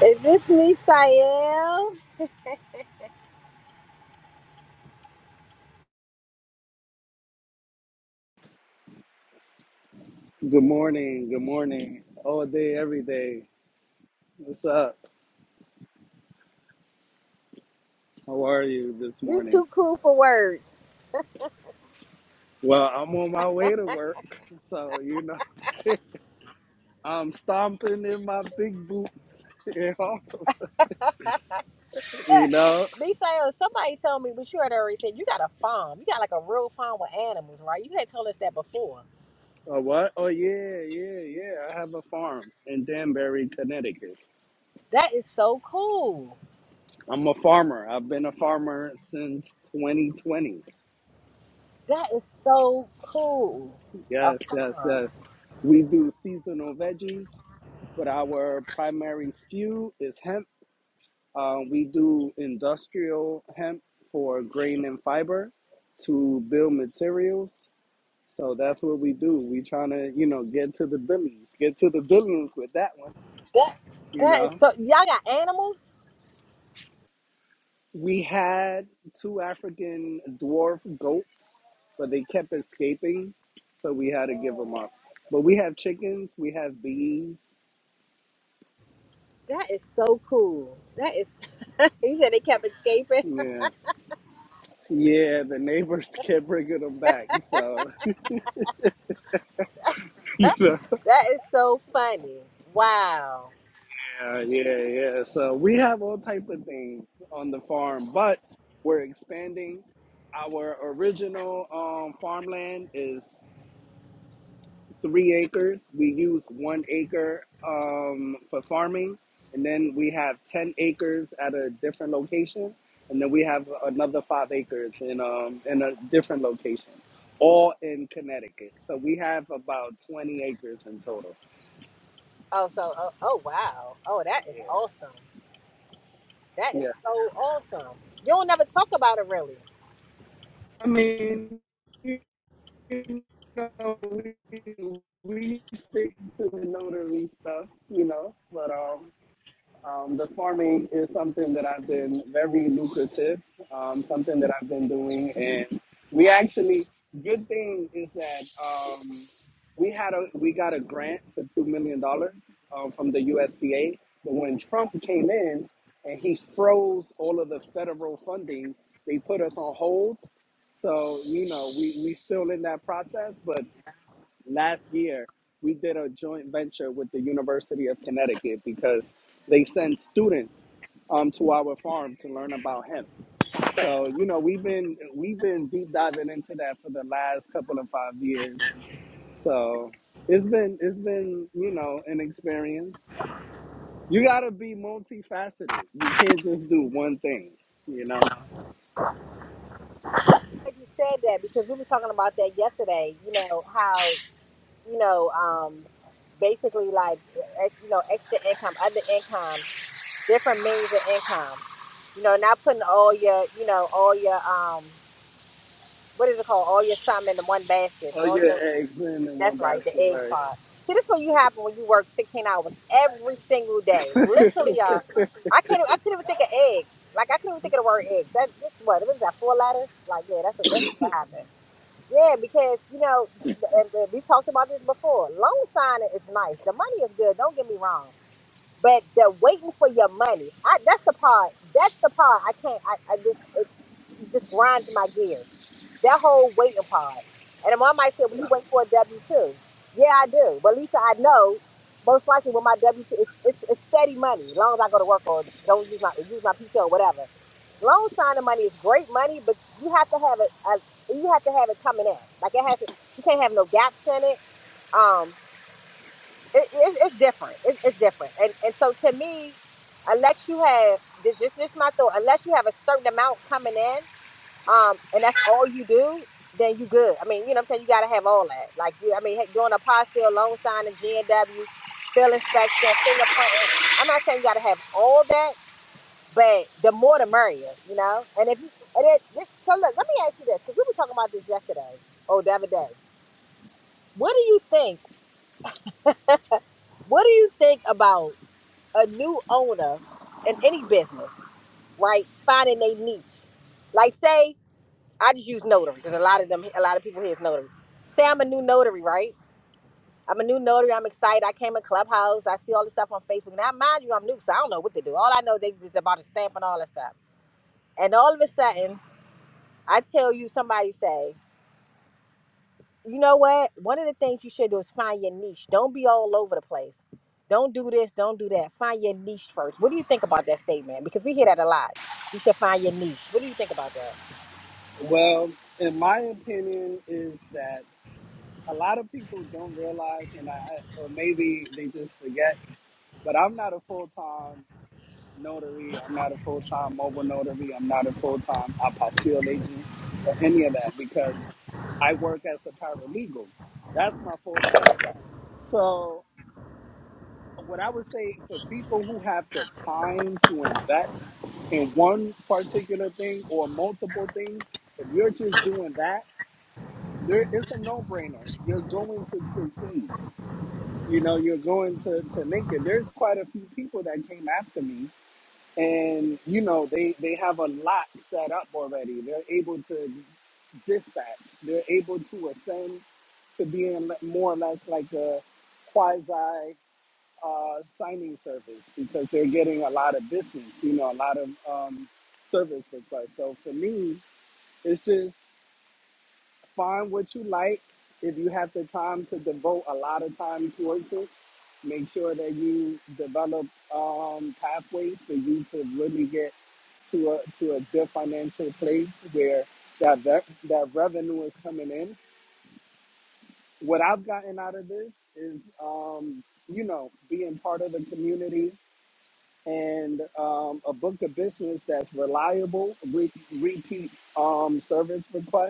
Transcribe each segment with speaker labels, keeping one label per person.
Speaker 1: Is this Misael?
Speaker 2: Good morning. Good morning. All day, every day. What's up? How are you this
Speaker 1: You
Speaker 2: morning?
Speaker 1: too cool for words.
Speaker 2: Well, I'm on my way to work, so you know I'm stomping in my big boots. You know, you know
Speaker 1: But Misael, somebody told me, but you had already said you got a farm. You got like a real farm with animals, right? You had told us that before.
Speaker 2: a what? Oh yeah, yeah, yeah. I have a farm in Danbury, Connecticut.
Speaker 1: That is so cool.
Speaker 2: I'm a farmer. I've been a farmer since 2020.
Speaker 1: That is so cool. A
Speaker 2: Yes, yes,
Speaker 1: farm.
Speaker 2: yes. We do seasonal veggies, but our primary skew is hemp Um, we do industrial hemp for grain and fiber to build materials. So that's what we do. We trying to, you know, get to the billions, get to the billions with that one.
Speaker 1: That
Speaker 2: You
Speaker 1: that is
Speaker 2: know,
Speaker 1: so y'all got animals?
Speaker 2: we had two African dwarf goats, but they kept escaping, so we had to give them up. But we have chickens, we have bees.
Speaker 1: That is so cool. That is you said they kept escaping.
Speaker 2: Yeah, yeah. The neighbors kept bringing them back, so you know.
Speaker 1: that is so funny. Wow.
Speaker 2: Yeah, yeah, yeah. So we have all type of things on the farm, but we're expanding. Our original um, farmland is three acres. We use one acre um, for farming, and then we have ten acres at a different location, and then we have another five acres in um, in a different location, all in Connecticut. So we have about twenty acres in total.
Speaker 1: Oh so oh, oh wow. Oh that is
Speaker 2: Yeah,
Speaker 1: awesome. That is
Speaker 2: yeah.
Speaker 1: so awesome. You don't never talk about it really.
Speaker 2: I mean. you know, we, we stick to the notary stuff, you know, but um, um, the farming is something that I've been very lucrative, um, something that I've been doing. And we actually, good thing is that um, we had a, we got a grant for $2 million dollars um, from the USDA. But when Trump came in and he froze all of the federal funding, they put us on hold. So, you know, we, we still in that process, but last year we did a joint venture with the University of Connecticut because they send students um, to our farm to learn about hemp. So you know we've been we've been deep diving into that for the last couple of five years. So it's been it's been you know an experience. You gotta be multifaceted. You can't just do one thing. You know.
Speaker 1: I'm glad you said that because we were talking about that yesterday. You know how you know um basically like uh, ex- you know extra income, other income, different means of income. You know, not putting all your you know all your um what is it called all your sum in one basket.
Speaker 2: Oh
Speaker 1: All
Speaker 2: yeah,
Speaker 1: your
Speaker 2: eggs in and one
Speaker 1: That's right, the
Speaker 2: basket,
Speaker 1: egg
Speaker 2: right?
Speaker 1: pod. See, this is what you happen when you work 16 hours every single day. Literally, uh, I can't. I couldn't even think of eggs. Like I couldn't even think of the word eggs. That just what it was that four letters. Like yeah, that's what that's what happened. Yeah, because you know, and and we talked about this before. Loan signing is nice. The money is good. Don't get me wrong. But the waiting for your money, I, that's the part. That's the part I can't. I, I just it just grinds my gears. That whole waiting part. And then mom might say, well, you wait for a W two. Yeah, I do. But at least I know most likely with my W two, it's, it's, it's steady money. As long as I go to work or don't use my use my PTO or whatever. Loan signing money is great money, but you have to have it. As, you have to have it coming in. Like it has. To, you can't have no gaps in it. Um, it, it, it's different. It, it's different. And and so to me, unless you have this, this, this is my thought. Unless you have a certain amount coming in um, and that's all you do, then you good. I mean, you know what I'm saying? You gotta have all that. Like you I mean, heck, doing a postil, loan signing, GNW, bill inspection, fingerprinting. I'm not saying you gotta have all that, but the more the merrier, you know? And if you and it this, so look, let me ask you this, because we were talking about this yesterday or the other day. What do you think? what do you think about a new owner in any business, right? Finding a niche. Like say I just use notary because a lot of them, a lot of people here is notary. Say I'm a new notary, right? I'm a new notary. I'm excited. I came in Clubhouse. I see all this stuff on Facebook. Now, mind you, I'm new, so I don't know what to do. All I know they just about to stamp and all that stuff. And all of a sudden, I tell you, somebody say, you know what? One of the things you should do is find your niche. Don't be all over the place. Don't do this. Don't do that. Find your niche first. What do you think about that statement? Because we hear that a lot. You should find your niche. What do you think about that?
Speaker 2: Well, in my opinion, is that a lot of people don't realize, and I, I- or maybe they just forget. But I'm not a full time notary. I'm not a full time mobile notary. I'm not a full time apostille agent or any of that because I work as a paralegal. That's my full time. So what I would say for people who have the time to invest in one particular thing or multiple things, if you're just doing that, there it's a no brainer. You're going to succeed you know, you're going to, to Lincoln. There's quite a few people that came after me, and you know, they they have a lot set up already. They're able to dispatch. They're able to ascend to being le- more or less like a quasi uh, signing service because they're getting a lot of business. You know, a lot of um, service requests. So for me, it's just find what you like. If you have the time to devote a lot of time towards it, make sure that you develop um, pathways for you to really get to a to a good financial place where that that, that revenue is coming in. What I've gotten out of this is, um, you know, being part of the community and um, a book of business that's reliable, re- repeat um, service requests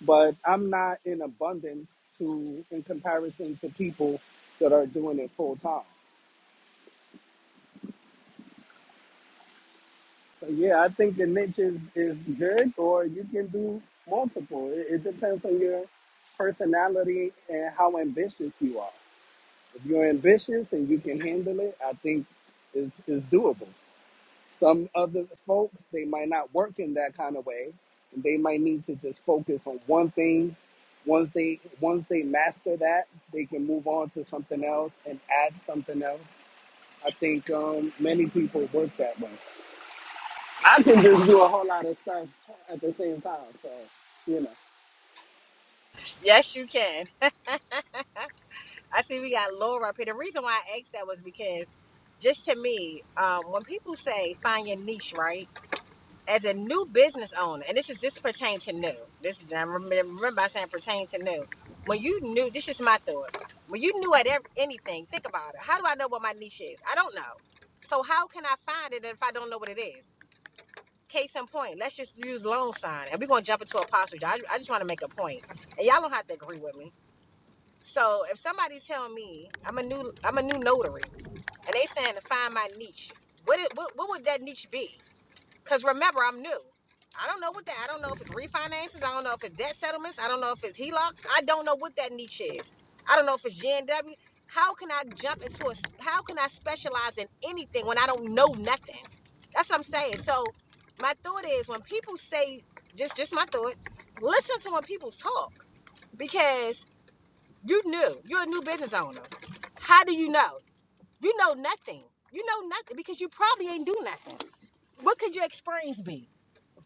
Speaker 2: but I'm not in abundance to in comparison to people that are doing it full time. So yeah, I think the niche is, is good, or you can do multiple. It, it depends on your personality and how ambitious you are. If you're ambitious and you can handle it, I think it's, it's doable. Some other folks, they might not work in that kind of way. And they might need to just focus on one thing. Once they once they master that, they can move on to something else and add something else. I think um, many people work that way. I can just do a whole lot of stuff at the same time. So, you
Speaker 1: Yes, you can. I see we got Laura up here. The reason why I asked that was because, just to me, um, when people say find your niche, right? As a new business owner, and this is this pertains to new. This is I remember, remember I saying pertain to new. When you knew, this is my thought. When you knew at ev- anything, think about it. How do I know what my niche is? I don't know. So how can I find it if I don't know what it is? Case in point, let's just use loan sign, and we're gonna jump into apostle. John. I, I just want to make a point, and y'all don't have to agree with me so if somebody tell me I'm a new I'm a new notary and they saying to find my niche, what it, what, what would that niche be? Because remember, I'm new. I don't know what that. I don't know if it's refinances. I don't know if it's debt settlements. I don't know if it's HELOCs. I don't know what that niche is. I don't know if it's GNW. How can I jump into a? How can I specialize in anything when I don't know nothing? That's what I'm saying. So my thought is when people say just just my thought, listen to when people talk because you new. You're a new business owner. How do you know? You know nothing. You know nothing because you probably ain't do nothing. What could your experience be?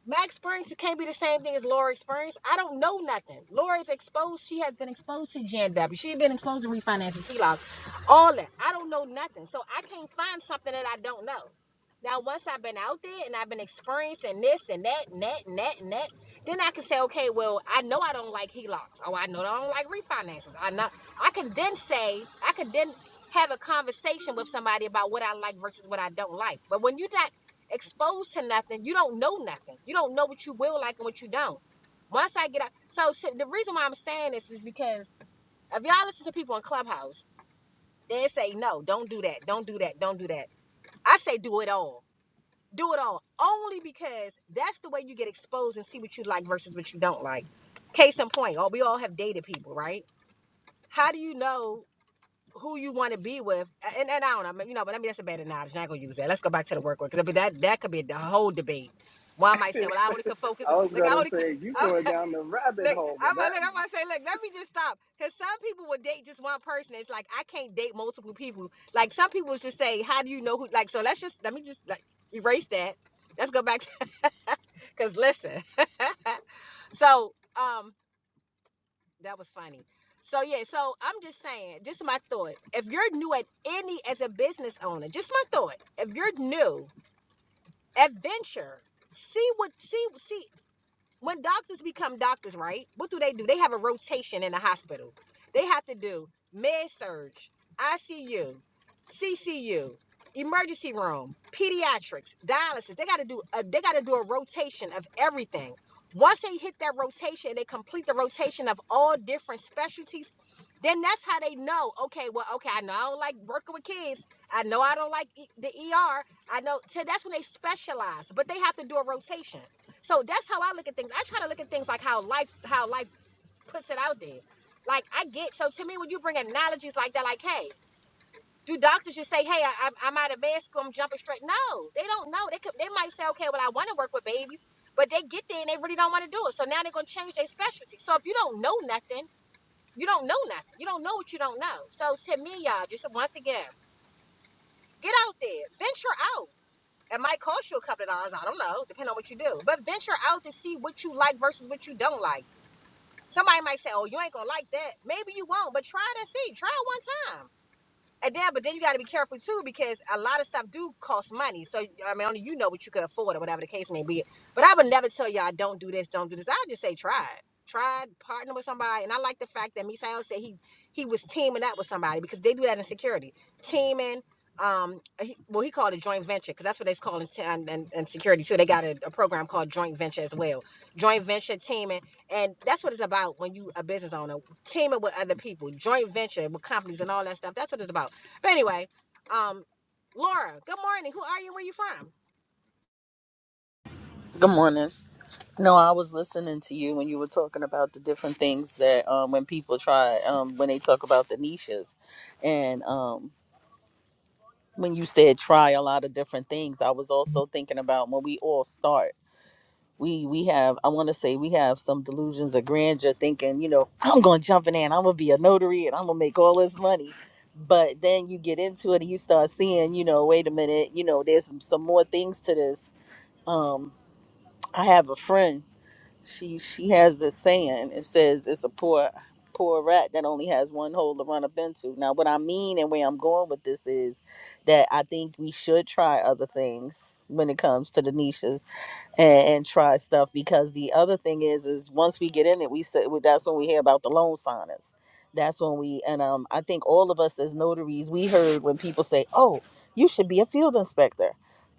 Speaker 1: Max Springs can't be the same thing as Lori Springs. I don't know nothing. Lori's exposed. She has been exposed to J and W. She's been exposed to refinancing TLOs, all that. I don't know nothing. So I can't find something that I don't know. Now, once I've been out there and I've been experiencing this and that and that and that and that, then I can say, okay, well, I know I don't like HELOCs. Oh, I know I don't like refinances. I know I can then say, I can then have a conversation with somebody about what I like versus what I don't like. But when you're not exposed to nothing, you don't know nothing. You don't know what you will like and what you don't. Once I get out, so, so the reason why I'm saying this is because if y'all listen to people on Clubhouse, they say no, don't do that, don't do that, don't do that. I say do it all, do it all, only because that's the way you get exposed and see what you like versus what you don't like. Case in point, all we all have dated people, right? How do you know? who you want to be with, and, and I don't know, I mean, you know, but I mean that's a bad analogy. I'm not gonna use that. Let's go back to the work work because that that could be the whole debate. Well, I might say,
Speaker 2: know,
Speaker 1: well, I only could focus.
Speaker 2: I was
Speaker 1: Like I
Speaker 2: gonna
Speaker 1: only could.
Speaker 2: say you
Speaker 1: I'm,
Speaker 2: going down the rabbit
Speaker 1: look,
Speaker 2: hole with
Speaker 1: I'm like,
Speaker 2: that
Speaker 1: I'm gonna say, look, let me just stop because some people will date just one person. It's like I can't date multiple people. Like some people just say, how do you know who? Like so, let's just let me just like erase that. Let's go back to because listen. so um. That was funny. So yeah, so I'm just saying, just my thought. If you're new at any as a business owner, just my thought. If you're new, adventure. See what see see when doctors become doctors, right? What do they do? They have a rotation in the hospital. They have to do med surge, ICU, CCU, emergency room, pediatrics, dialysis. They got to do a, they got to do a rotation of everything. Once they hit that rotation, they complete the rotation of all different specialties. Then that's how they know. Okay, well, okay, I know I don't like working with kids. I know I don't like e- the ER. I know. So that's when they specialize, but they have to do a rotation. So that's how I look at things. I try to look at things like how life how life puts it out there. Like I get so to me when you bring analogies like that, like hey, do doctors just say hey I, I'm I'm out of med school I'm jumping straight? No, they don't know. They could they might say okay well I want to work with babies, but they get there and they really don't want to do it. So now they're gonna change their specialty. So if you don't know nothing, you don't know nothing. You don't know what you don't know. So to me, y'all, just once again, get out there, venture out. It might cost you a couple of dollars. I don't know, depending on what you do. But venture out to see what you like versus what you don't like Somebody might say, "Oh, you ain't gonna like that." Maybe you won't, but try it and see. Try it one time. And then, but then you got to be careful too because a lot of stuff do cost money. So I mean, only you know what you can afford or whatever the case may be. But I would never tell y'all don't do this, don't do this. I just say try it. Try it, partner with somebody. And I like the fact that Misael said he he was teaming up with somebody because they do that in security. Teaming, um, he, well, he called it joint venture because that's what they call it in, in, in security too. They got a, a program called joint venture as well. Joint venture teaming, and that's what it's about when you a business owner teaming with other people, joint venture with companies and all that stuff. That's what it's about but anyway, um, Laura, good morning. Who are you? Where you from?
Speaker 3: Good morning. No, I was listening to you when you were talking about the different things that um, when people try um, when they talk about the niches, and um, when you said try a lot of different things, I was also thinking about when we all start. We we have I want to say we have some delusions of grandeur, thinking you know I'm going to jump in there and I'm going to be a notary and I'm going to make all this money. But then you get into it and you start seeing, you know, wait a minute, you know, there's some, some more things to this. Um, I have a friend she she has this saying. It says it's a poor poor rat that only has one hole to run up into. Now, what I mean and where I'm going with this is that I think we should try other things when it comes to the niches and, and try stuff because the other thing is is once we get in it we said that's when we hear about the loan signers that's when we and um i think all of us as notaries we heard when people say oh you should be a field inspector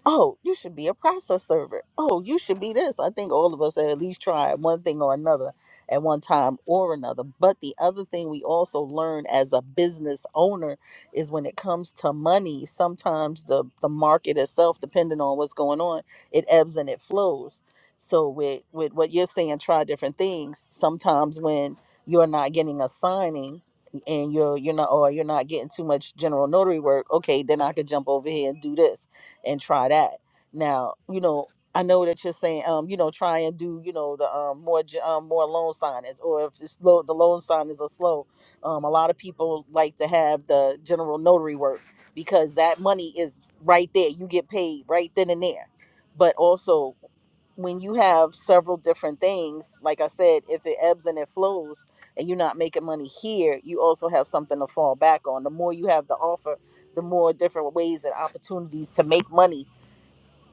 Speaker 3: oh you should be a process server oh you should be this i think all of us have at least tried one thing or another at one time or another but the other thing we also learn as a business owner is when it comes to money sometimes the the market itself depending on what's going on it ebbs and it flows so with with what you're saying try different things sometimes when you're not getting a signing and you're you're not or you're not getting too much general notary work okay then i could jump over here and do this and try that now you know i know that you're saying um you know try and do you know the um more ge- um more loan signings or if it's low, the loan signings are slow um a lot of people like to have the general notary work because that money is right there you get paid right then and there but also when you have several different things, like I said, if it ebbs and it flows and you're not making money here, you also have something to fall back on. The more you have to offer, the more different ways and opportunities to make money.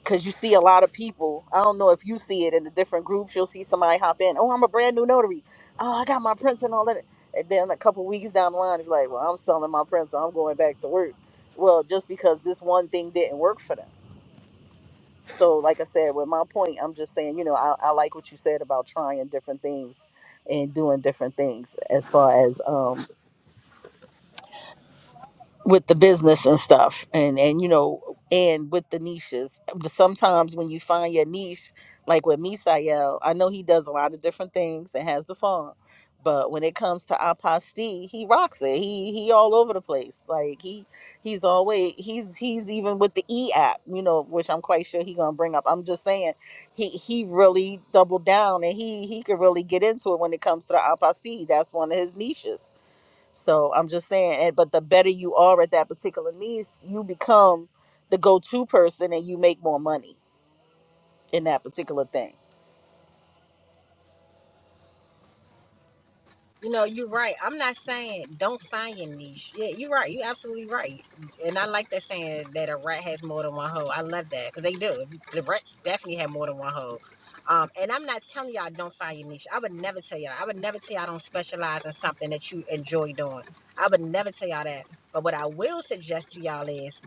Speaker 3: Cause you see a lot of people. I don't know if you see it in the different groups. You'll see somebody hop in. Oh, I'm a brand new notary. Oh, I got my prints and all that. And then a couple weeks down the line, it's like, well, I'm selling my prints. So I'm going back to work. Well, just because this one thing didn't work for them so, like I said, with my point, I'm just saying, you know, I, I like what you said about trying different things and doing different things as far as um, with the business and stuff and and you know and with the niches sometimes when you find your niche like with misael i know he does a lot of different things and has the farm but when it comes to apostille he rocks it he he all over the place like he he's always he's he's even with the e app you know which i'm quite sure he gonna bring up i'm just saying he he really doubled down and he he could really get into it when it comes to the apostille that's one of his niches so I'm just saying, and but the better you are at that particular niche, you become the go-to person, and you make more money in that particular thing.
Speaker 1: You know, you're right. I'm not saying don't find your niche. Yeah, you're right. You're absolutely right. And I like that saying that a rat has more than one hole. I love that because they do. The rats definitely have more than one hole. Um, and I'm not telling y'all don't find your niche. I would never tell y'all. I would never tell y'all don't specialize in something that you enjoy doing. I would never tell y'all that. But what I will suggest to y'all is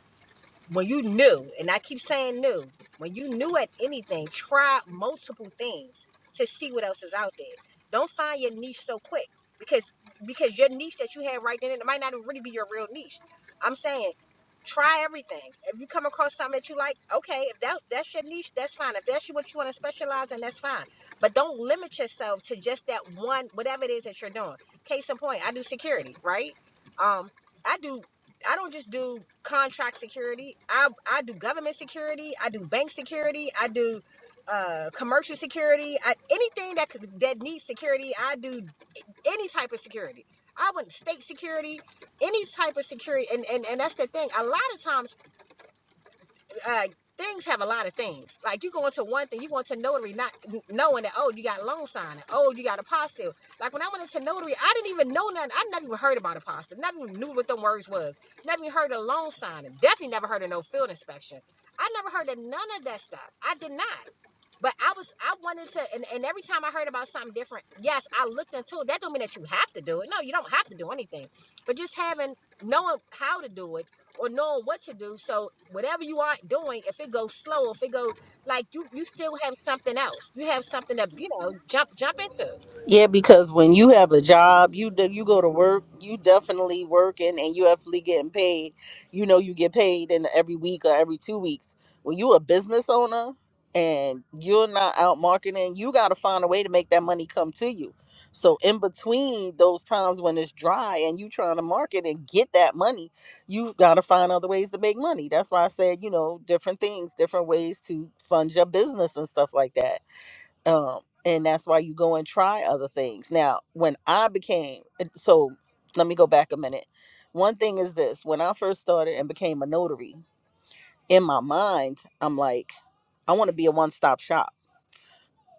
Speaker 1: when you new, and I keep saying new, when you new at anything, try multiple things to see what else is out there. Don't find your niche so quick because because your niche that you had right then it might not really be your real niche. I'm saying try everything. If you come across something that you like, okay, if that that's your niche, that's fine. If that's what you want to specialize in, that's fine. But don't limit yourself to just that one whatever it is that you're doing. Case in point, I do security, right? Um, I do. I don't just do contract security. I I do government security. I do bank security. I do uh commercial security. I, anything that could, that needs security, I do any type of security. I went state security, any type of security, and and and that's the thing. A lot of times uh, things have a lot of things. Like you going to one thing, you going to notary not knowing that oh you got loan signing, oh you got apostille. Like when I went into notary, I didn't even know nothing. I never even heard about apostille. Never even knew what them words was. Never even heard of loan signing. Definitely never heard of no field inspection. I never heard of none of that stuff. I did not. But I was I wanted to and, and every time I heard about something different, yes, I looked into it. That don't mean that you have to do it. No, you don't have to do anything. But just having knowing how to do it or knowing what to do. So whatever you are doing, if it goes slow, if it goes like you you still have something else. You have something to, you know, jump jump into.
Speaker 3: Yeah, because when you have a job, you do, you go to work, you definitely working and you definitely getting paid. You know, you get paid in every week or every two weeks. When you a business owner and you're not out marketing, you got to find a way to make that money come to you. So in between those times when it's dry and you trying to market and get that money, you've got to find other ways to make money. That's why I said, you know, different things, different ways to fund your business and stuff like that um, and that's why you go and try other things. Now, when I became so, let me go back a minute. One thing is this: when I first started and became a notary, in my mind, I'm like, I want to be a one-stop shop.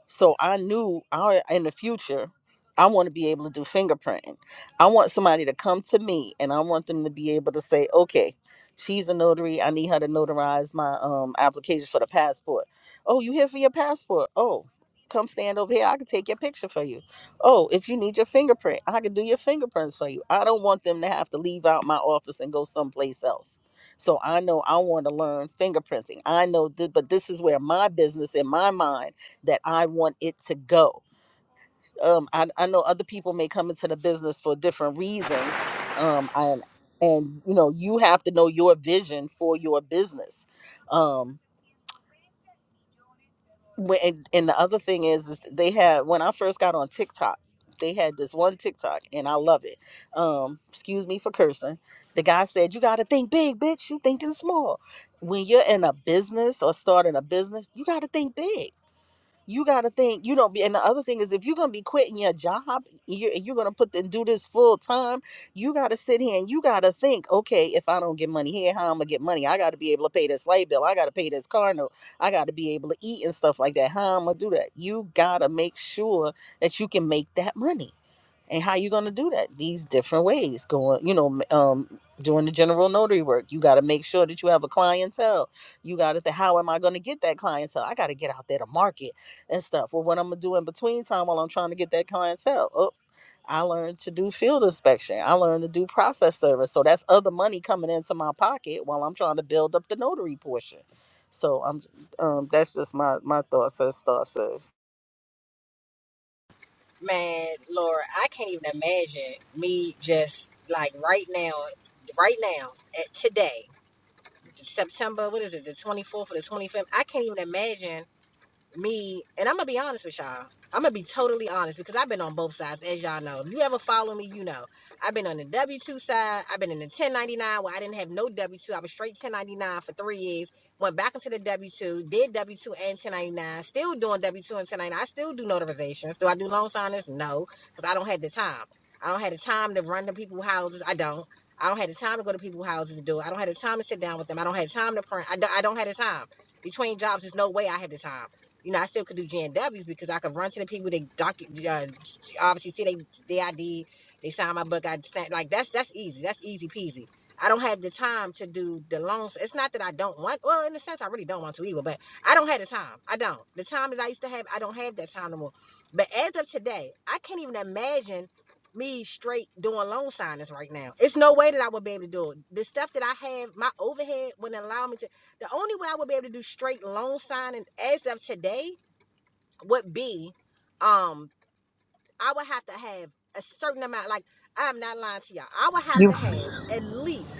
Speaker 3: So I knew I in the future I want to be able to do fingerprinting. I want somebody to come to me and I want them to be able to say, "Okay, she's a notary. I need her to notarize my um application for the passport." "Oh, you here for your passport?" "Oh, come stand over here. I can take your picture for you." "Oh, if you need your fingerprint, I can do your fingerprints for you." I don't want them to have to leave out my office and go someplace else. So I know I want to learn fingerprinting. I know, th- but this is where my business in my mind that I want it to go. Um, I, I know other people may come into the business for different reasons. Um, and and you know you have to know your vision for your business. Um, when, and, and the other thing is, is they had when I first got on TikTok, they had this one TikTok, and I love it. Um, excuse me for cursing. The guy said, "You got to think big, bitch. You thinking small. When you're in a business or starting a business, you got to think big." you got to think, you know, be- and the other thing is if you're going to be quitting your job, you're, you're going to put and do this full time, you got to sit here and you got to think, okay, if I don't get money here, how I'm going to get money? I got to be able to pay this light bill. I got to pay this car note. I got to be able to eat and stuff like that. How I'm going to do that? You got to make sure that you can make that money and how you going to do that these different ways going you know um doing the general notary work you got to make sure that you have a clientele you got to think how am i going to get that clientele i got to get out there to market and stuff well what i'm going to do in between time while i'm trying to get that clientele oh i learned to do field inspection i learned to do process service so that's other money coming into my pocket while i'm trying to build up the notary portion so i'm um that's just my my thoughts as thoughts says
Speaker 1: Man, Laura, I can't even imagine me just like right now, right now, at today, September, what is it, the 24th or the 25th? I can't even imagine me, and I'm gonna be honest with y'all. I'm gonna be totally honest because I've been on both sides, as y'all know. If you ever follow me, you know. I've been on the W two side. I've been in the 1099 where I didn't have no W two. I was straight 1099 for three years. Went back into the W two, did W two and 1099. Still doing W two and 1099. I still do notarizations. Do I do loan signers? No, because I don't have the time. I don't have the time to run to people's houses. I don't. I don't have the time to go to people's houses to do it. I don't have the time to sit down with them. I don't have time to print. I don't, I don't have the time. Between jobs, there's no way I have the time. You know, I still could do G N Ws because I could run to the people. They docu- uh, obviously see they they ID. They sign my book. I stand like that's that's easy. That's easy peasy. I don't have the time to do the loans. It's not that I don't want. Well, in a sense, I really don't want to either. But I don't have the time. I don't. The time that I used to have, I don't have that time no more. But as of today, I can't even imagine me straight doing loan signings right now. It's no way that I would be able to do it. The stuff that I have, my overhead wouldn't allow me to. The only way I would be able to do straight loan signing as of today would be, um, I would have to have a certain amount. Like I'm not lying to y'all. I would have to have at least.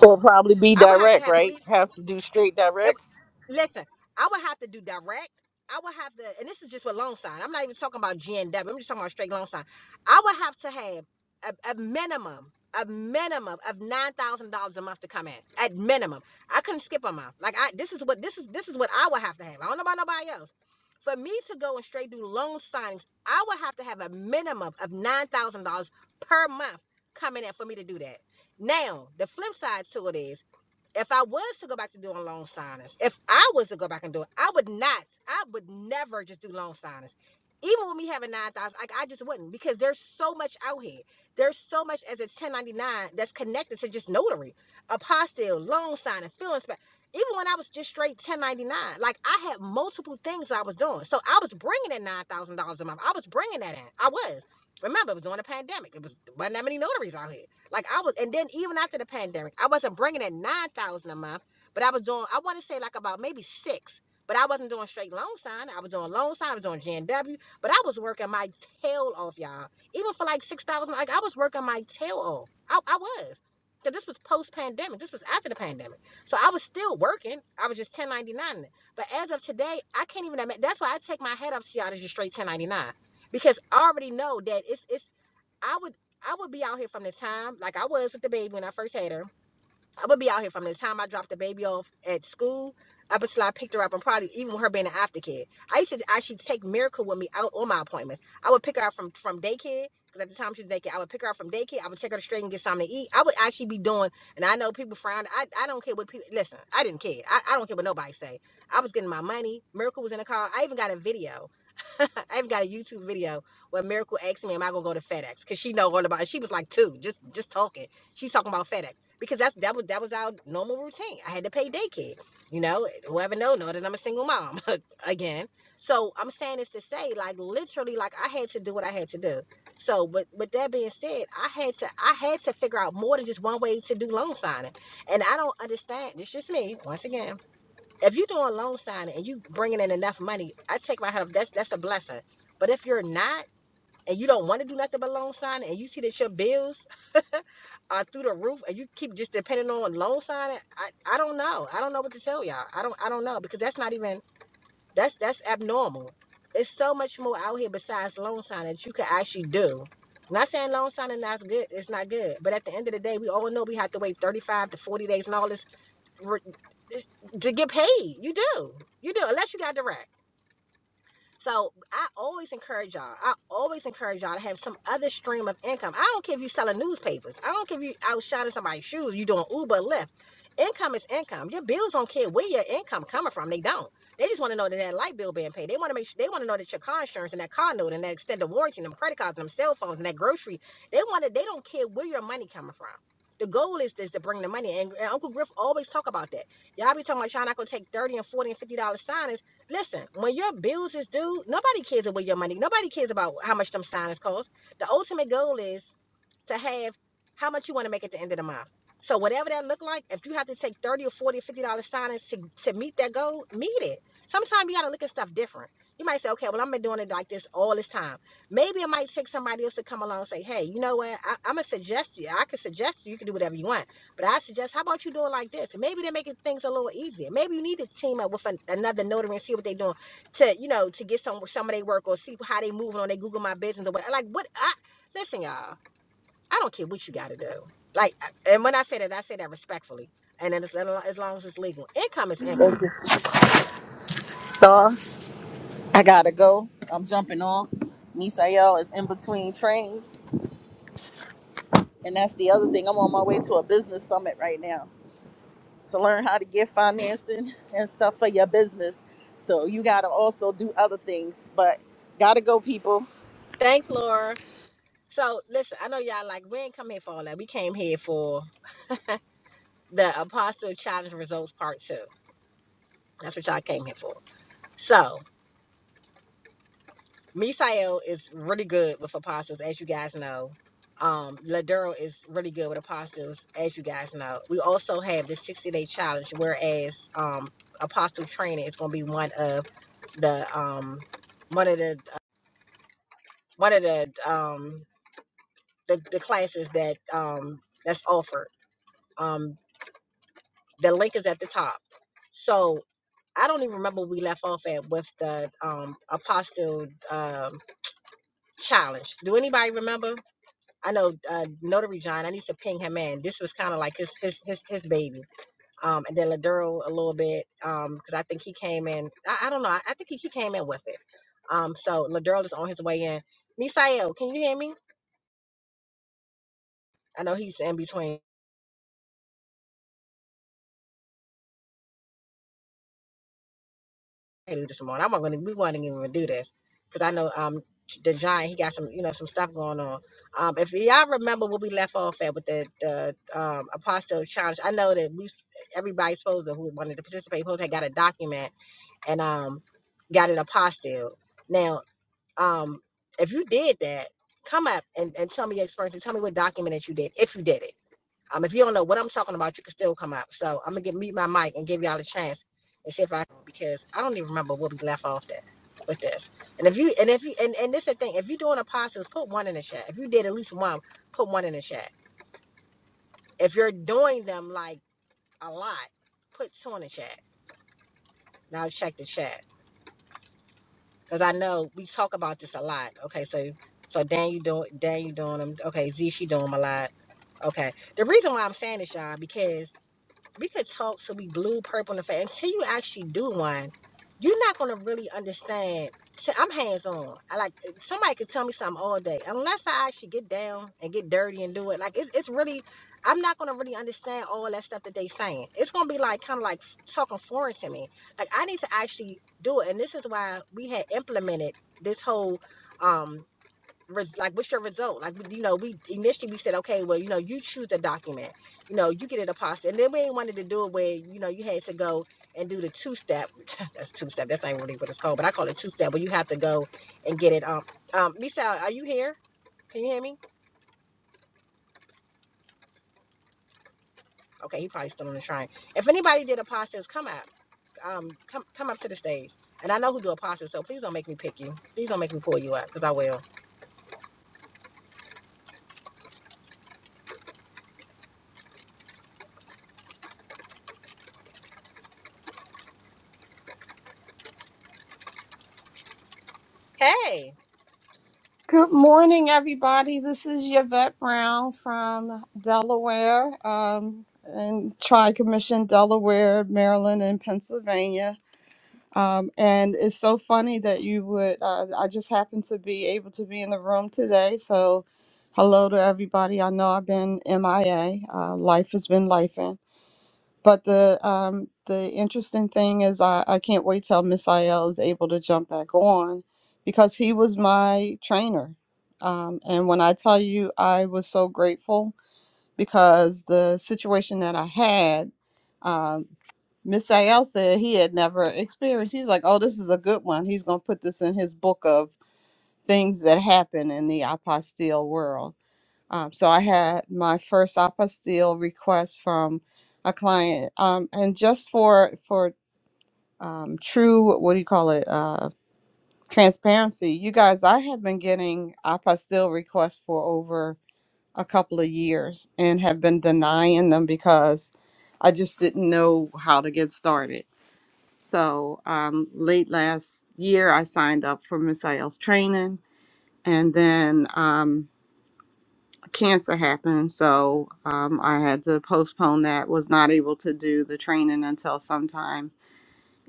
Speaker 3: Will probably be
Speaker 1: I would have to
Speaker 3: direct,
Speaker 1: have at
Speaker 3: right?
Speaker 1: least.
Speaker 3: Have to do straight
Speaker 1: it,
Speaker 3: directs.
Speaker 1: Listen, I would have to do direct. I would have to, and this is just with loan sign. I'm not even talking about G and W. am just talking about straight loan sign. I would have to have a, a minimum, a minimum of nine thousand dollars a month to come in. At minimum, I couldn't skip a month. Like I, this is what this is this is what I would have to have. I don't know about nobody else. For me to go and straight do loan signings, I would have to have a minimum of nine thousand dollars per month coming in for me to do that. Now, the flip side to it is if I was to go back to doing loan signings, if I was to go back and do it, I would not. I would never just do loan signings. Even when we having nine thousand, like I just wouldn't because there's so much out here. There's so much as a 1099 that's connected to just notary, apostille, loan signing, field inspect. Even when I was just straight 1099, like I had multiple things I was doing. So I was bringing in nine thousand dollars a month. I was bringing that in. I was. Remember, it was during the pandemic. It was wasn't that many notaries out here. Like I was, and then even after the pandemic, I wasn't bringing in nine thousand a month, but I was doing. I want to say like about maybe six, but I wasn't doing straight loan sign. I was doing loan sign. I was doing GNW, but I was working my tail off, y'all. Even for like six thousand, like I was working my tail off. I, I was. Cause this was post pandemic. This was after the pandemic, so I was still working. I was just 1099. But as of today, I can't even admit. That's why I take my head off to y'all to just straight 1099, because I already know that it's it's. I would I would be out here from the time like I was with the baby when I first had her. I would be out here from the time I dropped the baby off at school up until I picked her up and probably even with her being an aftercare. I used to actually take Miracle with me out on my appointments. I would pick her up from from daycare because at the time she was daycare. I would pick her up from daycare. I would take her to straight and get something to eat. I would actually be doing, and I know people frown. I, I don't care what people listen. I didn't care. I, I don't care what nobody say. I was getting my money. Miracle was in the car. I even got a video I've got a YouTube video where Miracle asked me, "Am I gonna go to FedEx?" Because she know all about. it. She was like two, just just talking. She's talking about FedEx because that's that was that was our normal routine. I had to pay daycare. You know, whoever know know that I'm a single mom again. So I'm saying this to say, like literally, like I had to do what I had to do. So, but with with that being said, I had to I had to figure out more than just one way to do loan signing, and I don't understand. It's just me once again if you're doing loan signing and you bringing in enough money, I take my hat off. That's that's a blessing. But if you're not and you don't want to do nothing but loan signing and you see that your bills are through the roof and you keep just depending on loan signing, I, I don't know. I don't know what to tell y'all. I don't I don't know because that's not even that's that's abnormal. It's so much more out here besides loan signing that you can actually do. I'm Not saying loan signing that's good, it's not good. But at the end of the day, we all know we have to wait 35 to 40 days and all this to get paid. You do. You do, unless you got direct. So I always encourage y'all. I always encourage y'all to have some other stream of income. I don't care if you selling newspapers. I don't care if you out shining somebody's shoes. You doing Uber, Lyft. Income is income. Your bills don't care where your income coming from. They don't. They just want to know that that light bill being paid. They want to make sure they want to know that your car insurance and that car note and that extended warranty and them credit cards and them cell phones and that grocery. They want to. They don't care where your money coming from. The goal is, is to bring the money. And, and Uncle Griff always talk about that. Y'all be talking about y'all not gonna take 30 and 40 and $50 signings Listen, when your bills is due, nobody cares about your money. Nobody cares about how much them signings cost. The ultimate goal is to have how much you want to make at the end of the month. So whatever that look like, if you have to take 30 or 40 or 50 dollar signings to, to meet that goal, meet it. Sometimes you gotta look at stuff different. You might say, okay, well, I've been doing it like this all this time. Maybe it might take somebody else to come along and say, hey, you know what? I, I'm gonna suggest you. I can suggest you. You can do whatever you want. But I suggest, how about you do it like this? And Maybe they're making things a little easier. Maybe you need to team up with an, another notary and see what they're doing to, you know, to get some some of their work or see how they moving on their Google My Business or what. Like what? I, listen, y'all. I don't care what you got to do. Like, and when I say that, I say that respectfully. And then it's, as long as it's legal, income is
Speaker 3: Thank
Speaker 1: income.
Speaker 3: you, Star. I gotta go. I'm jumping off. Misael is in between trains. And that's the other thing. I'm on my way to a business summit right now to learn how to get financing and stuff for your business. So you gotta also do other things. But gotta go, people.
Speaker 1: Thanks, Laura. So, listen, I know y'all like, we ain't come here for all that. We came here for the Apostle Challenge Results Part 2. That's what y'all came here for. So, Misael is really good with apostles, as you guys know. Um, Ladero is really good with apostles, as you guys know. We also have the 60 day challenge, whereas um, apostle training is going to be one of the um, one of the uh, one of the um, the, the classes that um, that's offered. Um, the link is at the top. So I don't even remember where we left off at with the um, apostle um, challenge. Do anybody remember? I know uh, Notary John. I need to ping him in. This was kind of like his his his his baby. Um, and then Laduro a little bit um because I think he came in. I, I don't know. I, I think he, he came in with it. Um, so Laduro is on his way in. Misael, can you hear me? I know he's in between. do this morning. I'm not gonna. We want to even do this because I know um the giant he got some you know some stuff going on. Um, if y'all remember what we left off at with the the um apostle challenge, I know that we everybody's supposed to who wanted to participate supposed to have got a document and um got an apostille. Now, um, if you did that, come up and, and tell me your experience and tell me what document that you did if you did it um, if you don't know what I'm talking about, you can still come up. So I'm gonna get mute my mic and give y'all a chance and see if I because I don't even remember what we left off at with this. And if you and if you and, and this is the thing, if you're doing apostles, put one in the chat. If you did at least one, put one in the chat. If you're doing them like a lot, put two in the chat. Now check the chat. Because I know we talk about this a lot. Okay, so so Dan you doing Dan you doing them. Okay, Z she doing them a lot. Okay. The reason why I'm saying this, y'all, because we could talk to be blue, purple in the face. Until you actually do one, you're not gonna really understand. So I'm hands on. I like somebody could tell me something all day, unless I actually get down and get dirty and do it. Like it's it's really, I'm not gonna really understand all that stuff that they saying. It's gonna be like kind of like talking foreign to me. Like I need to actually do it, and this is why we had implemented this whole. um, res- like what's your result like you know we initially we said okay well you know you choose a document you know you get it apostle and then we ain't wanted to do it where you know you had to go and do the two step that's two step that's not really what it's called but i call it two step where you have to go and get it um um Lisa, are you here can you hear me okay he probably still on the train if anybody did apostles come up um come come up to the stage and i know who do apostles so please don't make me pick you please don't make me pull you up because i will hey
Speaker 4: Good morning, everybody. This is Yvette Brown from Delaware, um, and Tri Commission, Delaware, Maryland, and Pennsylvania. Um, and it's so funny that you would, uh, I just happened to be able to be in the room today. So, hello to everybody. I know I've been MIA, uh, life has been life. But the um, the interesting thing is, I, I can't wait till Miss IL is able to jump back on because he was my trainer. Um, and when I tell you, I was so grateful because the situation that I had, um, Miss Ayel said he had never experienced. He was like, "Oh, this is a good one. He's going to put this in his book of things that happen in the apostille world." Um, so I had my first apostille request from a client, um, and just for for um, true, what do you call it, uh, transparency, you guys, I have been getting apostille requests for over a couple of years and have been denying them because I just didn't know how to get started. So um, late last year, I signed up for Misael's training, and then. Um, cancer happened, so um, I had to postpone that. Was not able to do the training until sometime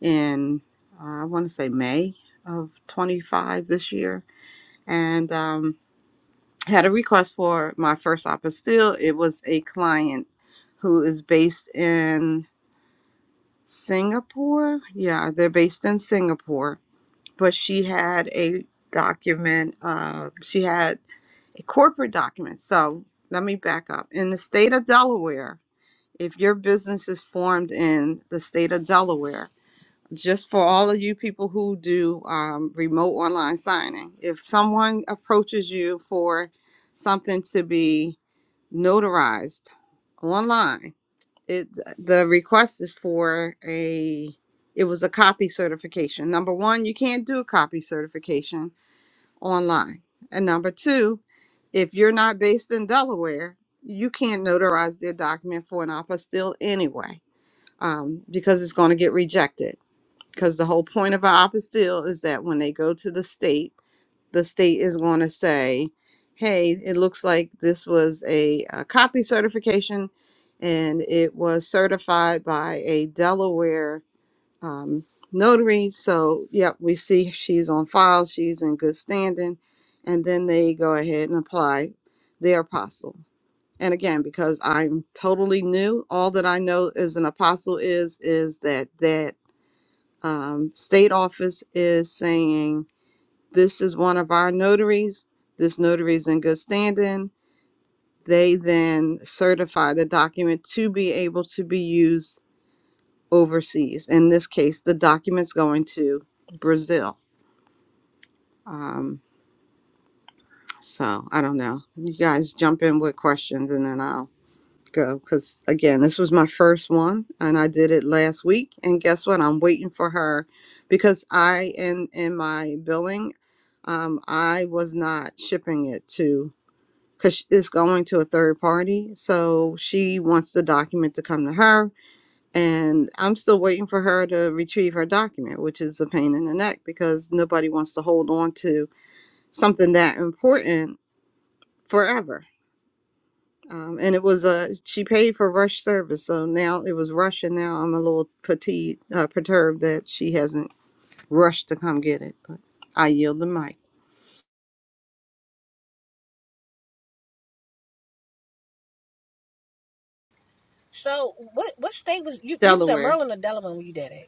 Speaker 4: in uh, I want to say May of 25 this year, and um, had a request for my first op. But still, it was a client who is based in Singapore. Yeah, they're based in Singapore, but she had a document. Uh, she had a corporate document. So let me back up. In the state of Delaware if your business is formed in the state of Delaware, just for all of you people who do um, remote online signing, if someone approaches you for something to be notarized online, it the request is for a it was a copy certification. Number one, you can't do a copy certification online, and number two, if you're not based in Delaware, you can't notarize their document for an offer still anyway um, because it's going to get rejected. Because the whole point of our apostille is that when they go to the state, the state is going to say, hey, it looks like this was a, a copy certification and it was certified by a Delaware um, notary. So, yep, we see she's on file, she's in good standing. And then they go ahead and apply their apostle. And again, because I'm totally new, all that I know as an apostle is is that that um, state office is saying this is one of our notaries. This notary is in good standing. They then certify the document to be able to be used overseas. In this case, the document's going to Brazil. Um, so I don't know. You guys jump in with questions, and then I'll go because again this was my first one and i did it last week and guess what i'm waiting for her because i in in my billing um i was not shipping it to because it's going to a third party so she wants the document to come to her and i'm still waiting for her to retrieve her document which is a pain in the neck because nobody wants to hold on to something that important forever um, and it was uh, she paid for rush service, so now it was rush, and now I'm a little petite uh, perturbed that she hasn't rushed to come get it. But I yield the mic.
Speaker 1: so what what state was you you was at
Speaker 4: Delaware.
Speaker 1: maryland or delaware when you did it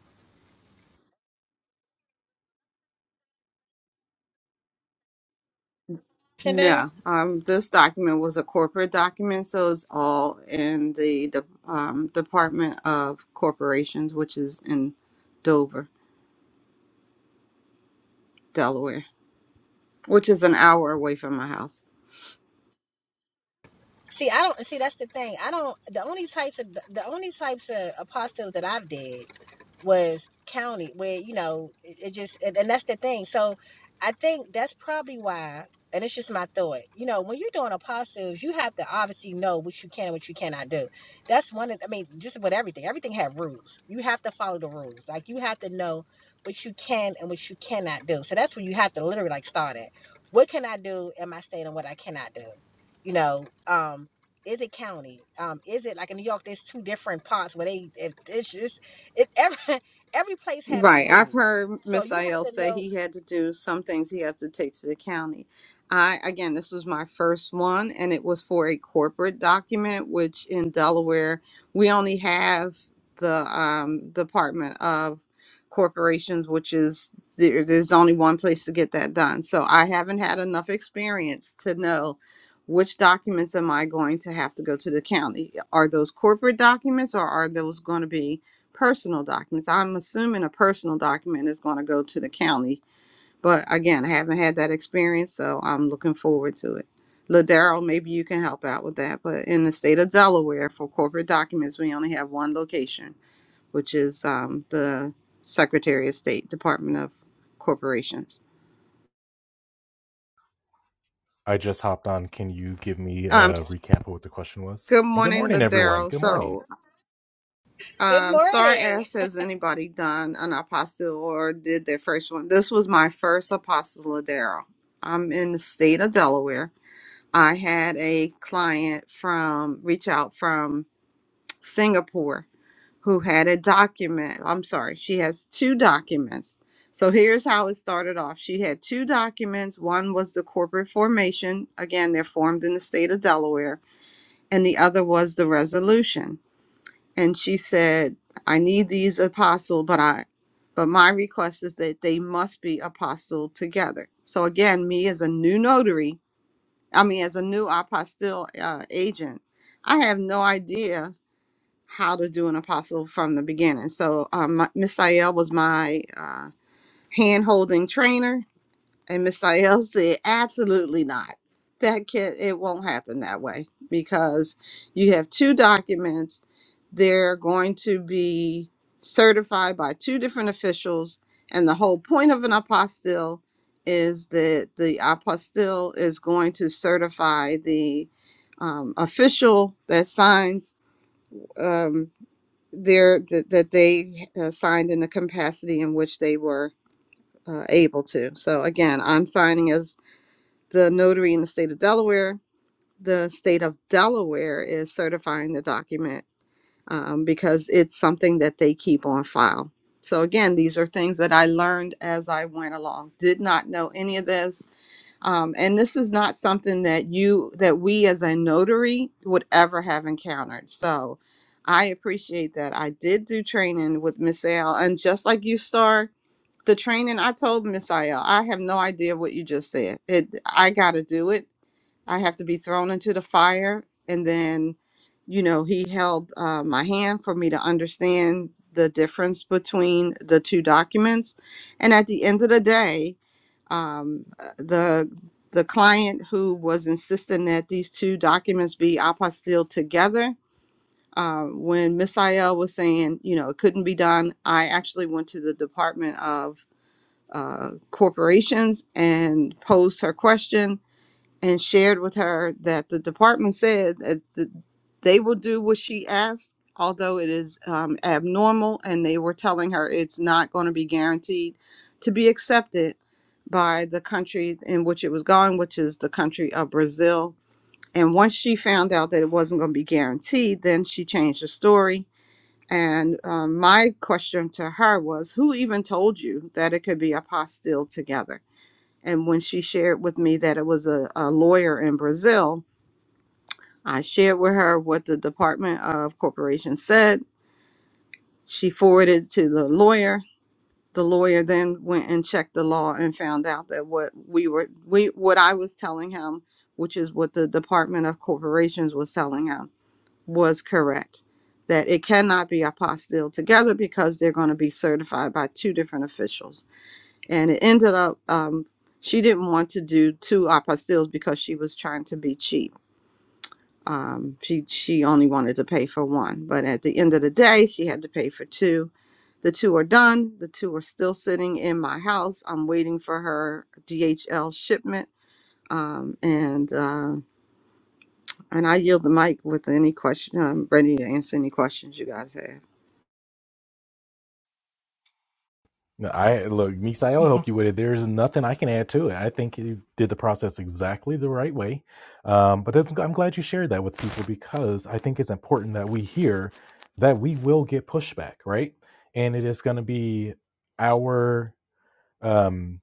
Speaker 1: tender.
Speaker 4: No, um, this document was a corporate document, so it's all in the de- um, Department of Corporations, which is in Dover, Delaware, which is an hour away from my house.
Speaker 1: See, I don't see. That's the thing. I don't. The only types of the only types of apostles that I've did was counted where you know it, it just and, and that's the thing so i think that's probably why and it's just my thought you know when you're doing apostles you have to obviously know what you can and what you cannot do that's one of i mean just with everything everything have rules you have to follow the rules like you have to know what you can and what you cannot do so that's where you have to literally like start at what can i do in my state and what i cannot do you know um is it county? Um, is it like in New York? There's two different parts where they. It, it's, it's it every every place have its
Speaker 4: Right. I've
Speaker 1: rules.
Speaker 4: heard
Speaker 1: So
Speaker 4: Miss
Speaker 1: you have
Speaker 4: Ayel
Speaker 1: to
Speaker 4: say
Speaker 1: know.
Speaker 4: he had to do some things he had to take to the county. I again, this was my first one, and it was for a corporate document, which in Delaware we only have the um, Department of Corporations, which is there, there's only one place to get that done. So I haven't had enough experience to know which documents am I going to have to go to the county. Are those corporate documents, or are those going to be? personal documents. I'm assuming a personal document is going to go to the county, but again, I haven't had that experience, so I'm looking forward to it. Ladero, maybe you can help out with that. But in the state of Delaware, for corporate documents, we only have one location, which is um, the Secretary of State, Department of Corporations.
Speaker 5: I just hopped on. Can you give me
Speaker 4: Um,
Speaker 5: a
Speaker 4: s-
Speaker 5: recap of what the question was?
Speaker 4: good
Speaker 5: And good
Speaker 4: morning,
Speaker 5: morning, everyone.
Speaker 4: Ladero.
Speaker 5: Good
Speaker 4: So.
Speaker 5: morning.
Speaker 1: Good
Speaker 4: Um, Star
Speaker 1: morning.
Speaker 4: asks, has anybody done an apostle or did their first one? This was my first apostoladero. I'm in the state of Delaware. I had a client from reach out from Singapore who had a document. I'm sorry, she has two documents. So here's how it started off. She had two documents. One was the corporate formation. Again, they're formed in the state of Delaware, and the other was the resolution and she said, I need these apostle, but I but my request is that they must be apostle together. So again, me as a new notary, I mean as a new apostille uh, agent, I have no idea how to do an apostle from the beginning. So um, Miss Ayel was my uh, hand holding trainer and Miss Sayel said, absolutely not. That can it won't happen that way because you have two documents. They're going to be certified by two different officials. And the whole point of an apostille is that the apostille is going to certify the um, official that signs um, their that, that they uh, signed in the capacity in which they were uh, able to. So again, I'm signing as the notary in the state of Delaware. The state of Delaware is certifying the document um, because it's something that they keep on file. So, again, these are things that I learned as I went along. Did not know any of this. Um, and this is not something that you, that we as a notary would ever have encountered. So, I appreciate that. I did do training with Miss Al. And just like you, Star, the training I told Miss Al, I have no idea what you just said. It, I got to do it I have to be thrown into the fire. And then, you know, he held uh, my hand for me to understand the difference between the two documents. And at the end of the day, um, uh, the the client who was insisting that these two documents be apostilled together, uh, when Miss Ayel was saying, you know, it couldn't be done, I actually went to the Department of uh, Corporations and posed her question and shared with her that the department said that the, they will do what she asked, although it is um, abnormal, and they were telling her it's not going to be guaranteed to be accepted by the country in which it was going, which is the country of Brazil. And once she found out that it wasn't going to be guaranteed, then she changed her story. And um, my question to her was, who even told you that it could be a apostille together? And when she shared with me that it was a, a lawyer in Brazil, I shared with her what the Department of Corporation said. She forwarded it to the lawyer. The lawyer then went and checked the law and found out that what we were we what I was telling him, which is what the Department of Corporations was telling him, was correct. That it cannot be apostilled together because they're going to be certified by two different officials. and it ended up um, she didn't want to do two apostilles because she was trying to be cheap um, she she only wanted to pay for one but at the end of the day she had to pay for two the two are done the two are still sitting in my house i'm waiting for her dhl shipment um, and uh, and i yield the mic with any question i'm ready to answer any questions you guys have
Speaker 5: No, I look, Misael will
Speaker 6: Mhm.
Speaker 5: help you with it. There's nothing I can add to it. I think you did the process exactly the right way. Um, but I'm I'm glad you shared that with people because I think it's important that we hear that we will get pushback, right? And it is going to be our um,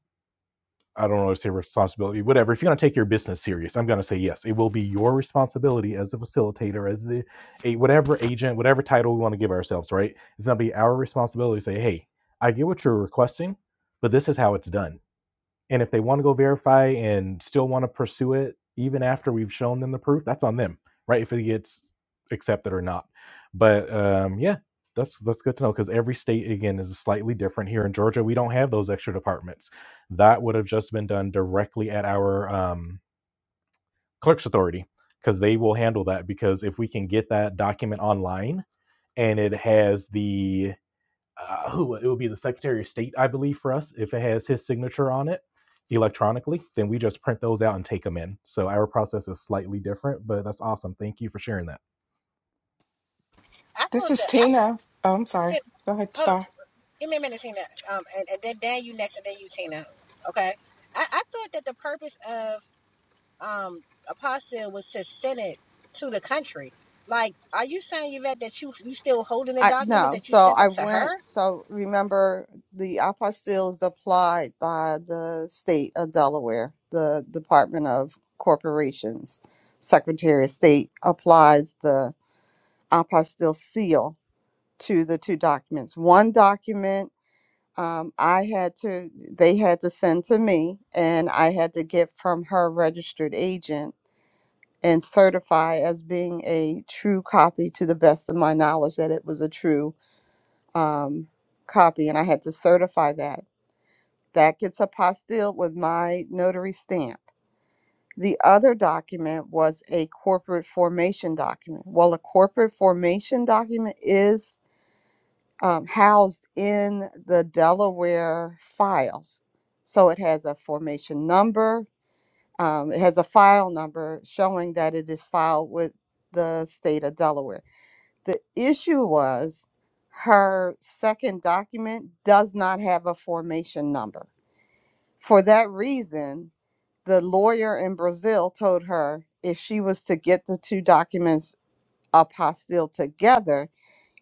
Speaker 5: I don't know, say responsibility, whatever. If you're going to take your business serious, I'm going to say yes. It will be your responsibility as a facilitator, as the a, whatever agent, whatever title we want to give ourselves, right? It's going to be our responsibility to say, hey, I get what you're requesting, but this is how it's done. And if they want to go verify and still want to pursue it, even after we've shown them the proof, that's on them, right? If it gets accepted or not. But um, yeah, that's that's good to know because every state again is slightly different. Here in Georgia, we don't have those extra departments. That would have just been done directly at our um, clerk's authority because they will handle that. Because if we can get that document online and it has the uh, who it would be the Secretary of State, I believe, for us. If it has his signature on it electronically, then we just print those out and take them in. So our process is slightly different, but that's awesome. Thank you for sharing that,
Speaker 1: I
Speaker 6: This
Speaker 1: thought
Speaker 6: is
Speaker 1: that I
Speaker 6: Tina. Oh, I'm sorry.
Speaker 1: said,
Speaker 6: Go ahead,
Speaker 1: hold on,
Speaker 6: Star.
Speaker 1: give me a minute, Tina. Um, and, and then Dan, you next, and then you, Tina. Okay. I, I thought that the purpose of um apostle was to send it to the country. Like, are you saying Yvette that you you still holding the
Speaker 4: I
Speaker 1: documents
Speaker 4: no,
Speaker 1: that you
Speaker 4: so
Speaker 1: sent
Speaker 4: I
Speaker 1: them to
Speaker 4: went.
Speaker 1: her?
Speaker 4: So remember, the apostille is applied by the state of Delaware, the Department of Corporations, Secretary of State applies the apostille seal to the two documents. One document um, I had to, they had to send to me, and I had to get from her registered agent and certify as being a true copy to the best of my knowledge that it was a true um, copy, and I had to certify that. That gets apostilled with my notary stamp. The other document was a corporate formation document. Well, a corporate formation document is um, housed in the Delaware files. So it has a formation number, um, it has a file number showing that it is filed with the state of Delaware. The issue was her second document does not have a formation number. For that reason, the lawyer in Brazil told her if she was to get the two documents apostille together,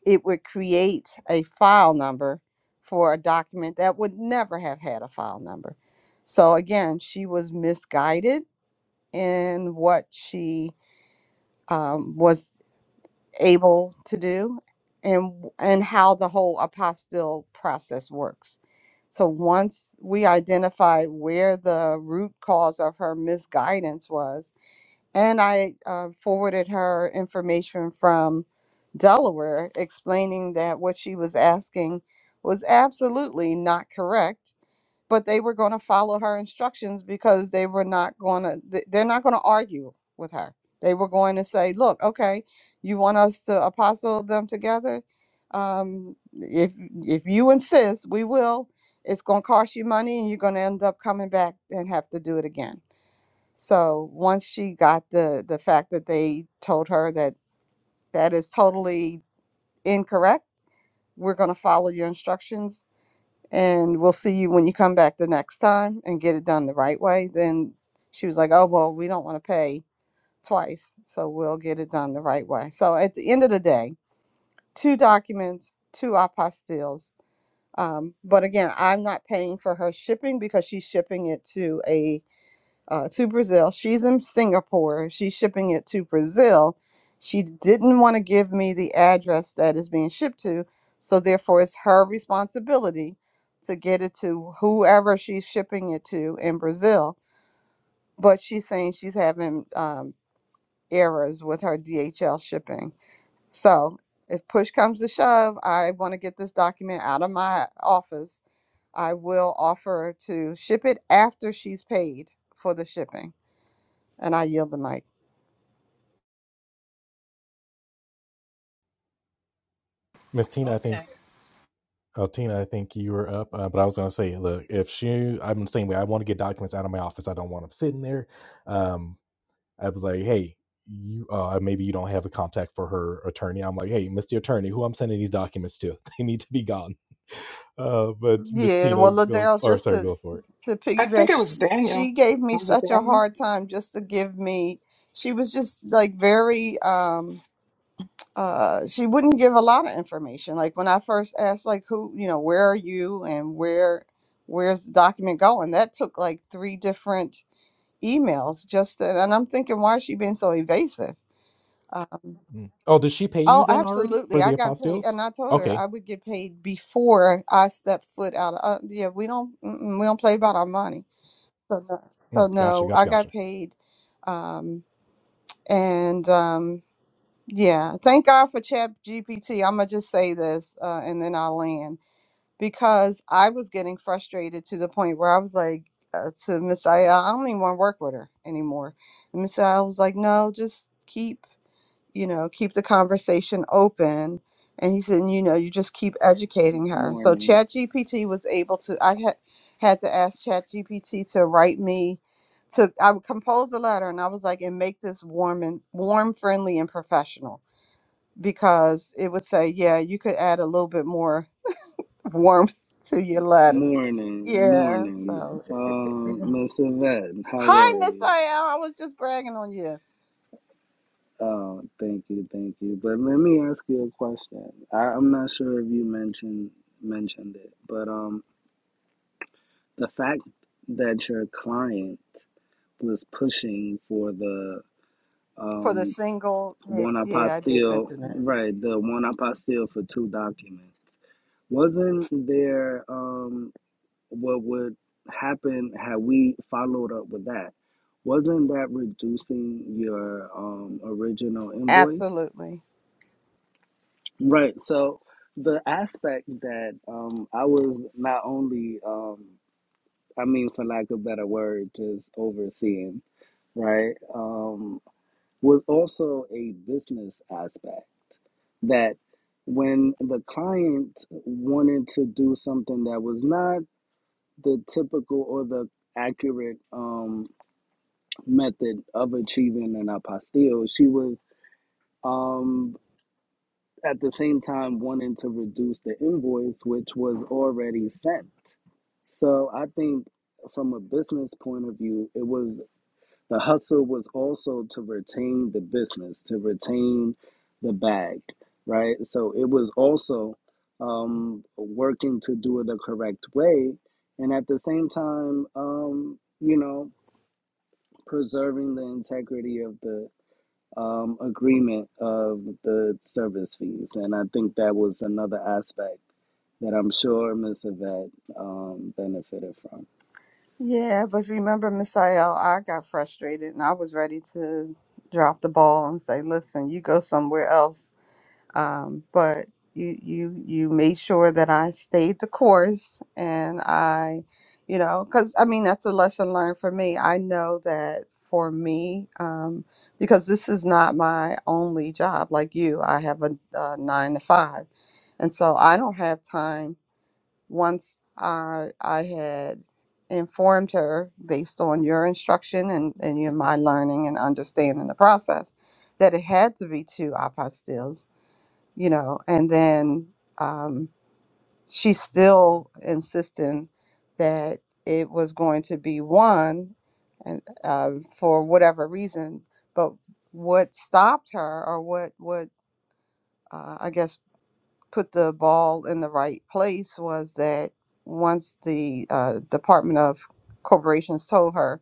Speaker 4: it would create a file number for a document that would never have had a file number. So again, she was misguided in what she um, was able to do and and how the whole apostille process works so once we identified where the root cause of her misguidance was and i uh, forwarded her information from delaware explaining that what she was asking was absolutely not correct but they were going to follow her instructions because they were not going to they're not going to argue with her they were going to say look okay you want us to apostle them together um, if if you insist we will it's going to cost you money and you're going to end up coming back and have to do it again so once she got the the fact that they told her that that is totally incorrect we're going to follow your instructions and we'll see you when you come back the next time and get it done the right way. Then she was like, oh, well, we don't want to pay twice, so we'll get it done the right way. So at the end of the day, two documents, two apostilles. Um, but again, I'm not paying for her shipping because she's shipping it to a uh, to Brazil. She's in Singapore. She's shipping it to Brazil. She didn't want to give me the address that is being shipped to, so therefore it's her responsibility to get it to whoever she's shipping it to in Brazil. But she's saying she's having um, errors with her DHL shipping. So if push comes to shove, I want to get this document out of my office. I will offer to ship it after she's paid for the shipping. And I yield the mic.
Speaker 5: Miss Tina. I
Speaker 1: Okay.
Speaker 5: think. Oh, Tina, I think you were up, uh, but I was going to say, look, if she, I'm the same way. I want to get documents out of my office. I don't want them sitting there. Um, I was like, hey, you, uh, maybe you don't have the contact for her attorney. I'm like, hey, Miss the attorney, who I'm sending these documents to? They need to be gone. Uh, but Miss
Speaker 4: Yeah,
Speaker 5: Tina,
Speaker 4: well,
Speaker 5: go,
Speaker 4: Liddell,
Speaker 5: or
Speaker 4: just
Speaker 5: sorry,
Speaker 4: to
Speaker 5: go for it.
Speaker 4: to
Speaker 6: I think
Speaker 4: piggyback,
Speaker 6: it
Speaker 4: sh-
Speaker 6: was
Speaker 4: she
Speaker 6: Daniel.
Speaker 4: gave me
Speaker 6: Was it
Speaker 4: such a
Speaker 6: Daniel?
Speaker 4: hard time just to give me. She was just like very. um uh she wouldn't give a lot of information like when i first asked like who you know where are you and where where's the document going that took like three different emails just to, and i'm thinking why is she being so evasive Uh,
Speaker 5: Mm. Oh, does she pay you
Speaker 4: Oh,
Speaker 5: then already
Speaker 4: absolutely.
Speaker 5: for
Speaker 4: I
Speaker 5: the
Speaker 4: got paid,
Speaker 5: apostilles?
Speaker 4: and I told her
Speaker 5: Okay,
Speaker 4: I would get paid before I stepped foot out of. Uh, yeah, we don't mm-mm, we don't play about our money. So no,
Speaker 5: Mm,
Speaker 4: so
Speaker 5: gotcha,
Speaker 4: no,
Speaker 5: gotcha,
Speaker 4: I got
Speaker 5: gotcha.
Speaker 4: paid, um, and um, yeah, thank God for Chat GPT. I'm gonna just say this, uh, and then I'll land because I was getting frustrated to the point where I was like. Uh, to Miss I, I don't even want to work with her anymore. And Miss I was like, no, just keep you know, keep the conversation open. And he said, you know, you just keep educating
Speaker 2: one.
Speaker 4: her. So
Speaker 2: Morning,
Speaker 4: ChatGPT was able to, I had, had to ask ChatGPT to write me, to, I would compose the letter and I was like, and make this warm and warm, friendly and professional because it would say, yeah, you could add a little bit more warmth to your letter.
Speaker 2: morning,
Speaker 4: Yeah.
Speaker 2: morning.
Speaker 4: So, it- it- it-
Speaker 2: Uh,
Speaker 4: it-
Speaker 2: Miss Yvette, how are
Speaker 4: hi, Miss
Speaker 2: you?
Speaker 4: I. L. I was just bragging on you
Speaker 2: Oh, thank you, thank you. But let me ask you a question. I, I'm not sure if you mentioned mentioned it, but um, the fact that your client was pushing for the
Speaker 4: for the
Speaker 2: um
Speaker 4: single. Yeah,
Speaker 2: one
Speaker 4: yeah I did
Speaker 2: apostille,
Speaker 4: mention that.
Speaker 2: right, the one apostille for two documents, wasn't there um what would happen had we followed up with that? Wasn't that reducing your um original invoice?
Speaker 4: Absolutely.
Speaker 2: Right. So the aspect that um, I was not only, um, I mean, for lack of better word, just overseeing, right, um, was also a business aspect that when the client wanted to do something that was not the typical or the accurate um, method of achieving an apostille, she was um, at the same time wanting to reduce the invoice, which was already sent. So I think from a business point of view, it was the hustle was also to retain the business, to retain the bag, right? So it was also um, working to do it the correct way. And at the same time, um, you know, preserving the integrity of the um, agreement of the service fees. And I think that was another aspect that I'm sure Miss Yvette um, benefited from.
Speaker 4: Yeah, but remember, Miss Ayel, I got frustrated and I was ready to drop the ball and say, "Listen, you go somewhere else." Um, but you you you made sure that I stayed the course, and I, you know, because I mean that's a lesson learned for me. I know that for me, um, because this is not my only job. Like you, I have a, a nine to five, and so I don't have time once I I had informed her based on your instruction and, and your my learning and understanding the process that it had to be two apostilles, you know, and then um, she's still insisting that it was going to be one and uh, for whatever reason, but what stopped her or what what uh, I guess put the ball in the right place was that once the uh, Department of Corporations told her,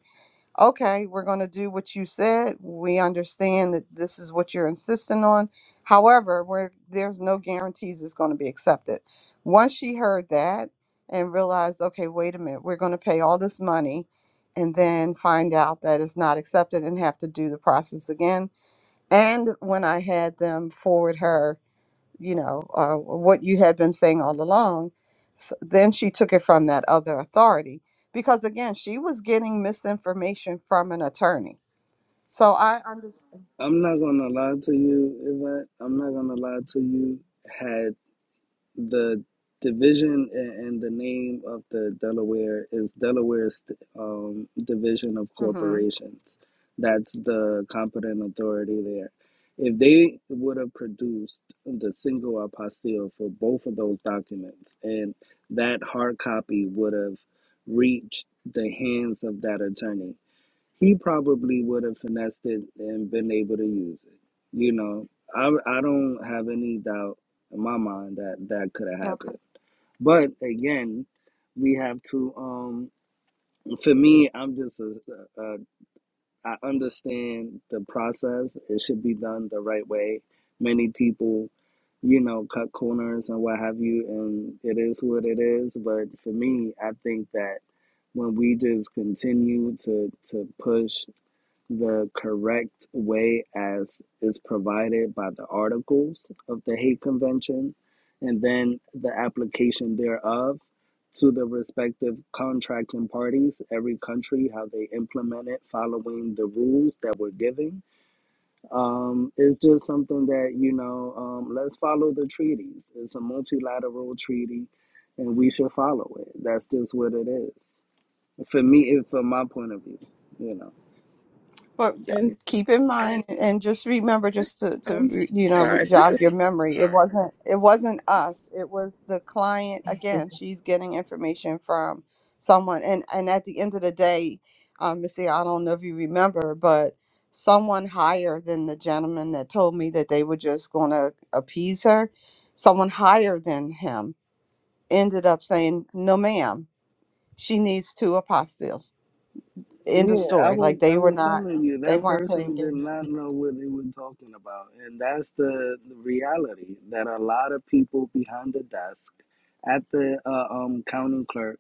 Speaker 4: okay, we're going to do what you said. We understand that this is what you're insisting on. However, where there's no guarantees it's going to be accepted. Once she heard that and realized, okay, wait a minute, we're going to pay all this money and then find out that it's not accepted and have to do the process again. And when I had them forward her you know, uh, what you had been saying all along. So then she took it from that other authority because, again, she was getting misinformation from an attorney. So I understand.
Speaker 2: I'm not going to lie to you, Yvette. I'm not going to lie to you. Had. the division and the name of the Delaware is Delaware's um, Division of
Speaker 4: Mm-hmm.
Speaker 2: Corporations. That's the competent authority there. If they would have produced the single apostille for both of those documents, and that hard copy would have reached the hands of that attorney, he probably would have finessed it and been able to use it. You know, I I don't have any doubt in my mind that that could have
Speaker 4: okay.
Speaker 2: happened. But again, we have to. Um, for me, I'm just a, a, I understand the process. It should be done the right way. Many people, you know, cut corners and what have you, and it is what it is. But for me, I think that when we just continue to to push the correct way as is provided by the articles of the Hague Convention and then the application thereof to the respective contracting parties, every country, how they implement it following the rules that we're giving. Um, it's just something that, you know, um, let's follow the treaties. It's a multilateral treaty and we should follow it. That's just what it is. For me, it, from my point of view, you know.
Speaker 4: But yeah,
Speaker 6: And
Speaker 4: keep in mind and just remember
Speaker 6: this,
Speaker 4: just to, to
Speaker 6: I'm
Speaker 4: you know re-
Speaker 6: sorry. This
Speaker 4: jog your
Speaker 6: is
Speaker 4: memory. It wasn't it wasn't us. It was the client again. She's getting information from someone and and at the end of the day, um Missy, I don't know if you remember, but someone higher than the gentleman that told me that they were just going to appease her, someone higher than him ended up saying, "No ma'am, she needs two apostilles." End of
Speaker 2: Yeah, I
Speaker 4: story.
Speaker 2: was
Speaker 4: Like
Speaker 2: I
Speaker 4: they were
Speaker 2: was
Speaker 4: not
Speaker 2: telling you
Speaker 4: they
Speaker 2: that
Speaker 4: weren't playing
Speaker 2: person did
Speaker 4: games.
Speaker 2: not know what they were talking about, and that's the, the reality that a lot of people behind the desk, at the uh, um county clerk,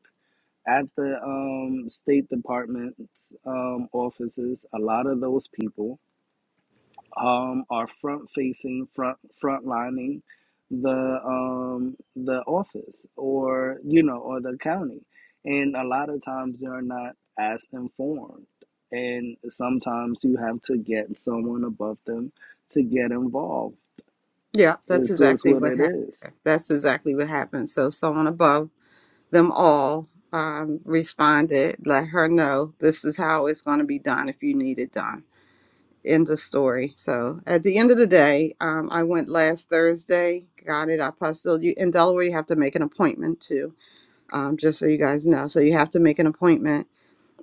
Speaker 2: at the um State Department's um offices, a lot of those people um, are front facing, front front lining the um, the office or you know or the county, and a lot of times they're not as informed, and sometimes you have to get someone above them to get involved.
Speaker 4: Yeah, that's
Speaker 2: It's just
Speaker 4: exactly
Speaker 2: what
Speaker 4: what
Speaker 2: it
Speaker 4: happened.
Speaker 2: is.
Speaker 4: That's exactly what happened. So someone above them all um, responded, let her know this is how it's going to be done if you need it done. End of story. So at the end of the day, um, I went last Thursday, got it. I posted you in Delaware. You have to make an appointment too, um, just so you guys know. So you have to make an appointment.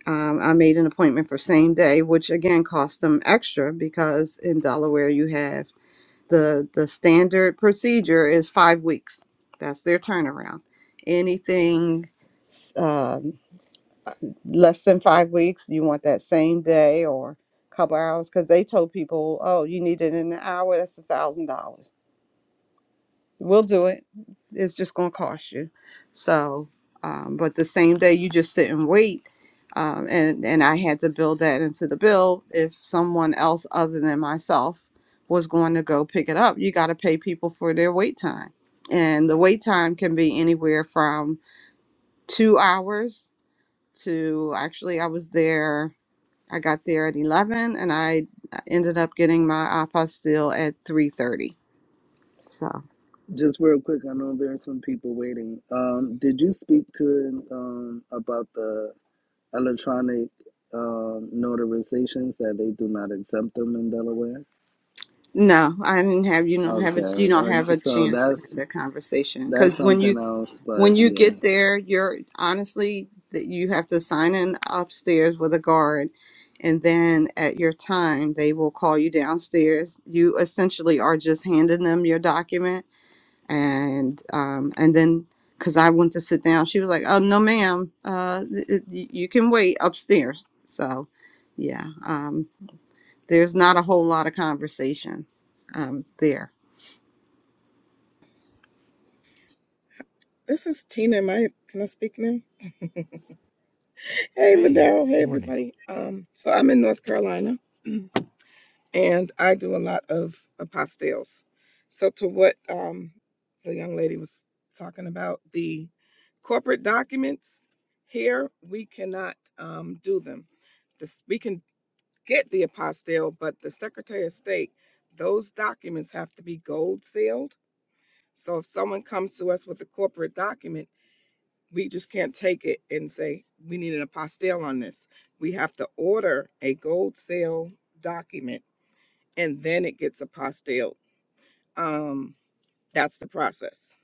Speaker 4: Um, I made an appointment for same day, which again cost them extra because in Delaware you have the the standard procedure is five weeks. That's their turnaround. Anything um, less than five weeks, you want that same day or couple hours because they told people, oh, you need it in an hour. That's a thousand dollars We'll do it. It's just going to cost you. So, um, but the same day you just sit and wait, um, and and I had to build that into the bill. If someone else other than myself was going to go pick it up, you got to pay people for their wait time, and the wait time can be anywhere from two hours to actually I was there. I got there at eleven, and I ended up getting my apostille at three thirty. So.
Speaker 2: Just real quick, I know there are some people waiting. Um, did you speak to um, about the electronic um, notarizations that they do not exempt them in Delaware?
Speaker 4: No, I didn't have you don't have a
Speaker 2: Okay,
Speaker 4: you don't have
Speaker 2: uh,
Speaker 4: a
Speaker 2: so
Speaker 4: chance to have
Speaker 2: that's
Speaker 4: that conversation
Speaker 2: that's
Speaker 4: because when
Speaker 2: something
Speaker 4: you
Speaker 2: else, but
Speaker 4: when you
Speaker 2: yeah,
Speaker 4: get there, you're honestly that you have to sign in upstairs with a guard, and then at your time they will call you downstairs. You essentially are just handing them your document, and um and then because I went to sit down, she was like, "Oh no, ma'am, uh, th- th- you can wait upstairs." So, yeah, um, there's not a whole lot of conversation um, there.
Speaker 6: this is Tina. Am I can I speak now? Hey,
Speaker 5: Hey,
Speaker 6: Ladero. Hey,
Speaker 5: morning.
Speaker 6: everybody. Um, so I'm in North Carolina, and I do a lot of apostilles. So to what um the young lady was talking about the corporate documents here, we cannot um do them. This we can get the apostille, but the Secretary of State, those documents have to be gold sealed. So if someone comes to us with a corporate document, we just can't take it and say, we need an apostille on this. We have to order a gold seal document and then it gets apostilled. Um, that's the process.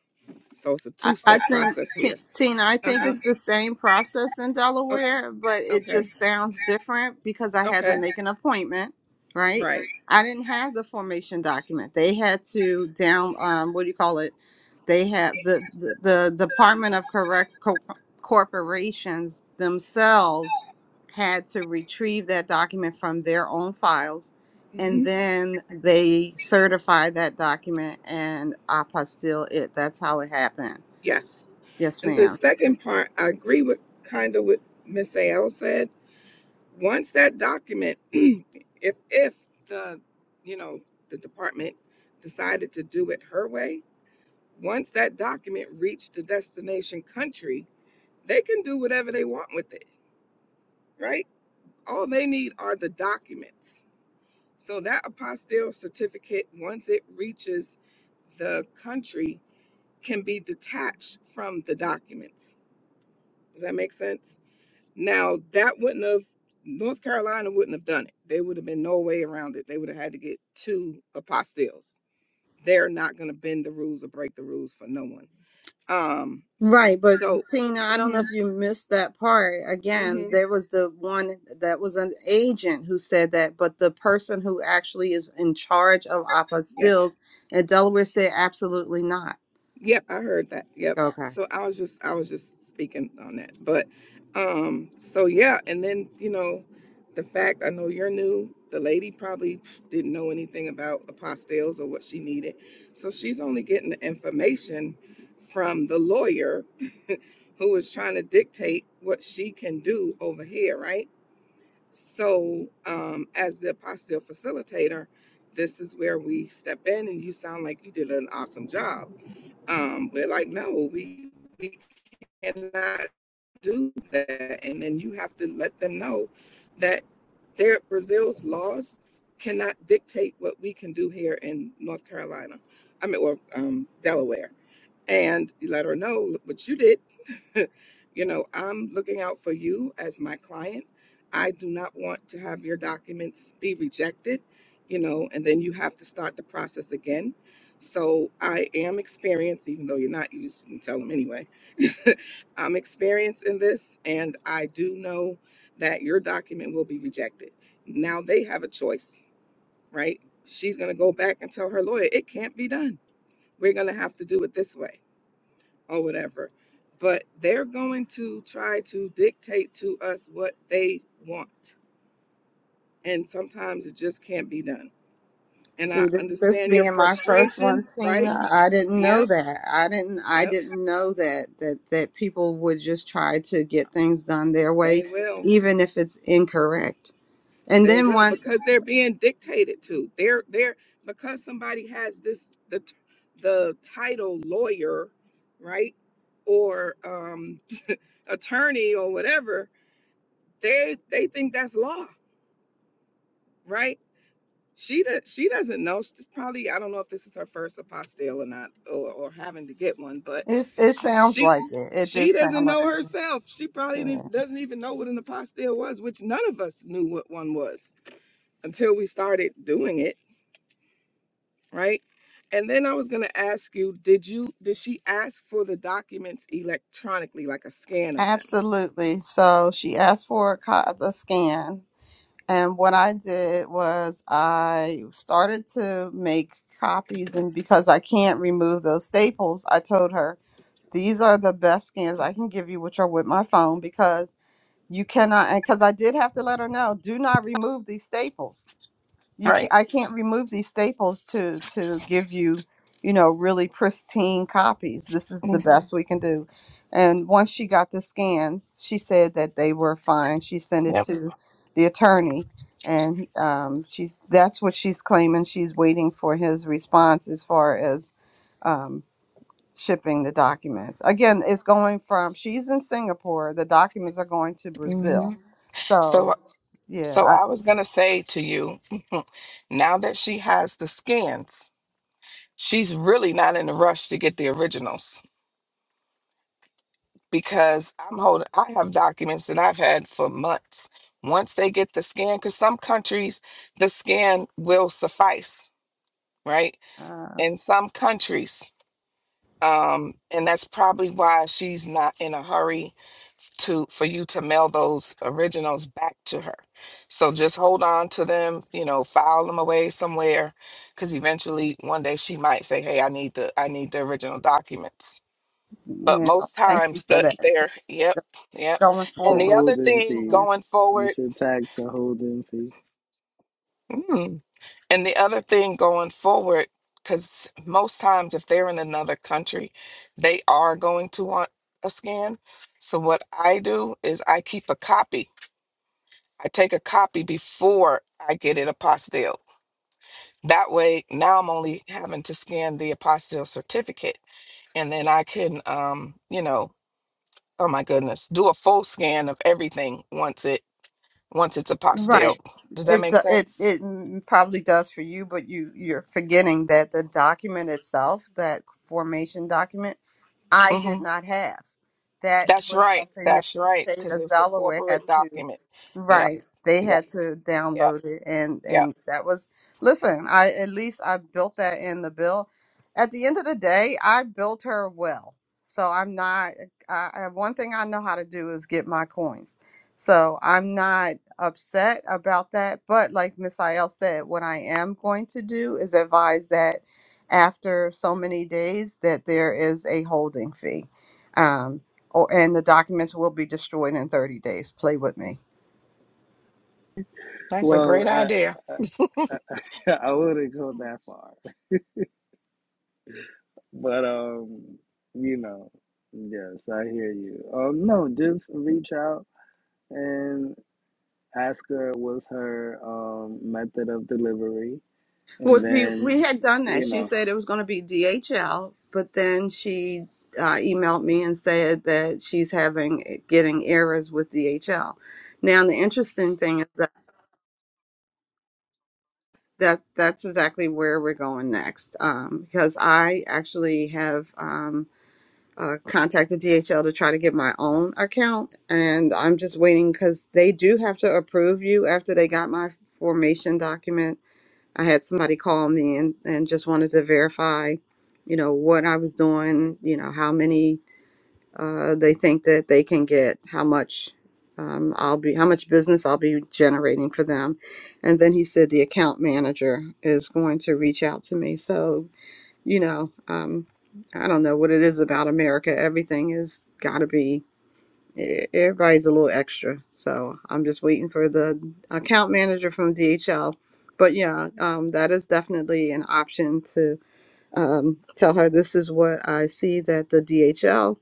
Speaker 6: So it's a
Speaker 4: I, I
Speaker 6: two-step
Speaker 4: think
Speaker 6: process
Speaker 4: Ti-
Speaker 6: here.
Speaker 4: Tina, I think
Speaker 6: Uh-huh.
Speaker 4: it's the same process in
Speaker 6: Okay.
Speaker 4: Delaware, but it
Speaker 6: Okay.
Speaker 4: just sounds different because I had to
Speaker 6: Okay.
Speaker 4: make an appointment, right?
Speaker 6: Right.
Speaker 4: I didn't have the formation document. They had to down um, what do you call it? They have the the, the Department of Correct Co- Corporations themselves had to retrieve that document from their own files,
Speaker 6: Mm-hmm.
Speaker 4: and then they certify that document and apostille it. That's how it happened
Speaker 6: Yes.
Speaker 4: Yes,
Speaker 6: And the
Speaker 4: ma'am.
Speaker 6: second part, I agree with kind of what Miss AL said. Once that document, if if the you know the department decided to do it her way, once that document reached the destination country, they can do whatever they want with it, right? All they need are the documents. So that apostille certificate, once it reaches the country, can be detached from the documents. Does that make sense? Now that wouldn't have North Carolina wouldn't have done it. There would have been no way around it. They would have had to get two apostilles. They're not going to bend the rules or break the rules for no one. Um.
Speaker 4: Right, but
Speaker 6: So.
Speaker 4: Tina, I don't know
Speaker 6: Mhm.
Speaker 4: if you missed that part. Again,
Speaker 6: Mhm.
Speaker 4: there was the one that was an agent who said that, but the person who actually is in charge of apostilles in Delaware said absolutely not.
Speaker 6: Yep, I heard that. Yep.
Speaker 4: Okay.
Speaker 6: So I was just I was just speaking on that. But um so yeah, and then you know, the fact I know you're new, the lady probably didn't know anything about apostilles or what she needed. So she's only getting the information from the lawyer who is trying to dictate what she can do over here, right? So um as the apostille facilitator, this is where we step in and you sound like you did an awesome job um, we're like, no, we we cannot do that. And then you have to let them know that their Brazil's laws cannot dictate what we can do here in North Carolina. I mean, or um, Delaware. And you let her know, look what you did. you know, I'm looking out for you as my client. I do not want to have your documents be rejected, you know, and then you have to start the process again. So I am experienced, even though you're not, you just can tell them anyway. I'm experienced in this, and I do know that your document will be rejected. Now they have a choice, right? She's going to go back and tell her lawyer, it can't be done. We're going to have to do it this way or whatever. But they're going to try to dictate to us what they want. And sometimes it just can't be done. And I
Speaker 4: See, th- this
Speaker 6: understand your
Speaker 4: being my first one,
Speaker 6: frustration, right?
Speaker 4: Tina, I didn't know
Speaker 6: Yep,
Speaker 4: that. I didn't. I
Speaker 6: yep.
Speaker 4: didn't know that that that people would just try to get things done their
Speaker 6: They
Speaker 4: way,
Speaker 6: will.
Speaker 4: even if it's incorrect. And
Speaker 6: They
Speaker 4: then
Speaker 6: will
Speaker 4: one,
Speaker 6: because they're being dictated to. They're they're because somebody has this the the title lawyer, right? Or um attorney or whatever, they they think that's law, right? She does. She doesn't know. She's probably. I don't know if this is her first apostille or not, or, or having to get one. But
Speaker 4: it it
Speaker 6: she,
Speaker 4: sounds
Speaker 6: she
Speaker 4: like it. It did
Speaker 6: she
Speaker 4: sound
Speaker 6: doesn't
Speaker 4: like
Speaker 6: know
Speaker 4: it.
Speaker 6: herself. She probably
Speaker 4: Yeah,
Speaker 6: didn't, doesn't even know what an apostille was, which none of us knew what one was until we started doing it, right? And then I was gonna ask you, did you did she ask for the documents electronically, like a scan of them?
Speaker 4: absolutely. So she asked for a, co- the scan, and what I did was I started to make copies, and because I can't remove those staples, I told her these are the best scans I can give you, which are with my phone, because you cannot. Because I did have to let her know, do not remove these staples you can
Speaker 6: Right.
Speaker 4: I can't remove these staples to to give you you know really pristine copies. This is the best we can do. And once she got the scans, she said that they were fine. She sent it
Speaker 6: Yep.
Speaker 4: to the attorney, and um, she's that's what she's claiming. She's waiting for his response as far as um, shipping the documents. Again, it's going from she's in Singapore. The documents are going to
Speaker 6: hmm
Speaker 4: Brazil.
Speaker 6: So,
Speaker 4: So yeah,
Speaker 6: so I was gonna say to you, now that she has the scans. she's really not in a rush to get the originals because I'm holding, I have documents that I've had for months. Once they get the scan, because some countries the scan will suffice, right?
Speaker 4: I, uh,
Speaker 6: In some countries, um, and that's probably why she's not in a hurry to for you to mail those originals back to her. So just hold on to them, you know, file them away somewhere, because eventually one day she might say, "Hey, I need the I need the original documents." but
Speaker 4: Yeah,
Speaker 6: most
Speaker 4: thank you
Speaker 6: times
Speaker 4: for
Speaker 6: the,
Speaker 4: that.
Speaker 6: they're yep yep
Speaker 4: Going
Speaker 2: it's
Speaker 6: and
Speaker 2: a
Speaker 4: forward,
Speaker 6: the other
Speaker 2: holding
Speaker 6: thing
Speaker 2: fee.
Speaker 4: yeah.
Speaker 6: going
Speaker 2: You
Speaker 6: forward
Speaker 2: should tax a holding fee.
Speaker 6: mm, and the other thing going forward because most times if they're in another country they are going to want a scan so what i do is i keep a copy i take a copy before i get it apostilled that way now i'm only having to scan the apostille certificate and then i can um you know oh my goodness do a full scan of everything once it once it's apostilled.
Speaker 4: right?
Speaker 6: Does that
Speaker 4: It
Speaker 6: make
Speaker 4: do- it
Speaker 6: sense?
Speaker 4: it m- probably does for you, but you you're forgetting that the document itself, that formation document, I
Speaker 6: hmm
Speaker 4: did not have. That
Speaker 6: That's
Speaker 4: was
Speaker 6: right.
Speaker 4: something that
Speaker 6: That's
Speaker 4: the
Speaker 6: right.
Speaker 4: state
Speaker 6: Because
Speaker 4: of
Speaker 6: it's a
Speaker 4: Delaware had
Speaker 6: corporate
Speaker 4: to.
Speaker 6: document. Yep.
Speaker 4: Right. They
Speaker 6: Yep.
Speaker 4: had to
Speaker 6: Yep.
Speaker 4: download it and
Speaker 6: Yep.
Speaker 4: and that was listen, I at least I built that in the bill. At the end of the day, I built her well. So I'm not I, I one thing I know how to do is get my coins. So I'm not upset about that, but like Miss Ayel said, what I am going to do is advise that after so many days that there is a holding fee. Um or and the documents will be destroyed in 30 days. Play with me
Speaker 6: That's a
Speaker 2: Well,
Speaker 6: great
Speaker 2: I
Speaker 6: idea.
Speaker 2: I, I, I wouldn't go that far, but um, you know, yes, I hear you. Um, no, just reach out and ask her what's her um method of delivery, and
Speaker 4: Well, we we
Speaker 2: then
Speaker 4: had done that.
Speaker 2: you
Speaker 4: She
Speaker 2: know.
Speaker 4: said it was going to be DHL, but then she uh, emailed me and said that she's having getting errors with DHL. Now, the interesting thing is that that that's exactly where we're going next, um, because I actually have um, uh, contacted DHL to try to get my own account, and I'm just waiting because they do have to approve you after they got my formation document I had somebody call me and, and just wanted to verify, you know, what I was doing, you know, how many uh, they think that they can get, how much um, I'll be, how much business I'll be generating for them. And then he said the account manager is going to reach out to me. So, you know, um, I don't know what it is about America. Everything has got to be e- everybody's a little extra. So I'm just waiting for the account manager from DHL. But yeah, um, that is definitely an option to um, tell her this is what I see that the DHL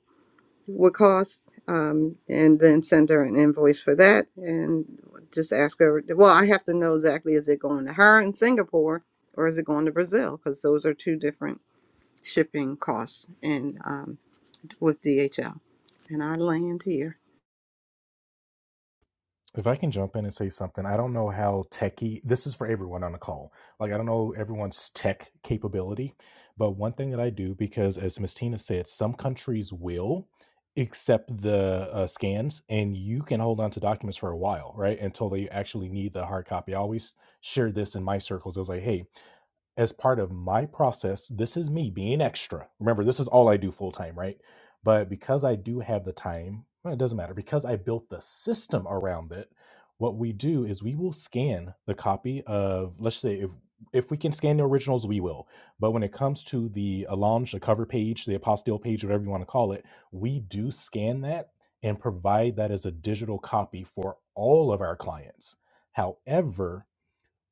Speaker 4: would cost, um, and then send her an invoice for that, and just ask her. Well, I have to know exactly is it going to her in Singapore or is it going to Brazil? Because those are two different shipping costs, in um, with DHL. And I land here.
Speaker 5: If I can jump in and say something, I don't know how techy this is for everyone on the call. Like I don't know everyone's tech capability, but one thing that I do because as Miss Tina said, some countries will accept the uh, scans and you can hold on to documents for a while, right? Until they actually need the hard copy. I always share this in my circles. I was like, hey, as part of my process, this is me being extra. Remember, this is all I do full time, right? But because I do have the time, well, it doesn't matter. Because I built the system around it, what we do is we will scan the copy of, let's say, if if we can scan the originals, we will. But when it comes to the allonge, the cover page, the apostille page, whatever you want to call it, we do scan that and provide that as a digital copy for all of our clients. However,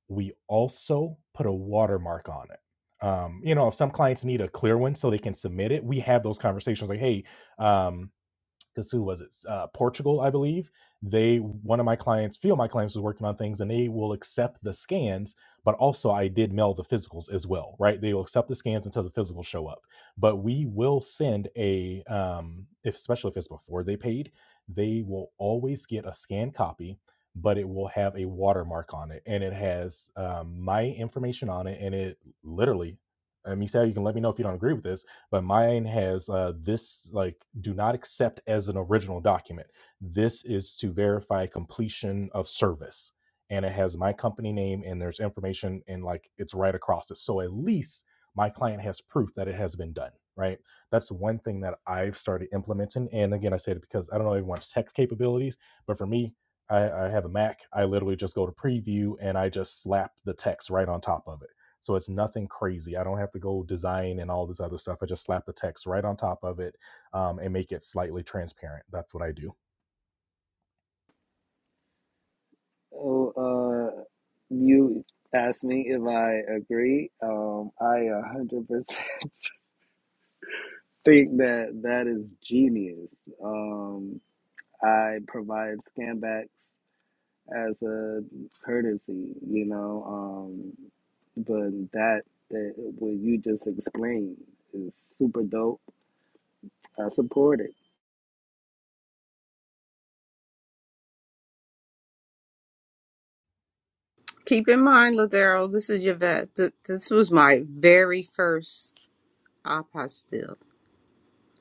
Speaker 5: we also put a watermark on it. Um, you know, if some clients need a clear one so they can submit it, we have those conversations like, hey, um, because who was it? Uh, Portugal, I believe. They one of my clients, few of my clients was working on things, and they will accept the scans, but also I did mail the physicals as well, right? They will accept the scans until the physicals show up, but we will send a, um, if, especially if it's before they paid, they will always get a scanned copy, but it will have a watermark on it, and it has um, my information on it, and it literally. And you say you can let me know if you don't agree with this but mine has uh, this like do not accept as an original document. This is to verify completion of service, and it has my company name and there's information and like it's right across it. So at least my client has proof that it has been done. Right. That's one thing that I've started implementing. And again, I said it because I don't know everyone's text capabilities, but for me, I, I have a Mac. I literally just go to preview and I just slap the text right on top of it so it's nothing crazy. I don't have to go design and all this other stuff. I just slap the text right on top of it um, and make it slightly transparent. That's what I do.
Speaker 2: Oh, uh, you asked me if I agree. Um, I 100% think that that is genius. Um, I provide scan as a courtesy, you know, um, but that, that what you just explained is super dope. I support it.
Speaker 4: Keep in mind, Ladero, this is Yvette. Th- this was my very first apostille.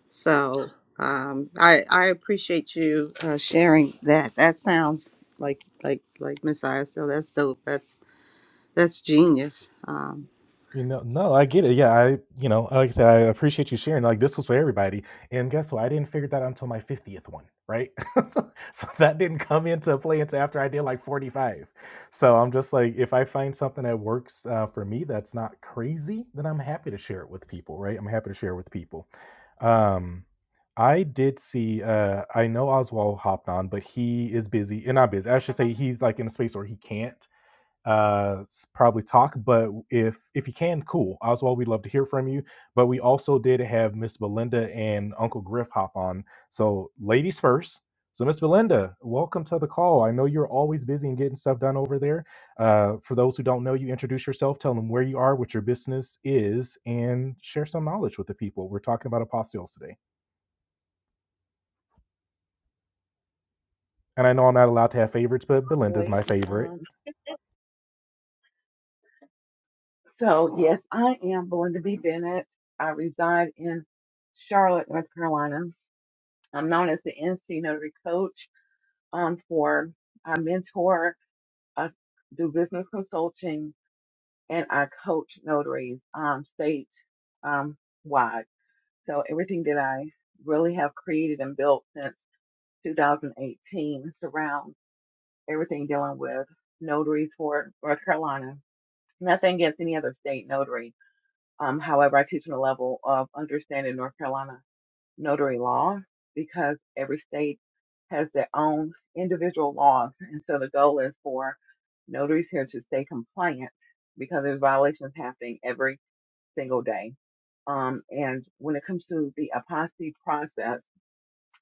Speaker 4: So um, I, I appreciate you uh, sharing that. That sounds like like like Miss ISL. That's dope. That's that's genius. Um,
Speaker 5: You know, no, I get it. Yeah, I, you know, like I said, I appreciate you sharing. Like this was for everybody. And guess what? I didn't figure that out until my 50th one, right? so that didn't come into play until after I did like 45. So I'm just like, if I find something that works uh, for me that's not crazy, then I'm happy to share it with people, right? I'm happy to share it with people. Um, I did see, uh, I know Oswald hopped on, but he is busy and not busy. I should say he's like in a space where he can't uh s- probably talk but if if you can cool oswald we'd love to hear from you but we also did have miss belinda and uncle griff hop on so ladies first so miss belinda welcome to the call i know you're always busy and getting stuff done over there uh for those who don't know you introduce yourself tell them where you are what your business is and share some knowledge with the people we're talking about apostiles today and i know i'm not allowed to have favorites but belinda's
Speaker 7: voice.
Speaker 5: my favorite
Speaker 7: Um, So, yes, I am Belinda B. Bennett. I reside in Charlotte, North Carolina. I'm known as the NC Notary Coach um, for I mentor, I do business consulting, and I coach notaries um, state um, wide. So, everything that I really have created and built since 2018 surrounds everything dealing with notaries for North Carolina. Nothing against any other state notary, Um, however, I teach on a level of understanding North Carolina notary law because every state has their own individual laws. And so the goal is for notaries here to stay compliant because there's violations happening every single day. Um, and when it comes to the apostasy process,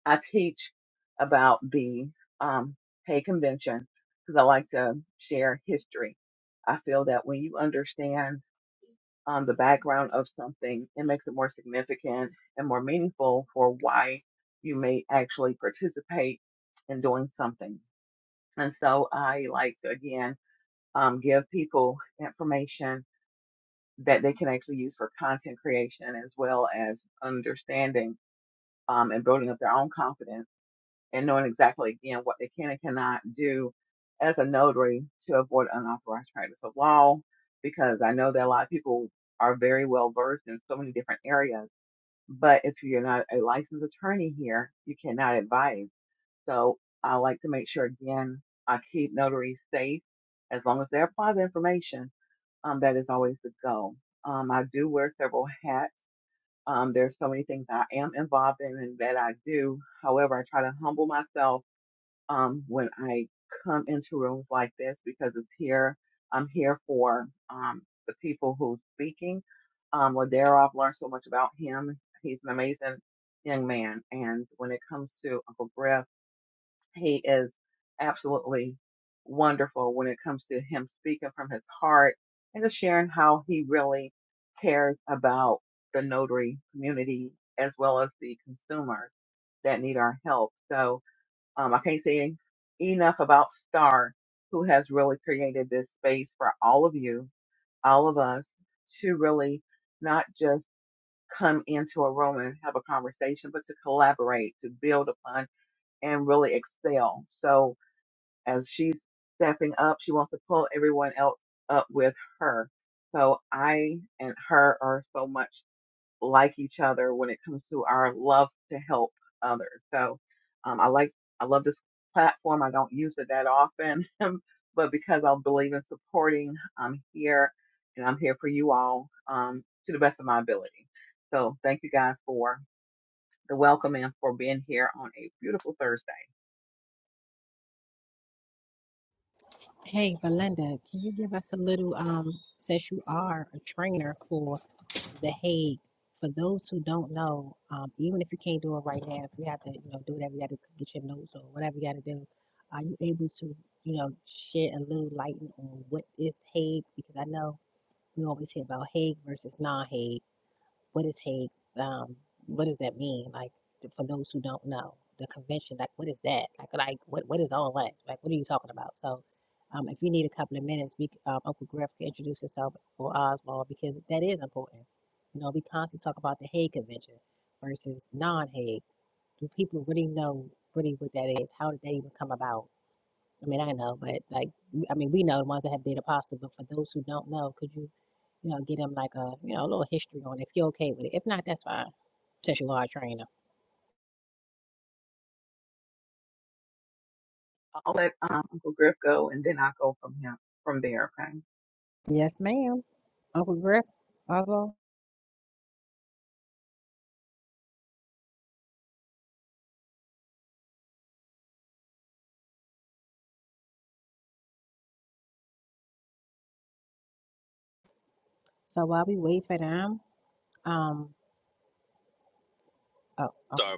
Speaker 7: I teach about the um, Hague Convention because I like to share history. I feel that when you understand um, the background of something, it makes it more significant and more meaningful for why you may actually participate in doing something. And so I like to again um, give people information that they can actually use for content creation as well as understanding um, and building up their own confidence and knowing exactly again what they can and cannot do as a notary to avoid unauthorized practice of law because I know that a lot of people are very well versed in so many different areas, but if you're not a licensed attorney here, you cannot advise. So I like to make sure again I keep notaries safe as long as they apply the information. Um, that is always the goal. Um, I do wear several hats. Um, there's so many things I am involved in and that I do. However, I try to humble myself um, when I come into rooms like this because it's here. I'm here for um, the people who's speaking. Um, Ladero, I've learned so much about him. He's an amazing young man. And when it comes to Uncle Griff, he is absolutely wonderful when it comes to him speaking from his heart and just sharing how he really cares about the notary community as well as the consumers that need our help. So, um, I can't say enough about Star, who has really created this space for all of you, all of us, to really not just come into a room and have a conversation, but to collaborate, to build upon, and really excel. So as she's stepping up, she wants to pull everyone else up with her. So I and her are so much like each other when it comes to our love to help others. So um, I like I love this platform. I don't use it that often, but because I believe in supporting, I'm here and I'm here for you all um, to the best of my ability. So thank you guys for the welcome and for being here on a beautiful Thursday.
Speaker 1: Hey, Belinda, can you give us a little, um, since you are a trainer for The Hague. For those who don't know, um, even if you can't do it right now, if you have to, you know, do whatever you got to get your notes or whatever you got to do, are you able to, you know, shed a little light on what is Hague? Because I know we always hear about Hague versus non-Hague what is hate? Um, what does that mean? Like for those who don't know, the convention, like what is that? Like like what what is all that? Like what are you talking about? So, um, if you need a couple of minutes, we um, Uncle Griff can introduce himself or Oswald because that is important. You know, we constantly talk about the Hague Convention versus non-Hague. Do people really know really what that is? How did that even come about? I mean, I know, but like, I mean, we know the ones that have data pasta, but for those who don't know, could you? You know, get him like a, you know, a little history on it, if you're okay with it. If not, that's fine, since you are a trainer.
Speaker 7: I'll let um, Uncle Griff go and then I'll go from him from there. Okay.
Speaker 1: Yes, ma'am. Uncle Griff, Oswald. So while we wait for them, um, oh, okay.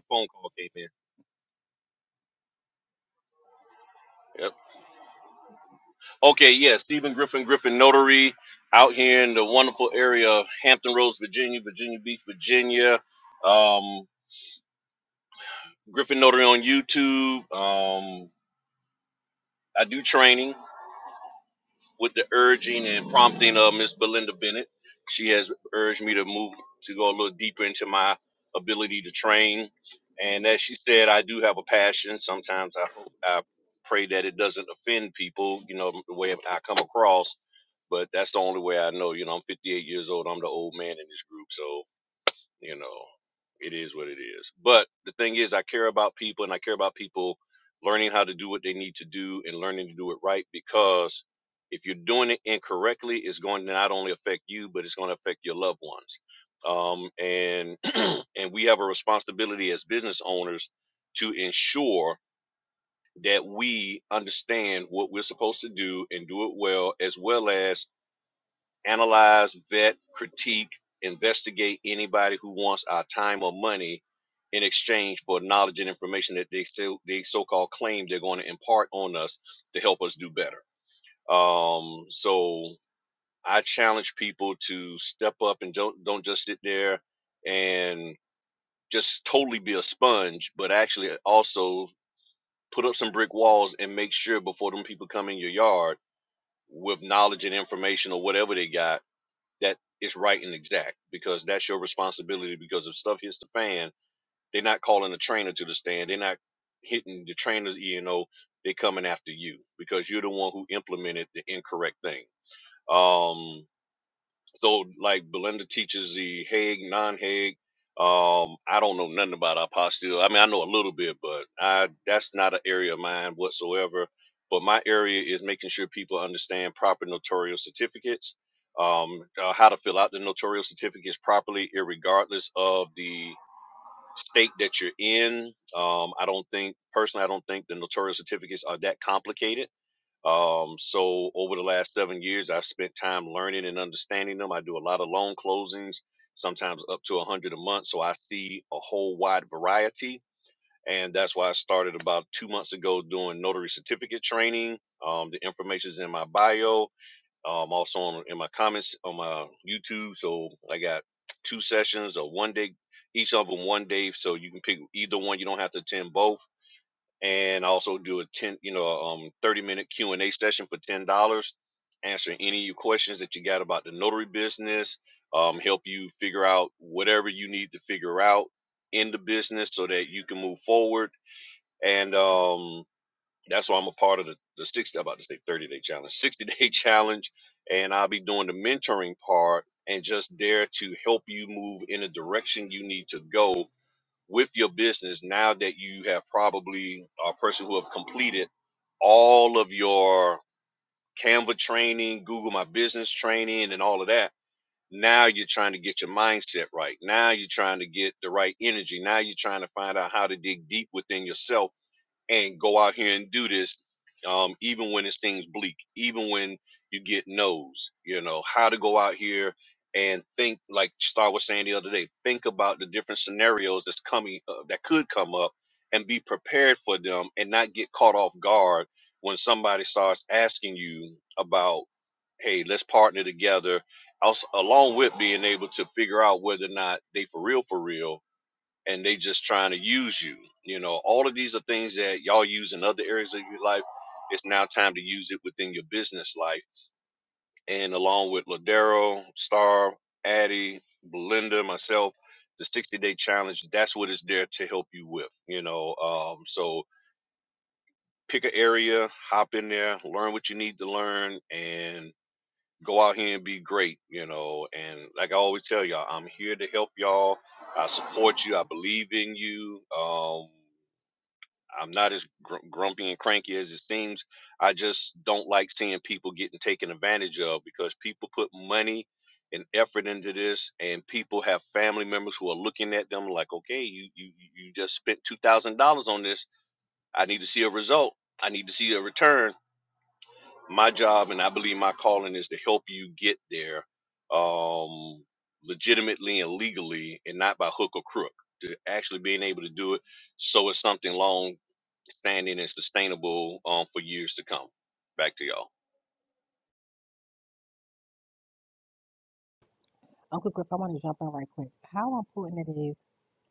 Speaker 1: Uncle Griff, I want to jump in right quick. How important it is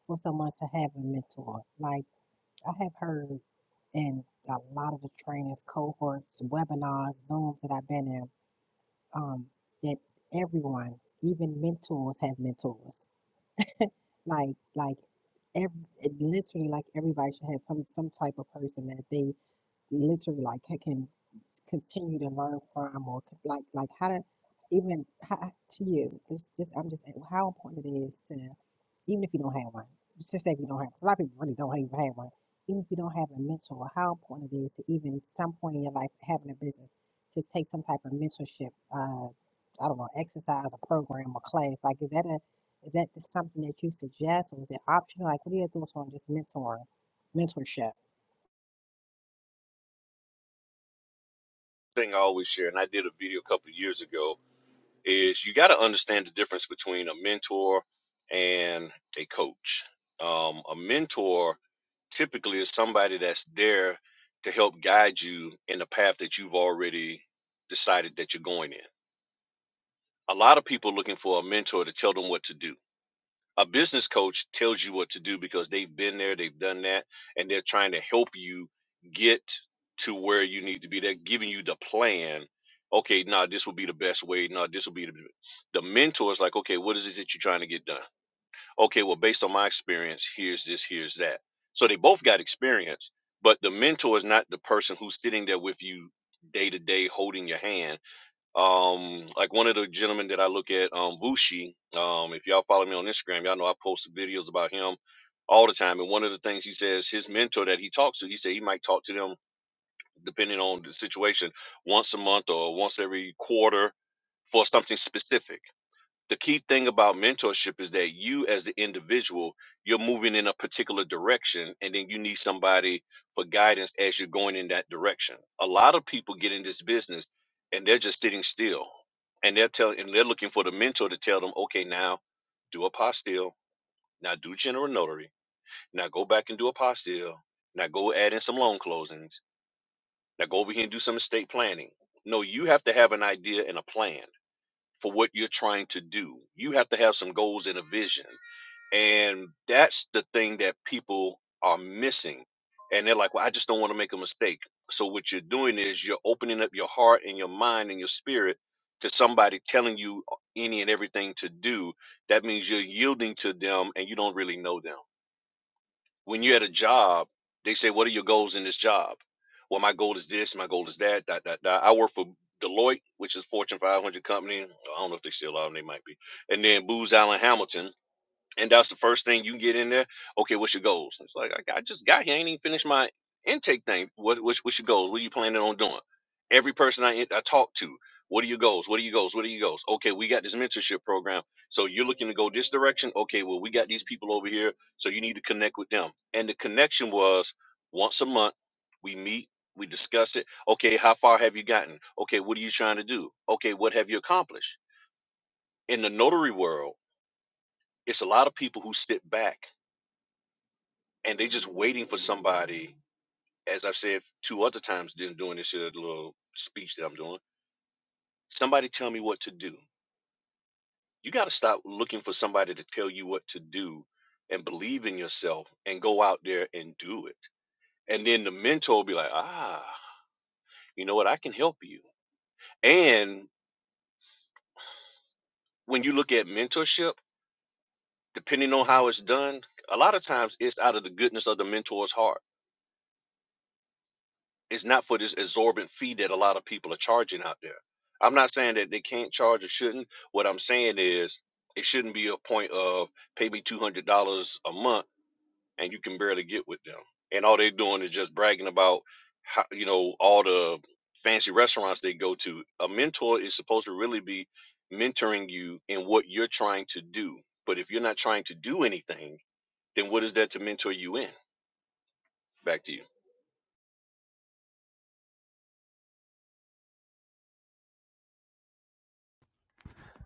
Speaker 1: for someone to have a mentor. Like I have heard in a lot of the trainers' cohorts, webinars, Zooms that I've been in, um, that everyone, even mentors, have mentors. Like like every literally like everybody should have some some type of person that they literally like ca- can continue to learn from or c- like like how to even how, to you this this I'm just how important it is to even if you don't have one. Just say if you don't have. A lot of people really don't even have one. Even if you don't have a mentor, how important it is to even at some point in your life having a business to take some type of mentorship. Uh, I don't know, exercise, a program, or class. Like, is that a is that just something that you suggest, or is it optional? Like, what are your thoughts on just mentoring, mentorship?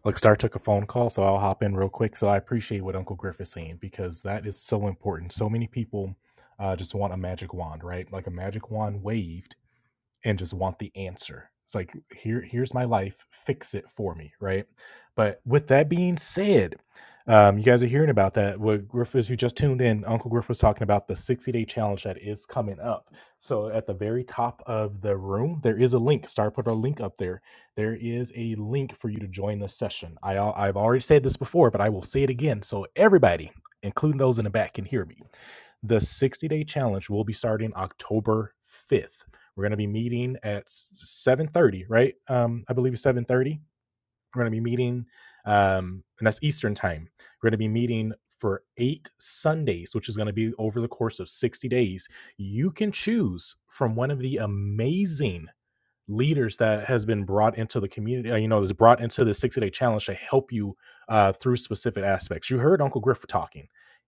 Speaker 5: Like Star took a phone call, so I'll hop in real quick. So I appreciate what Uncle Griff is saying because that is so important. So many people uh, just want a magic wand, right? Like a magic wand waved and just want the answer. It's like here here's my life, fix it for me, right? But with that being said, um, you guys are hearing about that. What Griff as you just tuned in, Uncle Griff was talking about the 60 day challenge that is coming up. So at the very top of the room, there is a link. Star put a link up there. There is a link for you to join the session. I al- I've already said this before, but I will say it again. So everybody, including those in the back, can hear me. The 60 day challenge will be starting October 5th. We're going to be meeting at 7:30, right? Um, I believe it's 7:30. We're going to be meeting, um, and that's Eastern time. We're going to be meeting for eight Sundays, which is going to be over the course of 60 days. You can choose from one of the amazing leaders that has been brought into the community, uh, you know, is brought into the 60 day challenge to help you uh, through specific aspects. You heard Uncle Griff talking.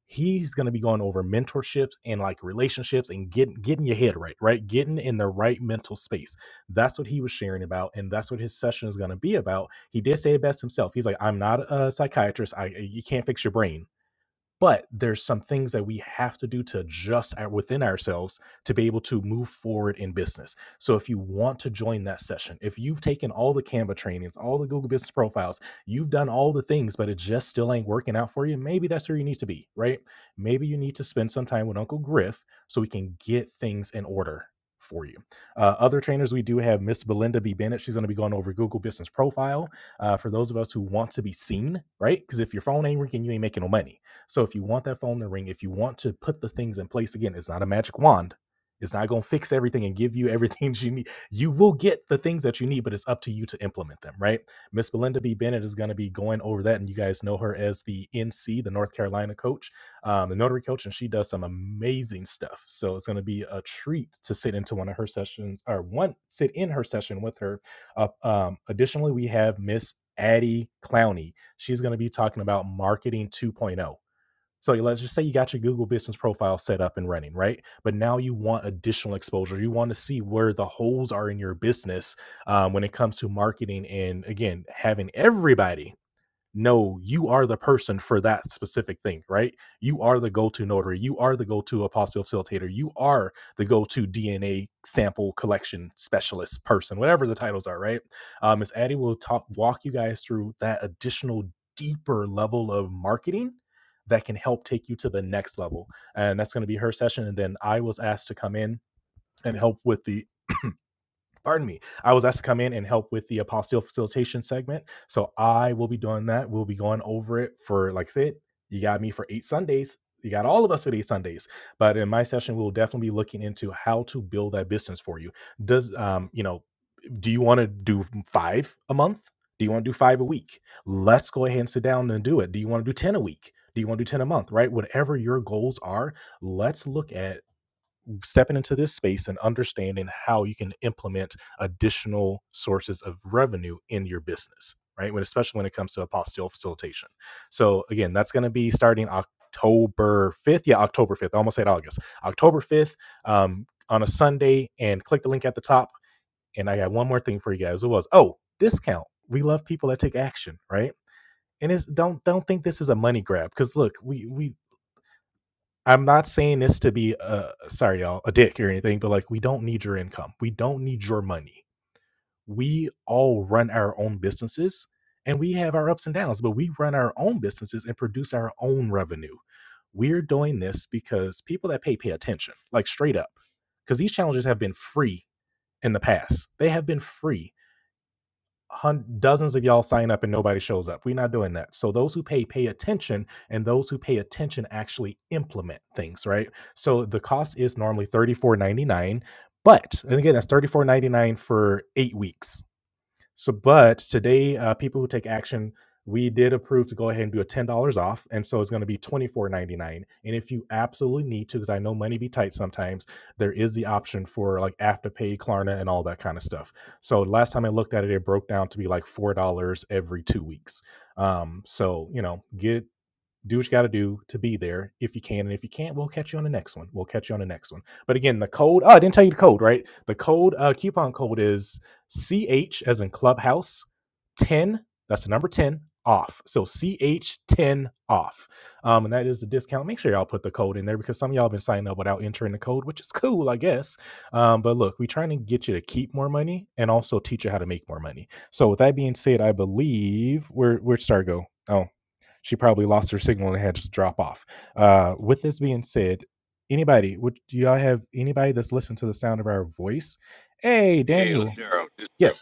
Speaker 5: He's going to be going over mentorships and like relationships and getting getting your head right, right? Getting in the right mental space. That's what he was sharing about, and that's what his session is going to be about. He did say it best himself. He's like, "I'm not a psychiatrist. I you can't fix your brain but there's some things that we have to do to adjust our, within ourselves to be able to move forward in business. So if you want to join that session, if you've taken all the Canva trainings, all the Google Business Profiles, you've done all the things, but it just still ain't working out for you, maybe that's where you need to be, right? Maybe you need to spend some time with Uncle Griff so we can get things in order for you. Uh, other trainers we do have Miss Belinda B. Bennett. She's going to be going over Google Business Profile uh, for those of us who want to be seen, right? Because if your phone ain't ringing, you ain't making no money so if you want that phone to ring, if you want to put the things in place again, it's not a magic wand. It's not going to fix everything and give you everything you need. You will get the things that you need, but it's up to you to implement them, right? Miss Belinda B. Bennett is going to be going over that, and you guys know her as the NC, the North Carolina coach, um, the notary coach, and she does some amazing stuff. So it's going to be a treat to sit into one of her sessions, or one sit in her session with her. Uh, um, additionally, we have Miss Addie Clowney. She's going to be talking about marketing 2.0. So let's just say you got your Google business profile set up and running, right? But now you want additional exposure. You want to see where the holes are in your business um, when it comes to marketing and again, having everybody no, you are the person for that specific thing, right? You are the go to notary. You are the go to apostille facilitator. You are the go to DNA sample collection specialist person, whatever the titles are, right? Um, Ms. Addie will talk, walk you guys through that additional, deeper level of marketing that can help take you to the next level. And that's going to be her session. And then I was asked to come in and help with the pardon me i was asked to come in and help with the apostille facilitation segment so i will be doing that we'll be going over it for like i said you got me for eight sundays you got all of us for eight sundays but in my session we'll definitely be looking into how to build that business for you does um you know do you want to do five a month do you want to do five a week let's go ahead and sit down and do it do you want to do 10 a week do you want to do 10 a month right whatever your goals are let's look at stepping into this space and understanding how you can implement additional sources of revenue in your business, right? When especially when it comes to apostille facilitation. So again, that's going to be starting October 5th. Yeah, October 5th. I almost said August. October 5th um, on a Sunday and click the link at the top. And I got one more thing for you guys. It was, oh, discount. We love people that take action, right? And it's don't don't think this is a money grab because look, we we I'm not saying this to be uh sorry y'all a dick or anything, but like we don't need your income. We don't need your money. We all run our own businesses and we have our ups and downs, but we run our own businesses and produce our own revenue. We're doing this because people that pay pay attention, like straight up. Because these challenges have been free in the past. They have been free hun- dozens of y'all sign up and nobody shows up. We're not doing that. So those who pay pay attention, and those who pay attention actually implement things, right? So the cost is normally thirty four ninety nine, but and again that's thirty four ninety nine for eight weeks. So, but today, uh, people who take action, we did approve to go ahead and do a ten dollars off, and so it's going to be twenty four ninety nine. And if you absolutely need to, because I know money be tight sometimes, there is the option for like afterpay, Klarna, and all that kind of stuff. So last time I looked at it, it broke down to be like four dollars every two weeks. Um, so you know, get do what you got to do to be there if you can. And if you can't, we'll catch you on the next one. We'll catch you on the next one. But again, the code, oh, I didn't tell you the code, right? The code, uh, coupon code is CH as in clubhouse 10. That's the number 10 off. So CH10 off. Um, and that is the discount. Make sure y'all put the code in there because some of y'all have been signing up without entering the code, which is cool, I guess. Um, but look, we're trying to get you to keep more money and also teach you how to make more money. So with that being said, I believe where where'd Star go? Oh she probably lost her signal and had to drop off. Uh, with this being said, anybody, would do y'all have anybody that's listened to the sound of our voice? Hey, Daniel. Yep,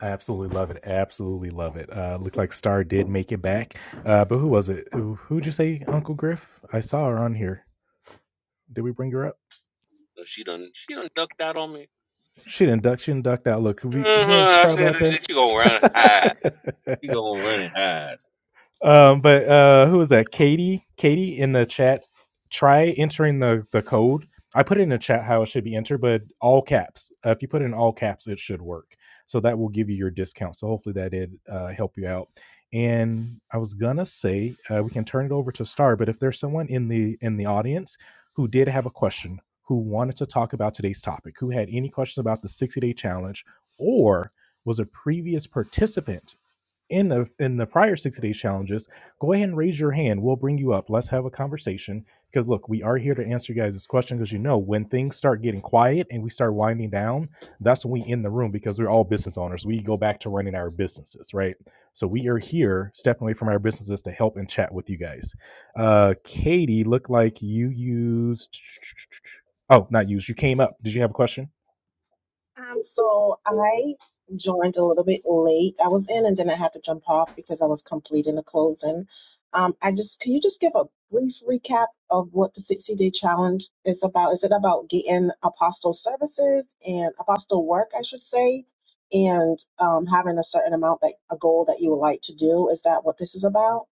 Speaker 5: I absolutely love it. Absolutely love it. Uh, looked like Star did make it back. Uh, but who was it? Who, who'd you say, Uncle Griff? I saw her on here. Did we bring her up? She didn't duck. She didn't duck out. Look, we, you know, she's probably out there. Um, but uh, who was that? Katie. Katie in the chat. Try entering the the code. I put it in the chat how it should be entered, but all caps. Uh, if you put it in all caps, it should work. So that will give you your discount. So hopefully that did uh, help you out. And I was gonna say uh, we can turn it over to Star, but if there's someone in the in the audience who did have a question, who wanted to talk about today's topic, who had any questions about the 60 day challenge, or was a previous participant in the in the prior 60 days challenges go ahead and raise your hand we'll bring you up let's have a conversation because look we are here to answer you guys this question because you know when things start getting quiet and we start winding down that's when we end the room because we're all business owners we go back to running our businesses right so we are here stepping away from our businesses to help and chat with you guys uh katie look like you used oh not used you came up did you have a question
Speaker 8: Um, so I joined a little bit late. I was in and then I had to jump off because I was completing the closing. Um, I just, can you just give a brief recap of what the 60 day challenge is about? Is it about getting apostle services and apostle work, I should say, and um, having a certain amount, that a goal that you would like to do? Is that what this is about?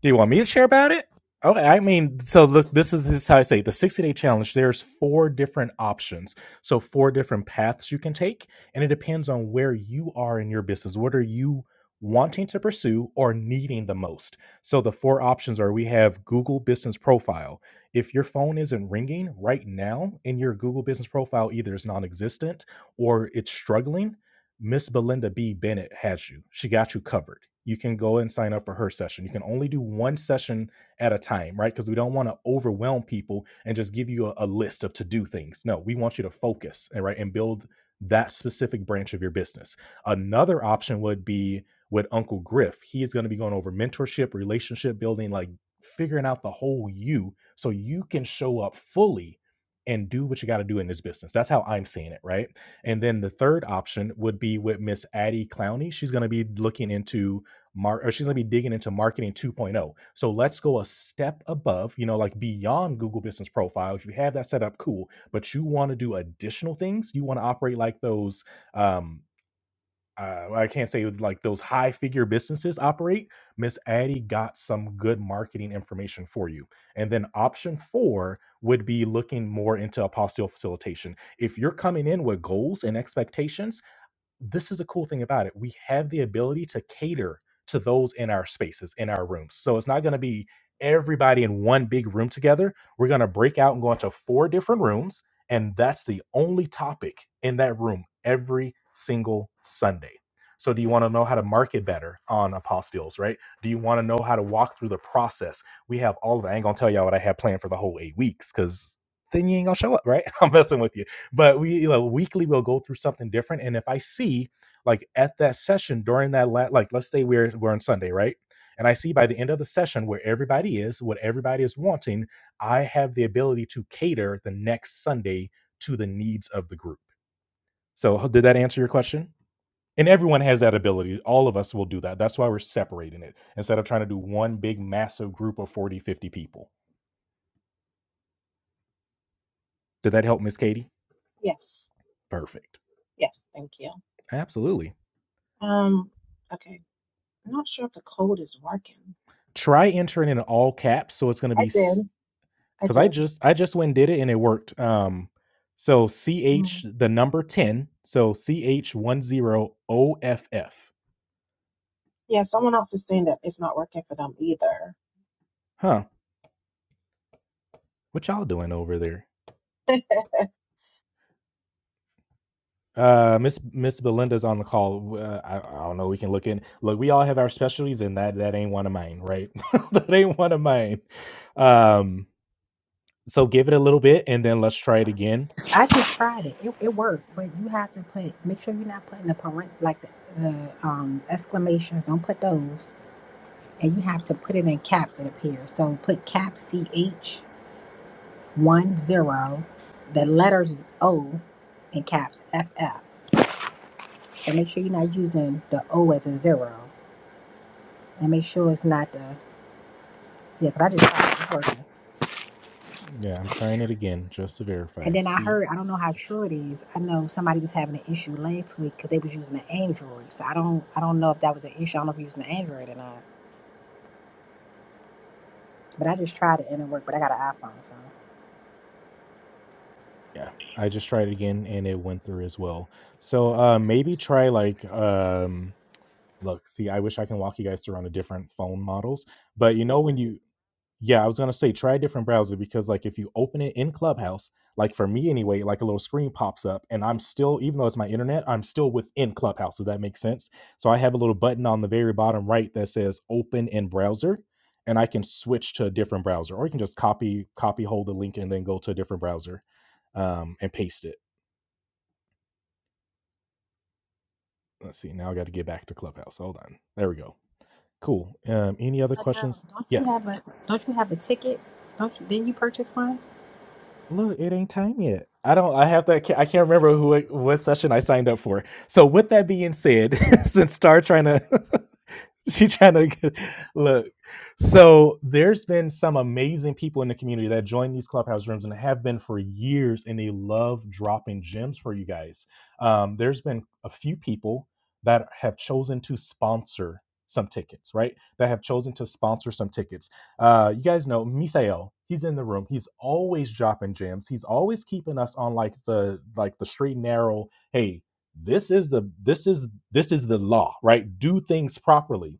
Speaker 5: Do you want me to share about it? Okay, I mean, so the, this is this is how I say it. the sixty day challenge. There's four different options, so four different paths you can take, and it depends on where you are in your business. What are you wanting to pursue or needing the most? So the four options are: we have Google Business Profile. If your phone isn't ringing right now, and your Google Business Profile either is non-existent or it's struggling, Miss Belinda B. Bennett has you. She got you covered. You can go and sign up for her session. You can only do one session at a time, right? Because we don't want to overwhelm people and just give you a, a list of to do things. No, we want you to focus, and right, and build that specific branch of your business. Another option would be with Uncle Griff. He is going to be going over mentorship, relationship building, like figuring out the whole you so you can show up fully and do what you got to do in this business. That's how I'm seeing it, right? And then the third option would be with Miss Addie Clowney. She's going to be looking into mar- or she's going to be digging into marketing 2.0. So let's go a step above, you know, like beyond Google Business Profile. If you have that set up, cool. But you want to do additional things. You want to operate like those um, uh, well, I can't say like those high figure businesses operate. Miss Addie got some good marketing information for you. And then option four would be looking more into apostille facilitation. If you're coming in with goals and expectations, this is a cool thing about it. We have the ability to cater to those in our spaces, in our rooms. So it's not going to be everybody in one big room together. We're going to break out and go into four different rooms. And that's the only topic in that room every single Sunday. So, do you want to know how to market better on apostilles, right? Do you want to know how to walk through the process? We have all of it. I ain't going to tell y'all what I have planned for the whole eight weeks because then you ain't going to show up, right? I'm messing with you but we you know weekly we'll go through something different and if i see like at that session during that la- like let's say we're we're on sunday right and i see by the end of the session where everybody is what everybody is wanting i have the ability to cater the next sunday to the needs of the group so ho- did that answer your question and everyone has that ability all of us will do that that's why we're separating it instead of trying to do one big massive group of 40, 50 people did that help miss katie
Speaker 8: Yes.
Speaker 5: perfect
Speaker 8: Yes. Thank you.
Speaker 5: absolutely
Speaker 8: Um, okay. I'm not sure if the code is working.
Speaker 5: try entering in all caps so it's going to
Speaker 8: I
Speaker 5: be
Speaker 8: did. I
Speaker 5: because i
Speaker 8: did.
Speaker 5: just i just went and did it and it worked um so ch the number 10 so ch10off
Speaker 8: Yeah, someone else is saying that it's not working for them either.
Speaker 5: huh what y'all doing over there uh miss miss belinda's on the call uh, I, I don't know we can look in look we all have our specialties and that that ain't one of mine right that ain't one of mine um So give it a little bit and then let's try it again.
Speaker 1: I just tried it. It, it worked, but you have to put make sure you're not putting the parent like the, the um exclamations. Don't put those. and you have to put it in caps, it appears. So put cap C H one zero, the letters is O in caps F F. And make sure you're not using the O as a zero. And make sure it's not the, yeah. Because I just tried it working.
Speaker 5: Yeah, I'm trying it again just to
Speaker 1: And
Speaker 5: verify.
Speaker 1: then I
Speaker 5: C
Speaker 1: heard, I don't know how
Speaker 5: H.
Speaker 1: true it is. I know somebody was having an issue last week because they was using an Android. So I don't, I don't know if that was an issue. I don't know if you're using an Android or not. But I just tried it and it worked. But I got an iPhone, so.
Speaker 5: Yeah, I just tried it again and it went through as well. So uh maybe try like um look, see I wish I can walk you guys through on the different phone models, but you know when you yeah, I was gonna say try a different browser because like if you open it in Clubhouse, like for me anyway, like a little screen pops up and I'm still, even though it's my internet, I'm still within Clubhouse, if that makes sense. So I have a little button on the very bottom right that says open in browser, and I can switch to a different browser, or you can just copy, copy, hold the link and then go to a different browser um, and paste it. Let's see. Now I gotta get back to Clubhouse. Hold on. There we go. Cool. Um, any other
Speaker 1: Adele,
Speaker 5: questions?
Speaker 1: don't you
Speaker 5: Yes.
Speaker 1: have a don't you have a ticket? Don't you? Didn't you purchase one?
Speaker 5: Look, it ain't time yet. I don't. I have to. I can't I can't remember who it- what session I signed up for. So with that being said, since Star trying to she trying to get, look. So there's been some amazing people in the community that join these clubhouse rooms and have been for years, and they love dropping gems for you guys. Um, there's been a few people that have chosen to sponsor some tickets, right? That have chosen to sponsor some tickets. Uh, you guys know Misael. He's in the room. He's always dropping gems. He's always keeping us on like the like the straight and narrow. Hey, this is the this is this is the law, right? Do things properly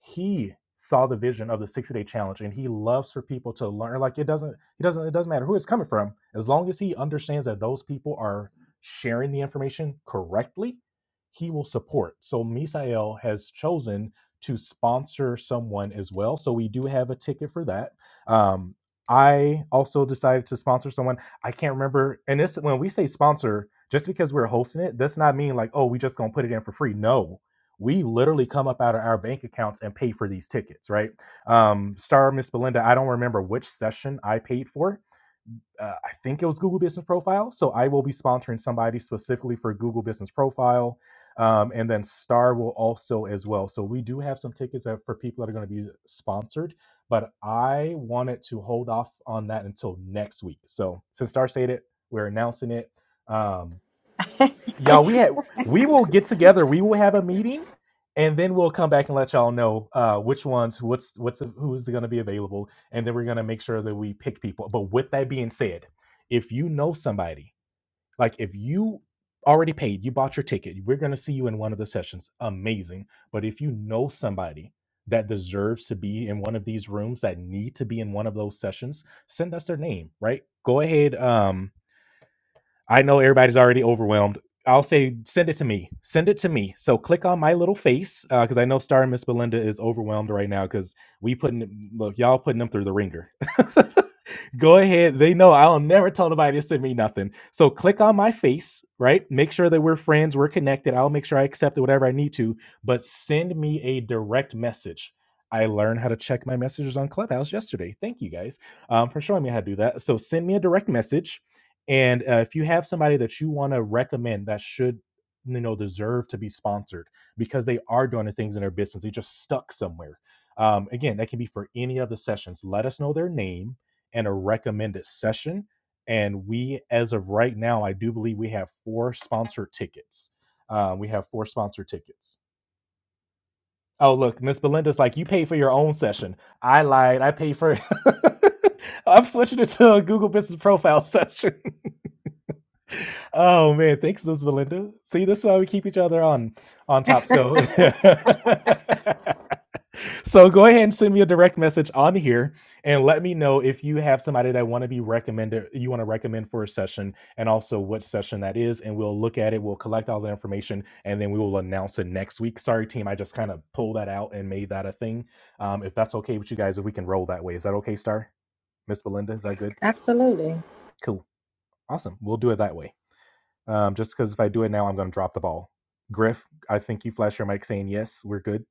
Speaker 5: he saw the vision of the 60 day challenge and he loves for people to learn like it doesn't he doesn't it doesn't matter who it's coming from as long as he understands that those people are sharing the information correctly he will support so misael has chosen to sponsor someone as well so we do have a ticket for that um i also decided to sponsor someone i can't remember and this when we say sponsor just because we're hosting it that's not mean like oh we just gonna put it in for free no we literally come up out of our bank accounts and pay for these tickets, right? Um, Star Miss Belinda, I don't remember which session I paid for. Uh, I think it was Google Business Profile. So I will be sponsoring somebody specifically for Google Business Profile. Um, and then Star will also as well. So we do have some tickets that for people that are going to be sponsored, but I wanted to hold off on that until next week. So since Star stated, we're announcing it. Um, y'all we had we will get together we will have a meeting and then we'll come back and let y'all know uh which ones what's what's who's going to be available and then we're going to make sure that we pick people but with that being said if you know somebody like if you already paid you bought your ticket we're going to see you in one of the sessions amazing but if you know somebody that deserves to be in one of these rooms that need to be in one of those sessions send us their name right go ahead um I know everybody's already overwhelmed. I'll say send it to me. Send it to me. So click on my little face because uh, I know Star and Miss Belinda is overwhelmed right now because we putting look y'all putting them through the ringer. go ahead. They know I'll never tell nobody to send me nothing. So click on my face, right? Make sure that we're friends, we're connected. I'll make sure I accept it, whatever I need to, but send me a direct message. I learned how to check my messages on Clubhouse yesterday. Thank you guys um, for showing me how to do that. So send me a direct message. And uh, if you have somebody that you want to recommend that should, you know, deserve to be sponsored because they are doing the things in their business, they just stuck somewhere. Um, again, that can be for any of the sessions. Let us know their name and a recommended session. And we, as of right now, I do believe we have four sponsored tickets. Uh, we have four sponsored tickets. Oh, look, Miss Belinda's like, you paid for your own session. I lied. I paid for. I'm switching it to a Google Business Profile session. oh man, thanks, Miss Belinda. See, this is why we keep each other on on top. So. So go ahead and send me a direct message on here and let me know if you have somebody that want to be recommended you want to recommend for a session and also what session that is and we'll look at it we'll collect all the information and then we will announce it next week. Sorry team, I just kind of pulled that out and made that a thing. Um, if that's okay with you guys if we can roll that way. Is that okay, Star? Miss Belinda, is that good?
Speaker 1: Absolutely.
Speaker 5: Cool. Awesome. We'll do it that way. Um, just cuz if I do it now I'm going to drop the ball. Griff, I think you flashed your mic saying yes. We're good.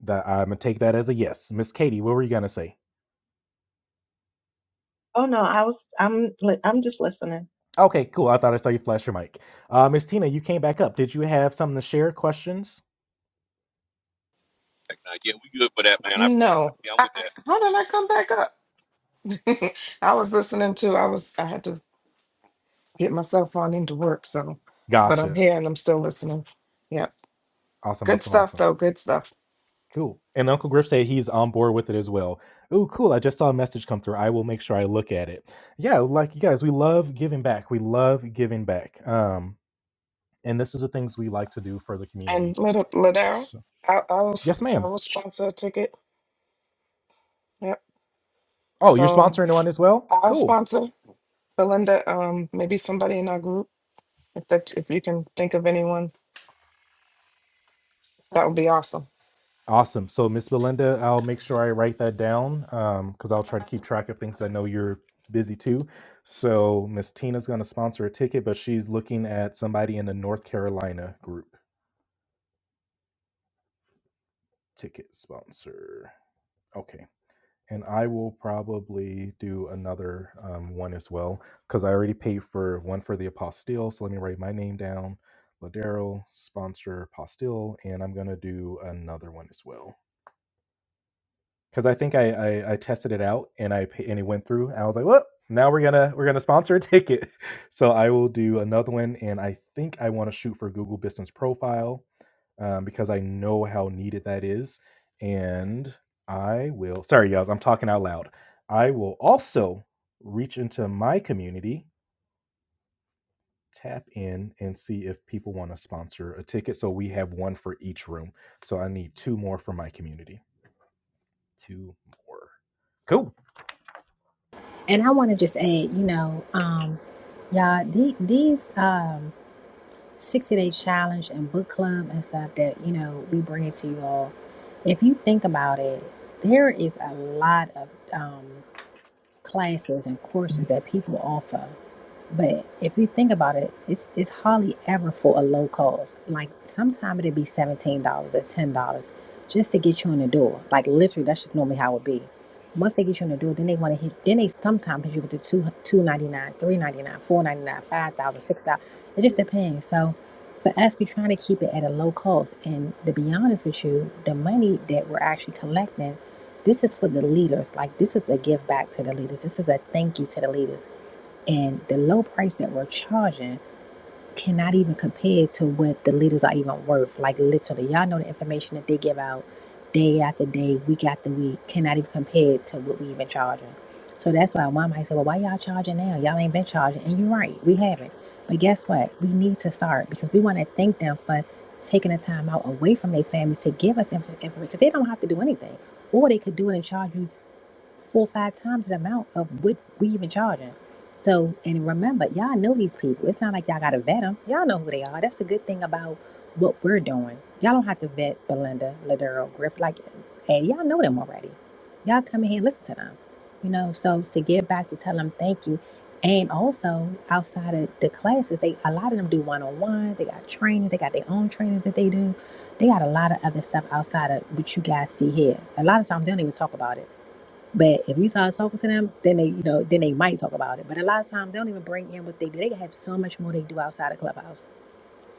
Speaker 5: That I'm going to take that as a yes. Miss Katie, what were you going to say?
Speaker 8: Oh no, I was I'm li- I'm just listening.
Speaker 5: Okay, cool. I thought I saw you flash your mic. Uh, Miss Tina, you came back up. Did you have something to share? Questions?
Speaker 6: No. I, I, how did I come back up? I was listening to, I was, I had to get myself on into work. So, but I'm
Speaker 5: Gotcha.
Speaker 6: here and I'm still listening. Yep.
Speaker 5: Awesome,
Speaker 6: Good
Speaker 5: awesome,
Speaker 6: stuff,
Speaker 5: awesome.
Speaker 6: though. Good stuff.
Speaker 5: Cool. And Uncle Griff said he's on board with it as well. Ooh, cool. I just saw a message come through. I will make sure I look at it. Yeah, like you guys, we love giving back. We love giving back. Um, and this is the things we like to do for the community.
Speaker 6: And little Ladera,
Speaker 5: So,
Speaker 6: I, I will,
Speaker 5: yes,
Speaker 6: i
Speaker 5: ma'am.
Speaker 6: will sponsor a ticket. Yep.
Speaker 5: Oh, you're
Speaker 6: So
Speaker 5: sponsoring one as well?
Speaker 6: I'll
Speaker 5: Cool.
Speaker 6: sponsor Belinda. Um, maybe somebody in our group. If that, if you can think of anyone, that would be awesome.
Speaker 5: Awesome. So, Miss Belinda, I'll make sure I write that down because I'll try to keep track of things. I know you're busy too. So, Miss Tina's going to sponsor a ticket, but she's looking at somebody in the North Carolina group ticket sponsor. Okay. And I will probably do another um, one as well because I already paid for one for the apostille. So, let me write my name down. Ladero, sponsor apostille, and I'm going to do another one as well. because I think I, I I tested it out and I and it went through. And I was like, well, now we're gonna we're gonna sponsor a ticket. So I will do another one, and I think I want to shoot for Google Business Profile um, because I know how needed that is. And I will. Sorry, y'all, I'm talking out loud. I will also reach into my community, tap in, and see if people want to sponsor a ticket. So we have one for each room. So I need two more for my community. Two more. cool.
Speaker 1: And I want to just add, you know, um, y'all, the, these um, 60 day challenge and book club and stuff that, you know, we bring it to you all, if you think about it, there is a lot of um, classes and courses that people offer. But if you think about it, it's it's hardly ever for a low cost. Like sometimes it'd be seventeen dollars or ten dollars just to get you in the door. Like literally, that's just normally how it would be. Once they get you in the door, then they want to hit. Then they sometimes hit you with the two two ninety nine, three ninety nine, four ninety nine, five thousand, six thousand. It just depends. So for us, we're trying to keep it at a low cost. And to be honest with you, the money that we're actually collecting, this is for the leaders. Like this is a give back to the leaders. This is a thank you to the leaders and the low price that we're charging cannot even compare to what the leaders are even worth. Like literally, y'all know the information that they give out day after day, week after week, cannot even compare to what we even charging. So that's why one might say, "Well, why y'all charging now? Y'all ain't been charging." And you're right, we haven't. But guess what? We need to start because we want to thank them for taking the time out away from their families to give us information because they don't have to do anything, or they could do it and charge you four or five times the amount of what we even charging. So, and remember, y'all know these people. It's not like y'all got to vet them. Y'all know who they are. That's the good thing about what we're doing. Y'all don't have to vet Belinda, Ladero, Griff, like, and y'all know them already. Y'all come in here and listen to them. You know, so to give back to tell them thank you. And also outside of the classes, they a lot of them do one on ones. They got trainings. They got their own trainings that they do. They got a lot of other stuff outside of what you guys see here. A lot of times they don't even talk about it but if we start talking to them, then they, you know, then they might talk about it. But a lot of times they don't even bring in what they do. They have so much more they do outside of Clubhouse.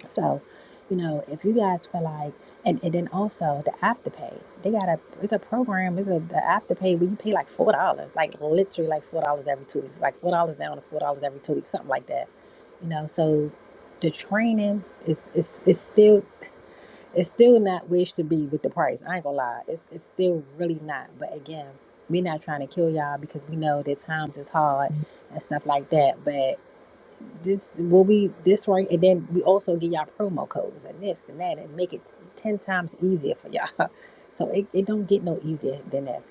Speaker 1: So, you know, if you guys feel like, and, and then also the afterpay, they got a, it's a program, it's a the afterpay where you pay like four dollars, like literally like four dollars every two weeks, like four dollars down to four dollars every two weeks, something like that. You know, so the training is is is still it's still not where it should be with the price. I ain't gonna lie. It's it's still really not. But again, we not trying to kill y'all because we know that times is hard and stuff like that. But this will be this right and then we also give y'all promo codes and this and that and make it ten times easier for y'all. So it, it don't get no easier than that.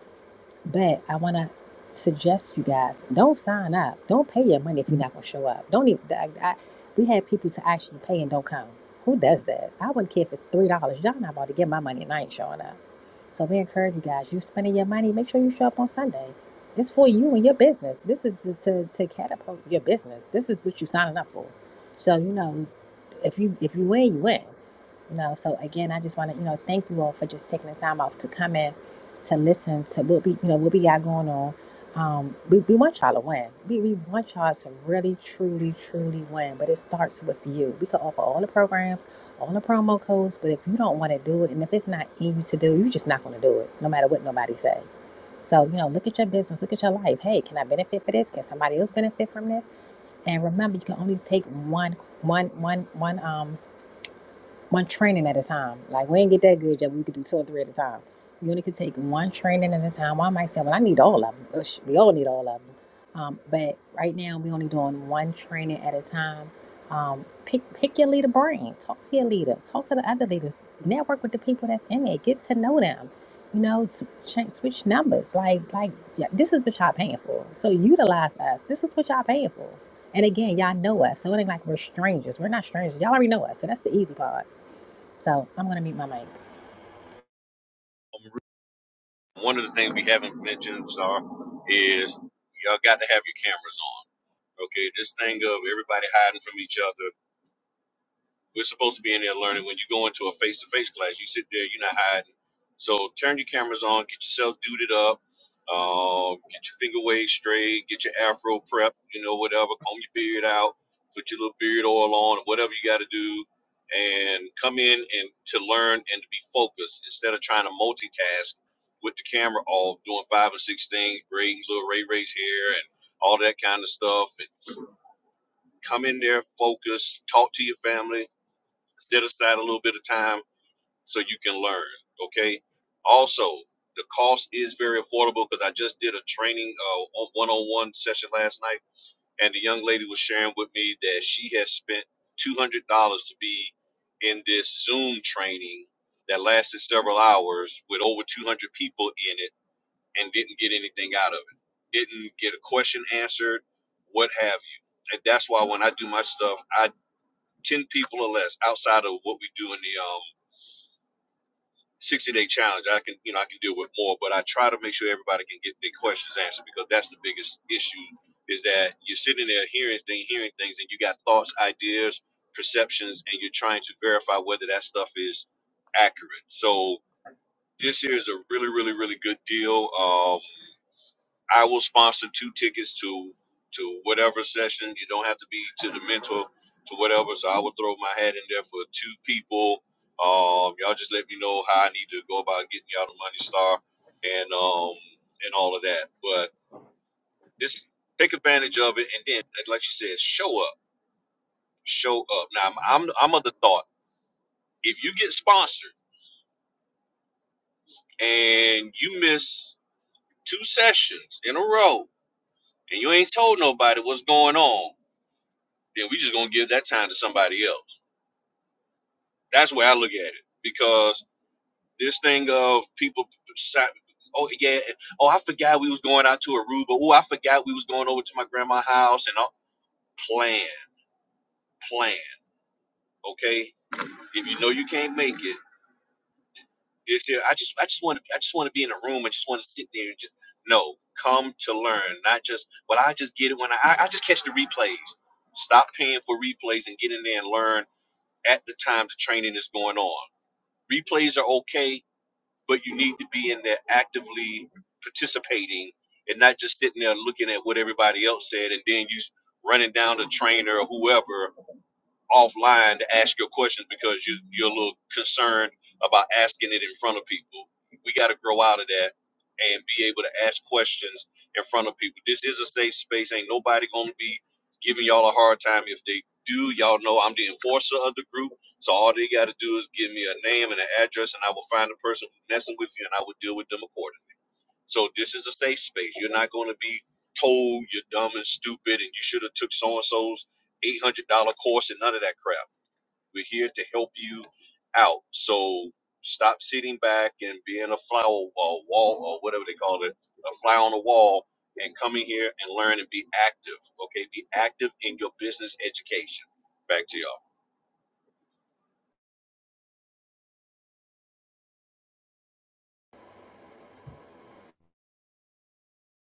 Speaker 1: But I want to suggest you guys don't sign up. Don't pay your money if you're not going to show up. Don't even. I, I, we had people to actually pay and don't come. Who does that? I wouldn't care if it's three dollars. Y'all not about to get my money and I ain't showing up. So we encourage you guys. You're spending your money. Make sure you show up on Sunday. It's for you and your business. This is to, to, to catapult your business. This is what you're signing up for. So you know, if you if you win, you win. You know. So again, I just want to you know thank you all for just taking the time off to come in to listen to what we you know what we got going on. Um, we, we want y'all to win. We, we want y'all to really, truly, truly win. But it starts with you. We can offer all the programs on the promo codes, but if you don't want to do it, and if it's not easy to do, you're just not going to do it, no matter what nobody say. So you know, look at your business, look at your life. Hey, can I benefit for this? Can somebody else benefit from this? And remember, you can only take one, one, one, one um one training at a time. Like we ain't get that good yet. We could do two or three at a time. You only could take one training at a time. Well, I might say, well, I need all of them. Ush, We all need all of them. Um, but right now, we only doing one training at a time. Um, pick pick your leader brain. Talk to your leader. Talk to the other leaders. Network with the people that's in it. Get to know them. You know, change, switch numbers. Like like yeah, this is what y'all paying for. So utilize us. This is what y'all paying for. And again, y'all know us, so it ain't like we're strangers. We're not strangers. Y'all already know us, so that's the easy part so I'm gonna mute my mic.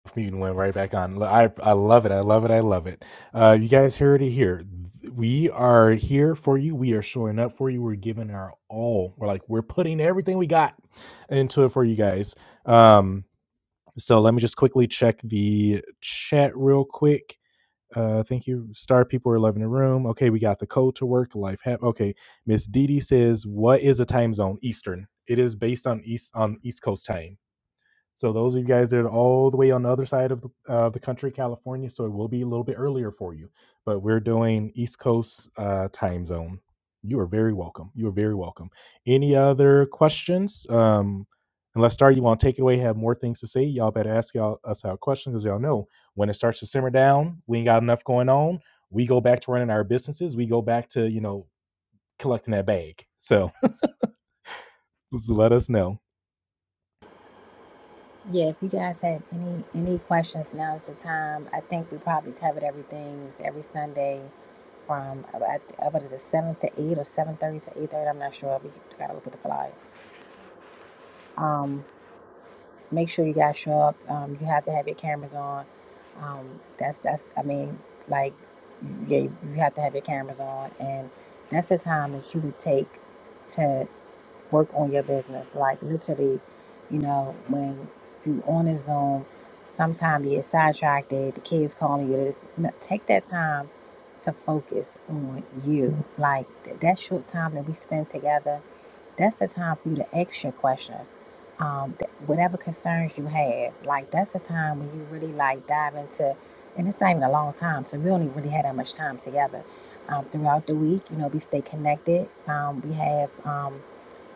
Speaker 5: off mute and went right back on. I I love it. I love it. I love it. Uh, you guys heard it here. We are here for you. We are showing up for you. We're giving our all. We're like we're putting everything we got into it for you guys. Um, so let me just quickly check the chat real quick. Uh, thank you, Star. People are loving the room. Okay, we got the code to work life. Hap. Okay, Miss Didi says, "What is a time zone? Eastern. It is based on east on East Coast time." So those of you guys that are all the way on the other side of the, uh, the country, California, so it will be a little bit earlier for you. But we're doing East Coast uh, time zone. You are very welcome. You are very welcome. Any other questions? Um, unless Star, you want to take it away, have more things to say, y'all better ask y'all us our questions because y'all know when it starts to simmer down, we ain't got enough going on. We go back to running our businesses. We go back to you know collecting that bag. So, so let us know.
Speaker 1: Yeah, if you guys have any any questions, now is the time. I think we probably covered everything. It's every Sunday from about uh, what is it, seven to eight or seven thirty to eight thirty. I'm not sure. We gotta look at the flyer. Um, make sure you guys show up. Um, you have to have your cameras on. Um, that's that's. I mean, like, yeah, you have to have your cameras on, and that's the time that you would take to. work on your business. Like literally, you know, when you on a Zoom, sometimes you get sidetracked, the kids calling you. No, Take that time to focus on you. Like th- that short time that we spend together, that's the time for you to ask your questions. Um, th- whatever concerns you have, like that's the time when you really like dive into, and it's not even a long time, so we only really had that much time together. Um, throughout the week, you know, we stay connected. Um, we have um,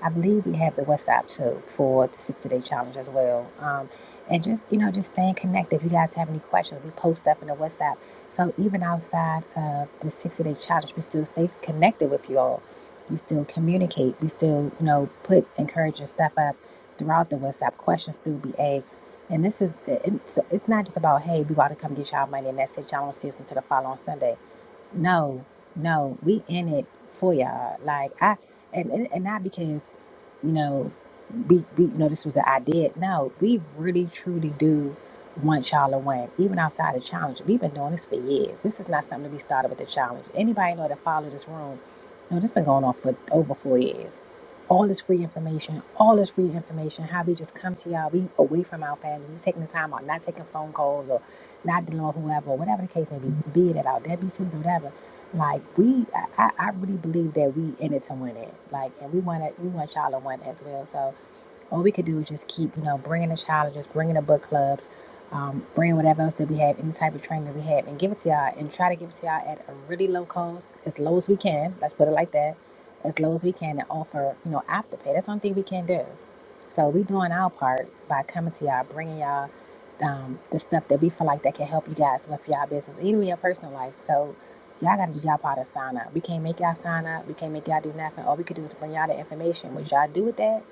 Speaker 1: I believe we have the WhatsApp too for the 60 day challenge as well. Um, and just, you know, just staying connected. If you guys have any questions, we post stuff in the WhatsApp. So even outside of the 60 day challenge, we still stay connected with you all. We still communicate. We still, you know, put encouraging stuff up throughout the WhatsApp. Questions still be asked. And this is, it's, it's not just about, hey, we about to come get y'all money and that's it. Y'all don't see us until the following Sunday. No, no, we in it for y'all. Like, I, and, and and not because you know, be, be, you know, this was an idea. No, we really, truly do want y'all to win, even outside the challenge. We've been doing this for years. This is not something that we started with the challenge. Anybody know that follow this room? No, this been going on for over four years. All this free information, all this free information, how we just come to y'all, we away from our families, we taking the time out, not taking phone calls or not dealing with whoever, whatever the case may be, be it at our W-2s or whatever like we, I, I I really believe that we in it to win it. Like, and we want to, we want y'all to win as well. So all we could do is just keep, you know, bringing the challenge, just bringing the book clubs, um, bringing whatever else that we have, any type of training that we have, and give it to y'all and try to give it to y'all at a really low cost, as low as we can. Let's put it like that, as low as we can, and offer, you know, afterpay. That's one thing we can do. So we doing our part by coming to y'all, bringing y'all um, the stuff that we feel like that can help you guys with y'all business, even your personal life. So y'all got to do y'all part of sign up. We can't make y'all sign up. We can't make y'all do nothing. All we could do is bring y'all the information. What y'all do with that?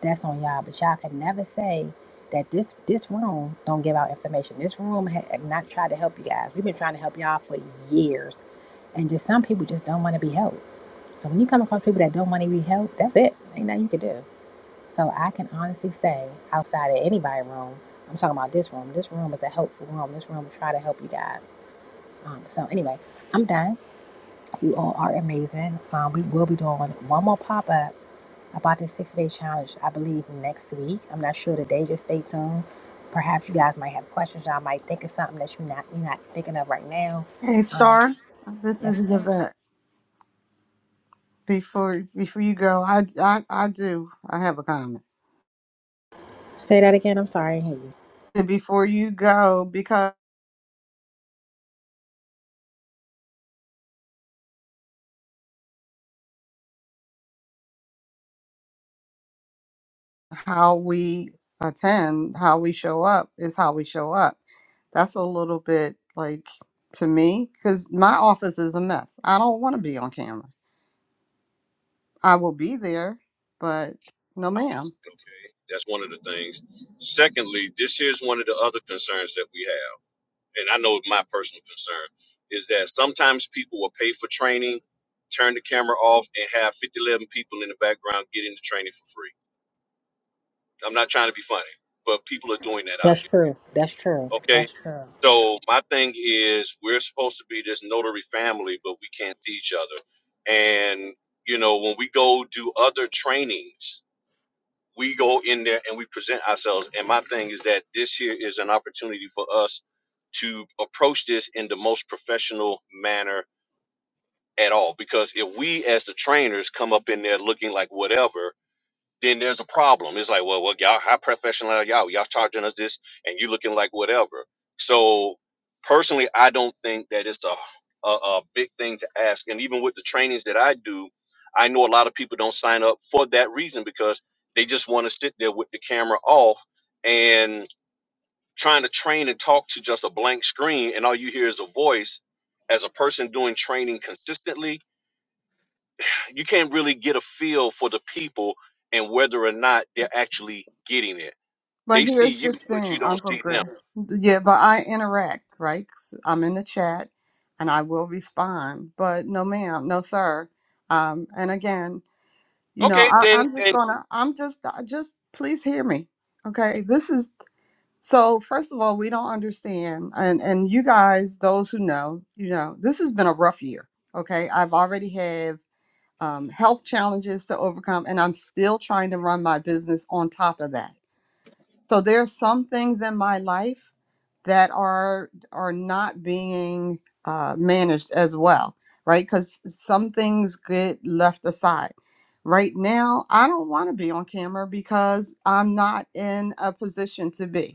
Speaker 1: That's on y'all, but y'all can never say that this this room don't give out information. This room ha- have not tried to help you guys. We've been trying to help y'all for years, and just some people just don't want to be helped. So when you come across people that don't want to be helped, that's it. Ain't nothing you can do. So I can honestly say, outside of anybody's room, I'm talking about this room. This room is a helpful room. This room will try to help you guys. Um, so anyway, I'm done. You all are amazing. Um, we will be doing one more pop up about this six day challenge, I believe next week. I'm not sure the day, just stay tuned. Perhaps you guys might have questions. Y'all might think of something that you're not you're not thinking of right now.
Speaker 4: hey,
Speaker 1: Um,
Speaker 4: Star, this
Speaker 1: yes,
Speaker 4: is
Speaker 1: ma'am.
Speaker 4: Yvette. Before before you go, I, I I do. I have a comment.
Speaker 1: Say that again. I'm sorry, I didn't hear you.
Speaker 4: And Before you go, because how we attend, how we show up is how we show up That's a little bit like to me because my office is a mess. I don't want to be on camera. I will be there, but no, ma'am.
Speaker 1: That's true. That's true. That's true.
Speaker 4: But here's the thing, Uncle Griff. Yeah, but I interact, right? 'Cause I'm in the chat and I will respond, but no, ma'am, no, sir. Um, and again, you know, I, I'm just gonna, I'm just, I just please hear me. Okay, this is So first of all, we don't understand, and and you guys, those who know, you know, this has been a rough year. Okay, I've already have um, health challenges to overcome, and I'm still trying to run my business on top of that. So there are some things in my life that are are not being uh, managed as well, right? Because some things get left aside. Right now, I don't want to be on camera because I'm not in a position to be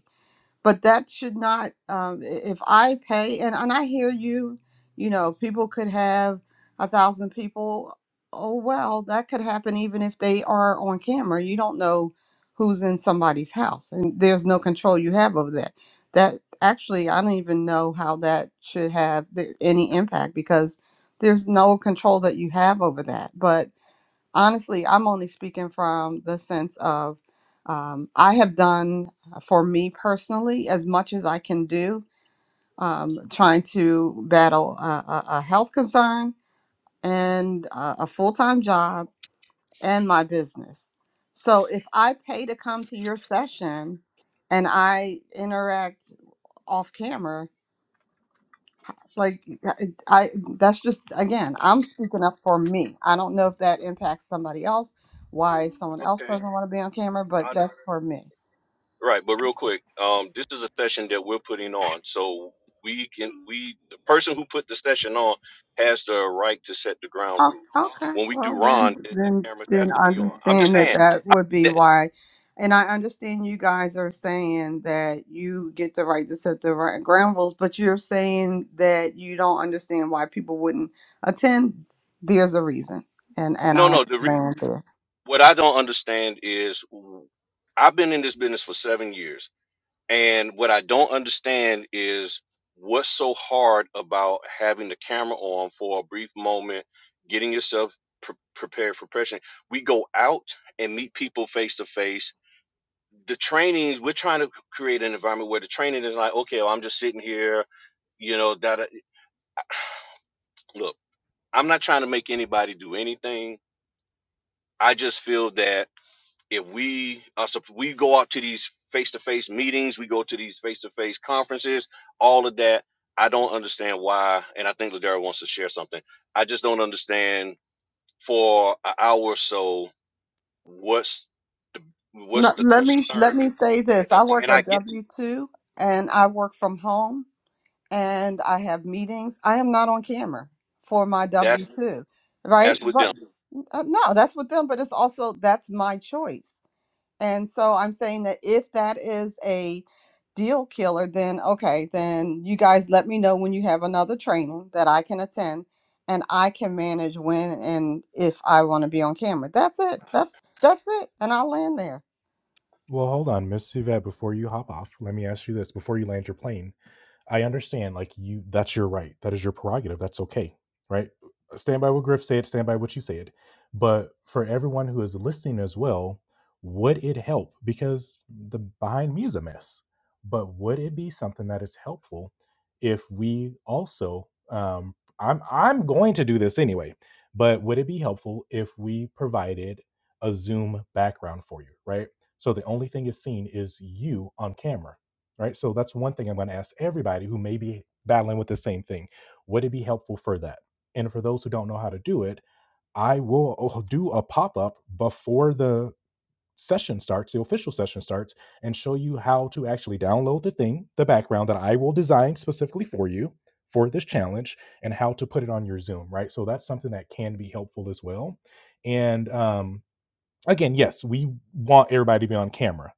Speaker 4: but that should not um, i- if i pay and, and i hear you you know people could have a thousand people oh well that could happen even if they are on camera you don't know who's in somebody's house and there's no control you have over that that actually i don't even know how that should have the, any impact because there's no control that you have over that but honestly, I'm only speaking from the sense of um, I have done uh, for me personally as much as I can do, um, trying to battle a, a, a health concern and a, a full time job and my business. So if I pay to come to your session and I interact off camera, like I, I that's just again i'm speaking up for me i don't know if that impacts somebody else why someone else doesn't want to be on camera but that's for me oh, okay well then then then I understand that that would be why and i understand you guys are saying that you get the right to set the right ground rules but you're saying that you don't understand why people wouldn't attend there's a reason and and i'll land there No, let me let me say this. I work a W two, and I work from home, and I have meetings. I am not on camera for my W two, right? But uh, no, that's with them. But it's also that's my choice. And so I'm saying that if that is a deal killer, then okay, then you guys let me know when you have another training that I can attend and I can manage when and if I want to be on camera. That's it. That's that's it. And I'll land there.
Speaker 5: Well, hold on, Miss Yvette, before you hop off, let me ask you this before you land your plane, I understand, like you, that's your right. That is your prerogative. That's okay, right? Stand by what Griff said. Stand by what you said. But for everyone who is listening as well, would it help? Because the behind me is a mess. But would it be something that is helpful if we also? Um, I'm I'm going to do this anyway. But would it be helpful if we provided a Zoom background for you, right? So the only thing is seen is you on camera right? So that's one thing I'm going to ask everybody who may be battling with the same thing. Would it be helpful for that? And for those who don't know how to do it, I will do a pop up before the session starts, the official session starts, and show you how to actually download the thing, the background that I will design specifically for you for this challenge and how to put it on your Zoom, right? So that's something that can be helpful as well. And um, again, yes, we want everybody to be on camera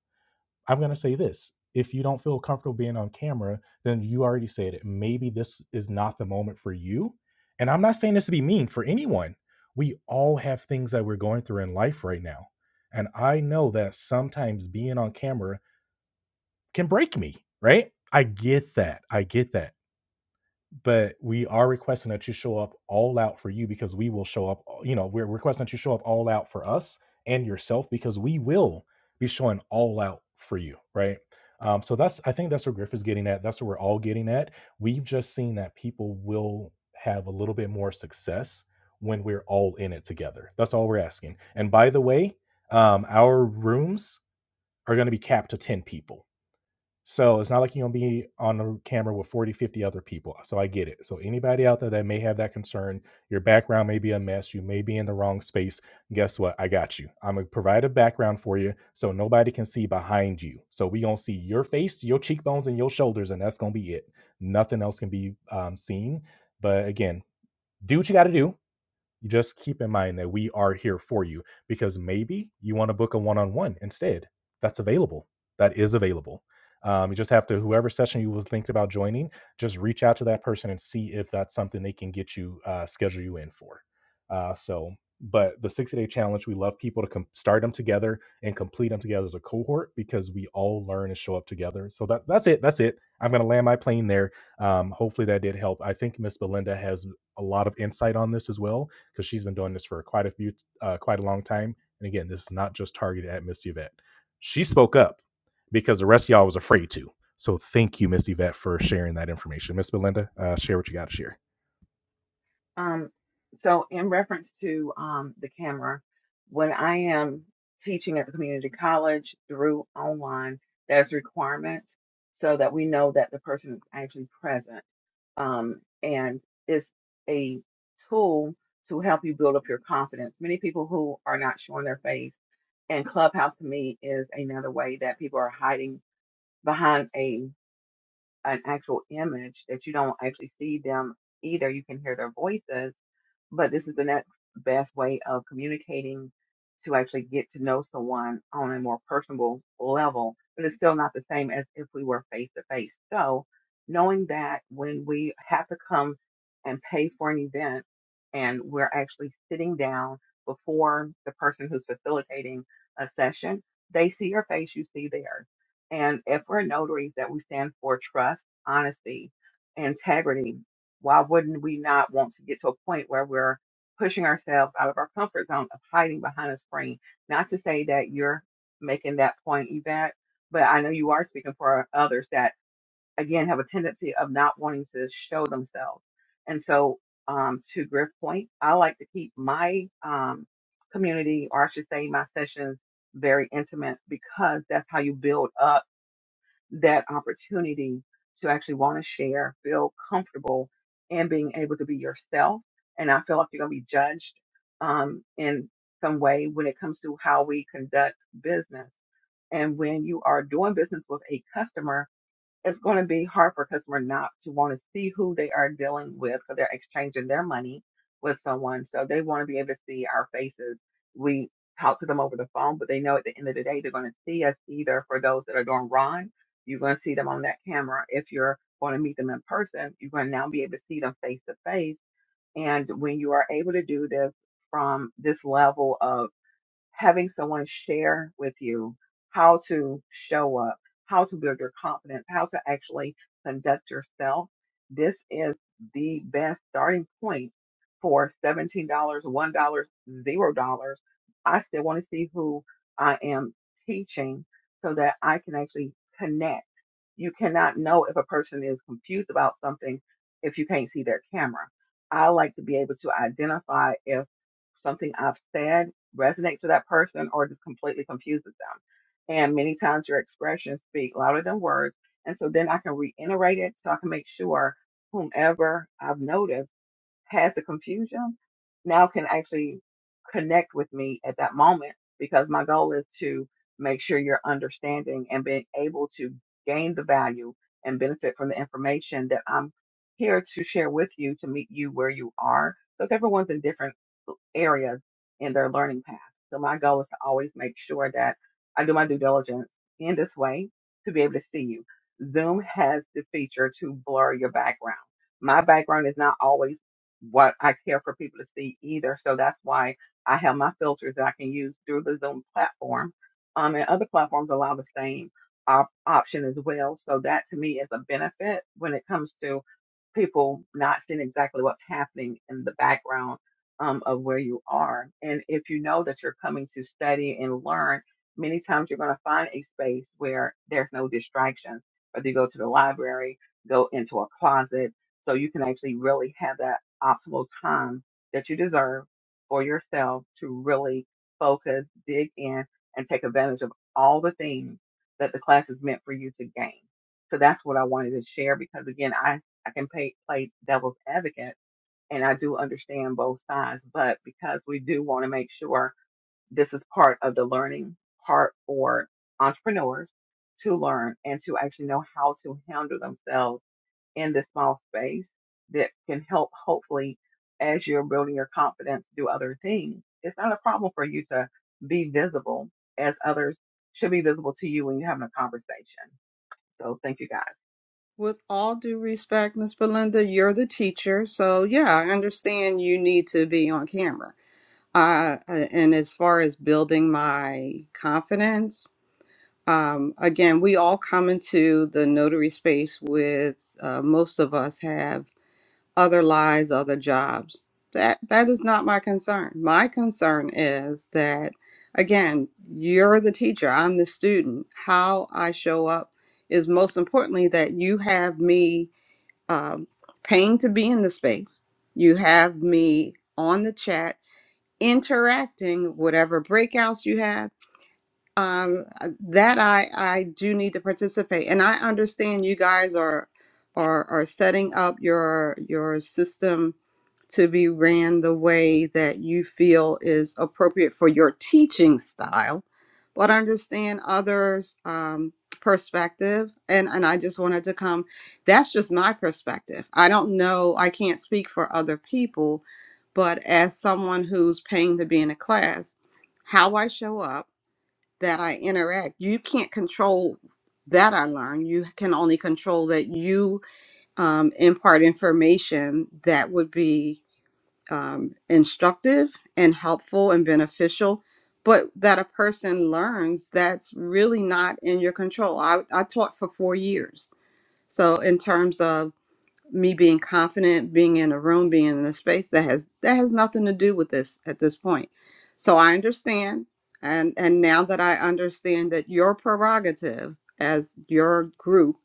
Speaker 5: I'm going to say this. If you don't feel comfortable being on camera, then you already said it. Maybe this is not the moment for you. And I'm not saying this to be mean for anyone. We all have things that we're going through in life right now. And I know that sometimes being on camera can break me, right? I get that. I get that but we are requesting that you show up all out for you because we will show up you know we're requesting that you show up all out for us and yourself because we will be showing all out for you right um, so that's i think that's where griff is getting at that's what we're all getting at we've just seen that people will have a little bit more success when we're all in it together that's all we're asking and by the way um, our rooms are going to be capped to 10 people so it's not like you're going to be on the camera with 40, 50 other people. So I get it. So anybody out there that may have that concern, your background may be a mess. You may be in the wrong space. Guess what? I got you. I'm going to provide a background for you so nobody can see behind you. So we going to see your face, your cheekbones, and your shoulders, and that's going to be it. Nothing else can be um, seen. But again, do what you got to do you just keep in mind that we are here for you because maybe you want to book a one-on-one instead that's available that is available um, you just have to whoever session you was thinking about joining just reach out to that person and see if that's something they can get you uh, schedule you in for uh, so but the 60 day challenge we love people to com- start them together and complete them together as a cohort because we all learn and show up together so that, that's it that's it i'm going to land my plane there um, hopefully that did help i think miss belinda has a lot of insight on this as well because she's been doing this for quite a few uh, quite a long time. And again, this is not just targeted at Miss Yvette. She spoke up because the rest of y'all was afraid to. So thank you, Miss Yvette, for sharing that information. Miss Belinda, uh, share what you got to share.
Speaker 7: Um, so in reference to um, the camera, when I am teaching at the community college through online, there's a requirement so that we know that the person is actually present. Um, and it's a tool to help you build up your confidence. Many people who are not showing their face and Clubhouse to me is another way that people are hiding behind a an actual image that you don't actually see them either. You can hear their voices, but this is the next best way of communicating to actually get to know someone on a more personable level. But it's still not the same as if we were face to face. So knowing that when we have to come and pay for an event and we're actually sitting down before the person who's facilitating a session, they see your face, you see theirs and if we're notaries that we stand for trust, honesty, integrity, why wouldn't we not want to get to a point where we're pushing ourselves out of our comfort zone of hiding behind a screen? Not to say that you're making that point, Yvette, but I know you are speaking for others that, again, have a tendency of not wanting to show themselves. And so, um, to Griff's point, I like to keep my um, community, or I should say, my sessions, very intimate because that's how you build up that opportunity to actually want to share, feel comfortable, and being able to be yourself. And I feel like you're going to be judged um, in some way when it comes to how we conduct business. And when you are doing business with a customer, it's going to be hard for a customer not to want to see who they are dealing with because they're exchanging their money with someone. So they want to be able to see our faces. We talk to them over the phone, but they know at the end of the day, they're going to see us either for those that are doing Ron, you're going to see them on that camera. If you're going to meet them in person, you're going to now be able to see them face to face. And when you are able to do this from this level of having someone share with you how to show up, how to build your confidence, how to actually conduct yourself. This is the best starting point for $17, dollars $1, dollar, $0. I still want to see who I am teaching so that I can actually connect. You cannot know if a person is confused about something if you can't see their camera. I like to be able to identify if something I've said resonates with that person or just completely confuses them. And many times your expressions speak louder than words. And so then I can reiterate it so I can make sure whomever I've noticed has the confusion now can actually connect with me at that moment because my goal is to make sure you're understanding and being able to gain the value and benefit from the information that I'm here to share with you to meet you where you are because everyone's in different areas in their learning path. So my goal is to always make sure that I do my due diligence in this way to be able to see you. Zoom has the feature to blur your background. My background is not always what I care for people to see either. So that's why I have my filters that I can use through the Zoom platform. Um, and other platforms allow the same op- option as well. So that to me is a benefit when it comes to people not seeing exactly what's happening in the background um, of where you are. And if you know that you're coming to study and learn, many times you're going to find a space where there's no distractions. Whether you go to the library, go into a closet, so you can actually really have that optimal time that you deserve for yourself to really focus, dig in, and take advantage of all the things that the class is meant for you to gain. So that's what I wanted to share because again, I, I can pay, play devil's advocate and I do understand both sides, but because we do want to make sure this is part of the learning part for entrepreneurs to learn and to actually know how to handle themselves in this small space that can help hopefully as you're building your confidence do other things it's not a problem for you to be visible as others should be visible to you when you're having a conversation so thank you guys
Speaker 4: With all due respect, Miss Belinda, you're the teacher, so yeah, I understand you need to be on camera. Uh, and as far as building my confidence, um, again, we all come into the notary space with uh, most of us have other lives, other jobs. That that is not my concern. My concern is that, again, you're the teacher, I'm the student. How I show up is most importantly that you have me um, paying to be in the space. You have me on the chat interacting whatever breakouts you have um, that I I do need to participate, and I understand you guys are are are setting up your your system to be ran the way that you feel is appropriate for your teaching style, but understand others' um, perspective, and and I just wanted to come. That's just my perspective. I don't know. I can't speak for other people, but as someone who's paying to be in a class, how I show up that I interact. You can't control that I learn. You can only control that you um, impart information that would be um, instructive and helpful and beneficial. But that a person learns, that's really not in your control. I, I taught for four years. So, in terms of me being confident, being in a room, being in a space that has that has nothing to do with this at this point. So I understand and and now that I understand that your prerogative as your group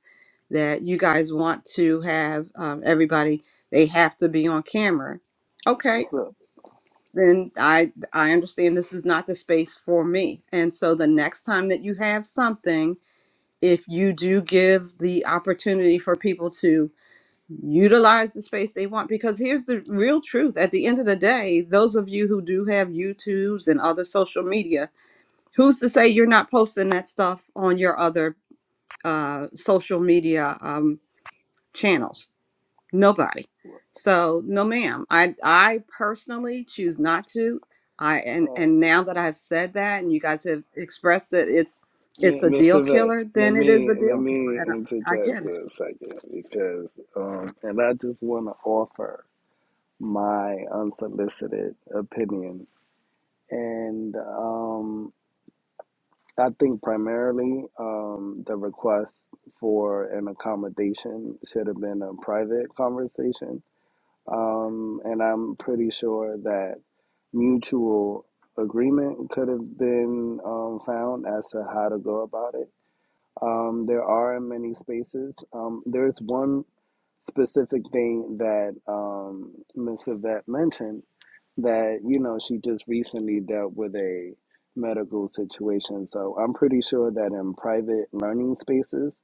Speaker 4: that you guys want to have um, everybody they have to be on camera. Okay,
Speaker 2: What's
Speaker 4: then I I understand this is not the space for me. And so the next time that you have something, if you do give the opportunity for people to utilize the space they want because here's the real truth at the end of the day those of you who do have youtubes and other social media who's to say you're not posting that stuff on your other uh, social media um, channels nobody so no ma'am i i personally choose not to i and
Speaker 2: up?
Speaker 4: and now that i've said that and you guys have expressed that it's it's a
Speaker 2: Miss
Speaker 4: deal
Speaker 2: Yvette,
Speaker 4: killer
Speaker 2: let
Speaker 4: then it is
Speaker 2: me
Speaker 4: a
Speaker 2: let
Speaker 4: deal killer
Speaker 2: me
Speaker 4: and i, I
Speaker 2: interject
Speaker 4: get
Speaker 2: for
Speaker 4: it
Speaker 2: a second because, um, and I just want to offer my unsolicited opinion, and um, I think primarily um, the request for an accommodation should have been a private conversation, um, and I'm pretty sure that mutual agreement could have been um, found as to how to go about it um, there are many spaces. Um, there's one specific thing that um, Ms. Yvette mentioned that, you know, she just recently dealt with a medical situation. So I'm pretty sure that in private learning spaces,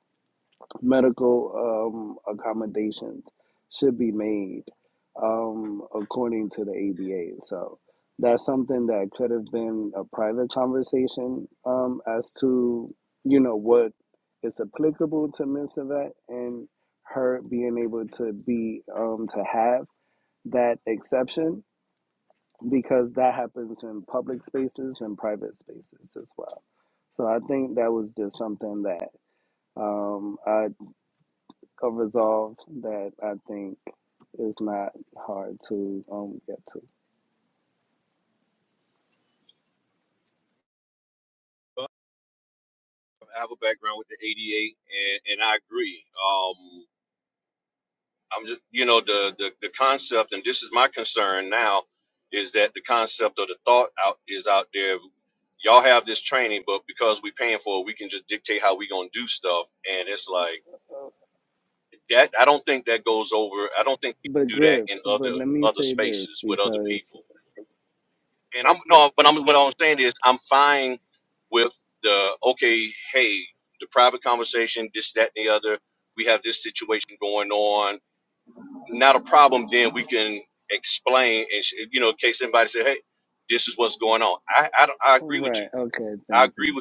Speaker 2: medical um, accommodations should be made um, according to the ADA. So that's something that could have been a private conversation um, as to you know what is applicable to Ms. Yvette and her being able to be um, to have that exception because that happens in public spaces and private spaces as well. So I think that was just something that um I a resolve that I think is not hard to um get to. But Griff, but let me say this because right, okay, thank you.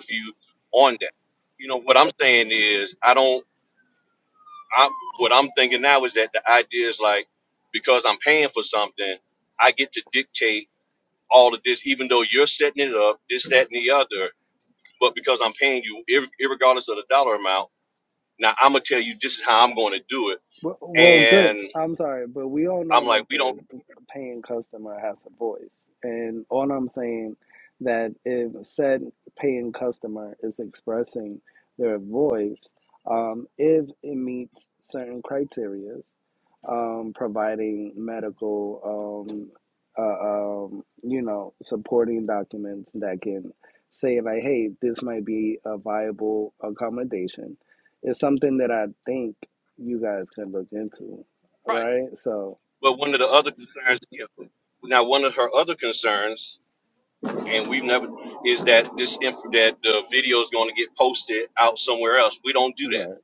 Speaker 2: Well, well, Griff, I'm sorry, but we all know that the paying customer has a voice. And all I'm saying that if said paying customer is expressing their voice, um, if it meets certain criteria, um, providing medical, um, uh, um, you know, supporting documents that can say like, hey, this might be a viable accommodation. It's something that I think you guys can look into, right? So, right.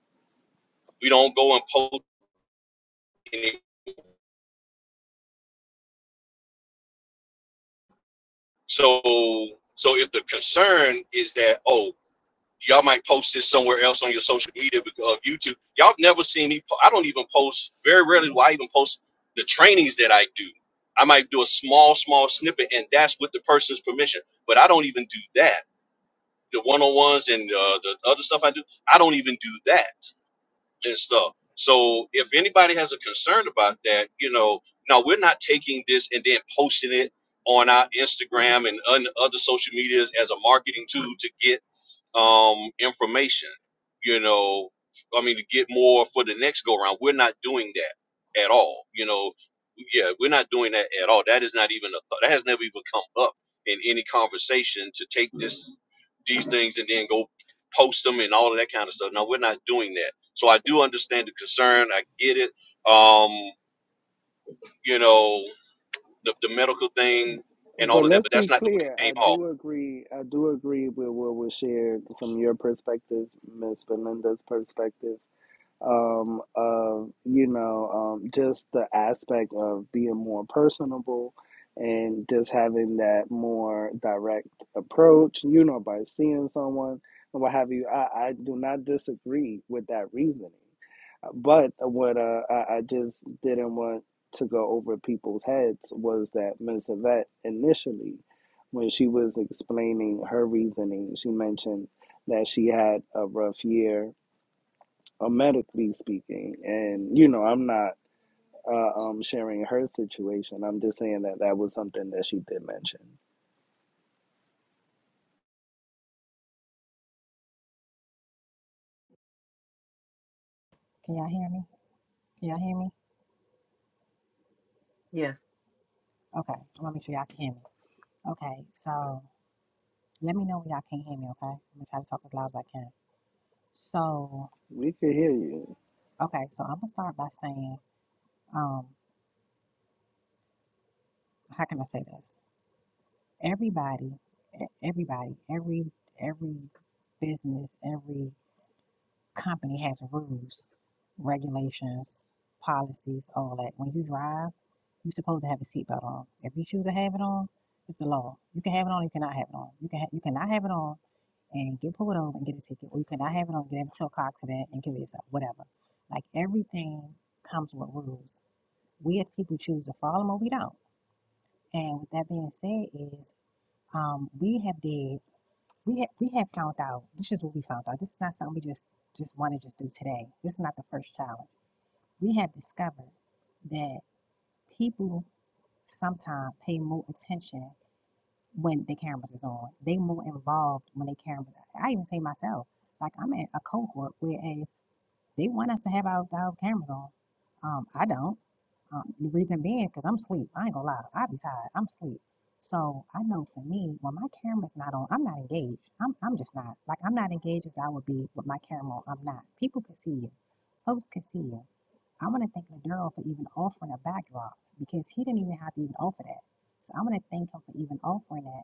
Speaker 2: But let's be clear. I do agree. I do agree with what was shared from your perspective, Miss Belinda's perspective. um, of you know um, just the aspect of being more personable and just having that more direct approach you know by seeing someone and what have you i, I do not disagree with that reasoning but what uh, I, I just didn't want to go over people's heads was that Ms. Yvette initially, when she was explaining her reasoning, she mentioned that she had a rough year uh, medically speaking. And, you know, I'm not uh, um, sharing her situation. I'm just saying that that was something that she did mention.
Speaker 1: Can y'all hear me? Can y'all hear me?
Speaker 7: yes
Speaker 1: Okay. I'm gonna make sure y'all can hear me. Okay, so let me know when y'all can't hear me, okay? I'm gonna try to talk as loud as I can. So,
Speaker 2: We can hear you.
Speaker 1: okay, so I'm gonna start by saying, um, how can I say this? Everybody, e- everybody, every every business, every company has rules, regulations, policies, all that. When you drive, you're supposed to have a seatbelt on. If you choose to have it on, it's the law. You can have it on, you cannot have it on. You can ha- you cannot have it on and get pulled over and get a ticket, or you cannot have it on, get into a car accident and kill yourself, whatever. Like everything comes with rules. We as people choose to follow them or we don't. And with that being said, is um, we have did we have we have found out. This is what we found out. This is not something we just just want to just do today. This is not the first challenge. We have discovered that people sometimes pay more attention when the cameras is on. They more involved when they cameras. I even say myself, like I'm in a cohort whereas they want us to have our, our cameras on. Um, I don't. Um, the reason being, because I'm asleep. I ain't gonna lie. I be tired. I'm asleep. So I know for me, when my camera's not on, I'm not engaged. I'm, I'm just not. Like, I'm not engaged as I would be with my camera on. I'm not. People can see you. Folks can see you. I want to thank Ladero for even offering a backdrop because he didn't even have to even offer that. So I want to thank him for even offering that.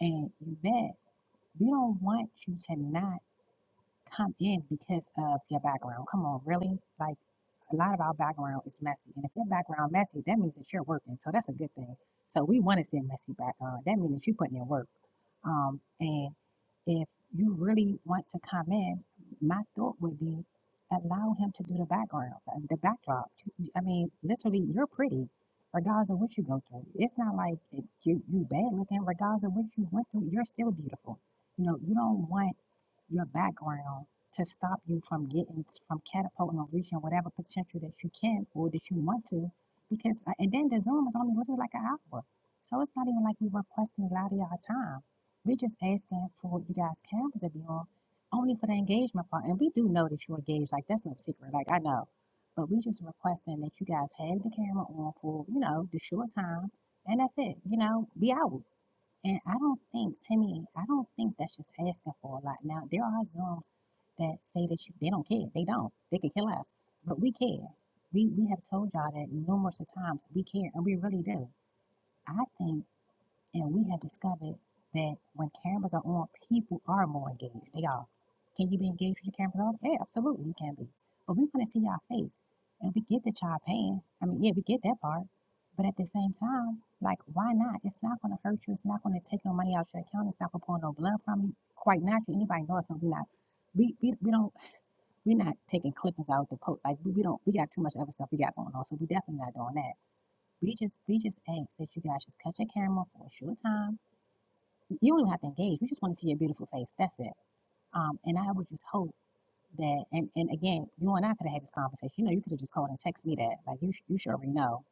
Speaker 1: And you bet, we don't want you to not come in because of your background. Come on, really? Like, a lot of our background is messy. And if your background messy, that means that you're working. So that's a good thing. So we want to see a messy background. That means that you're putting in work. Um, and if you really want to come in, my thought would be allow him to do the background, uh, the backdrop. I mean, literally, you're pretty regardless of what you go through. It's not like you you bad looking regardless of what you went through. You're still beautiful. You know, you don't want your background to stop you from getting from catapulting or reaching whatever potential that you can or that you want to because uh, and then the zoom is only literally like an hour so it's not even like we are requesting a lot of y'all time we're just asking for you guys cameras to be on only for the engagement part and we do know that you're engaged like that's no secret like i know but we just requesting that you guys have the camera on for you know the short time and that's it you know be out and I don't think, to me, I don't think that's just asking for a lot. Now, there are some that say that you, they don't care. They don't. They can kill us. But we care. We, we have told y'all that numerous of times. We care, and we really do. I think, and we have discovered that when cameras are on, people are more engaged. They are. Can you be engaged with your current provider? Yeah, absolutely, you can be. But we want to see y'all face, and we get that y'all paying. I mean, yeah, we get that part. But at the same time, like, why not? It's not going to hurt you. It's not going to take no money out of your account. It's not going to pull no blood from you. Quite naturally, anybody knows that we not. We, we, we don't we're not taking clippings out of the post like we, we don't we got too much other stuff we got going on so we definitely not doing that we just we just ask that you guys just cut your camera for a short time you don't even have to engage we just want to see your beautiful face that's it um and I would just hope that and, and again you and i could have had this conversation you know you could have just called and text me that like you sh- you should already know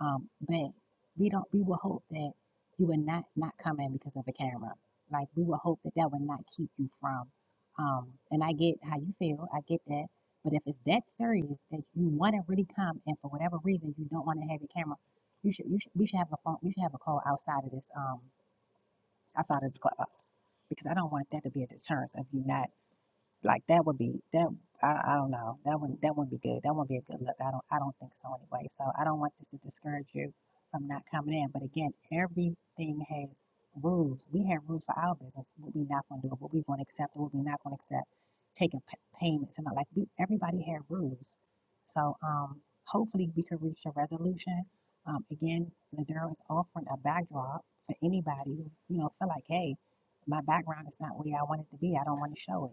Speaker 1: um but we don't we will hope that you would not not come in because of a camera like we will hope that that would not keep you from um and i get how you feel i get that but if it's that serious that you want to really come and for whatever reason you don't want to have your camera you should you should we should have a phone we should have a call outside of this um outside of this club because i don't want that to be a deterrence of you not like that would be that I, I don't know that wouldn't that wouldn't be good that wouldn't be a good look I don't I don't think so anyway so I don't want this to discourage you from not coming in but again everything has rules we have rules for our business what we not going to do what we going to accept what we not going to accept taking payments and all, like we, everybody have rules so um hopefully we can reach a resolution um again Ladero is offering a backdrop for anybody who you know feel like hey my background is not where I want it to be I don't want to show it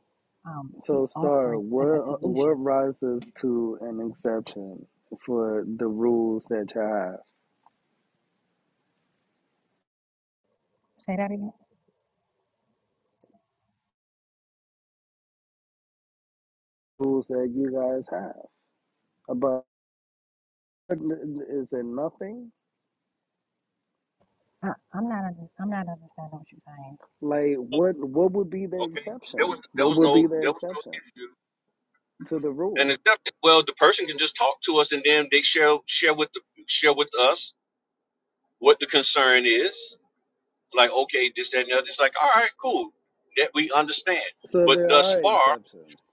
Speaker 1: um,
Speaker 2: So,
Speaker 1: he's
Speaker 2: Star,
Speaker 1: offering
Speaker 2: what
Speaker 1: an, a
Speaker 2: uh, what
Speaker 1: solution.
Speaker 2: rises to an exception for the rules that you have?
Speaker 1: Say that again.
Speaker 2: Rules that you guys have about is it nothing?
Speaker 1: I, I'm not. Under, I'm not understanding what you're saying.
Speaker 2: Like, what what would be the exception? What would be the exception to the rule? So there are exceptions.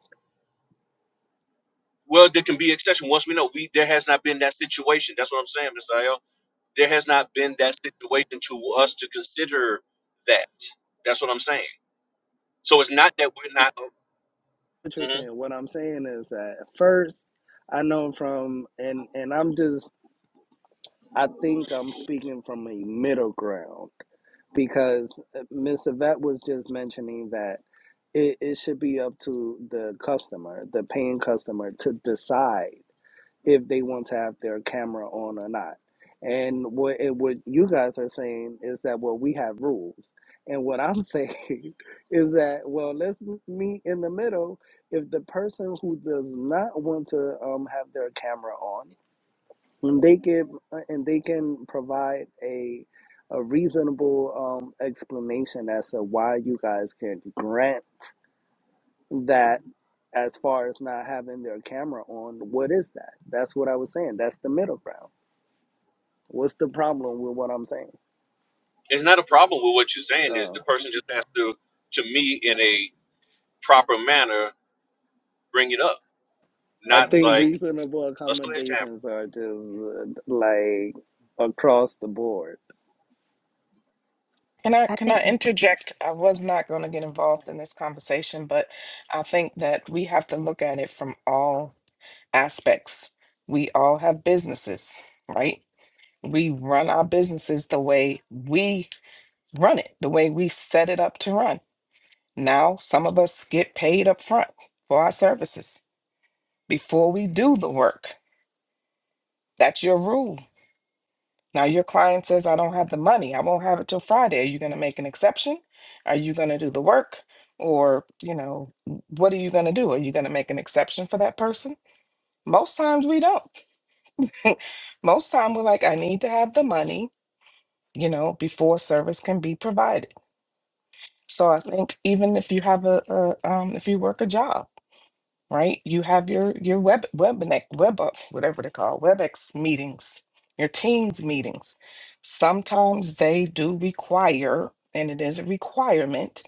Speaker 2: what you're saying. What I'm saying is that first, I know from and and I'm just I think I'm speaking from a middle ground because uh, Miss Yvette was just mentioning that it, it should be up to the customer, the paying customer, to decide if they want to have their camera on or not. And what and what you guys are saying is that well we have rules, and what I'm saying is that well let's m- meet in the middle. If the person who does not want to um, have their camera on, and they give and they can provide a a reasonable um, explanation as to why you guys can grant that as far as not having their camera on, what is that? That's what I was saying. That's the middle ground What's the problem with what I'm saying? Uh, I think
Speaker 6: Mhm.
Speaker 2: reasonable accommodations are just uh, like across the board.
Speaker 6: Can I
Speaker 1: I
Speaker 6: can
Speaker 1: think.
Speaker 6: I interject? I was not going to get involved in this conversation, but I think that we have to look at it from all aspects. We all have businesses, right? We run our businesses the way we run it, the way we set it up to run. Now, some of us get paid up front for our services before we do the work. That's your rule Now, your client says, I don't have the money. I won't have it till Friday. Are you going to make an exception? Are you going to do the work? Or, you know, w- what are you going to do? Are you going to make an exception for that person? Most times we don't. Most time we're like, I need to have the money, you know, before service can be provided. So I think even if you have a, a um, if you work a job, right? You have your your web webinar web up whatever they call WebEx meetings, your Teams meetings. Sometimes they do require, and it is a requirement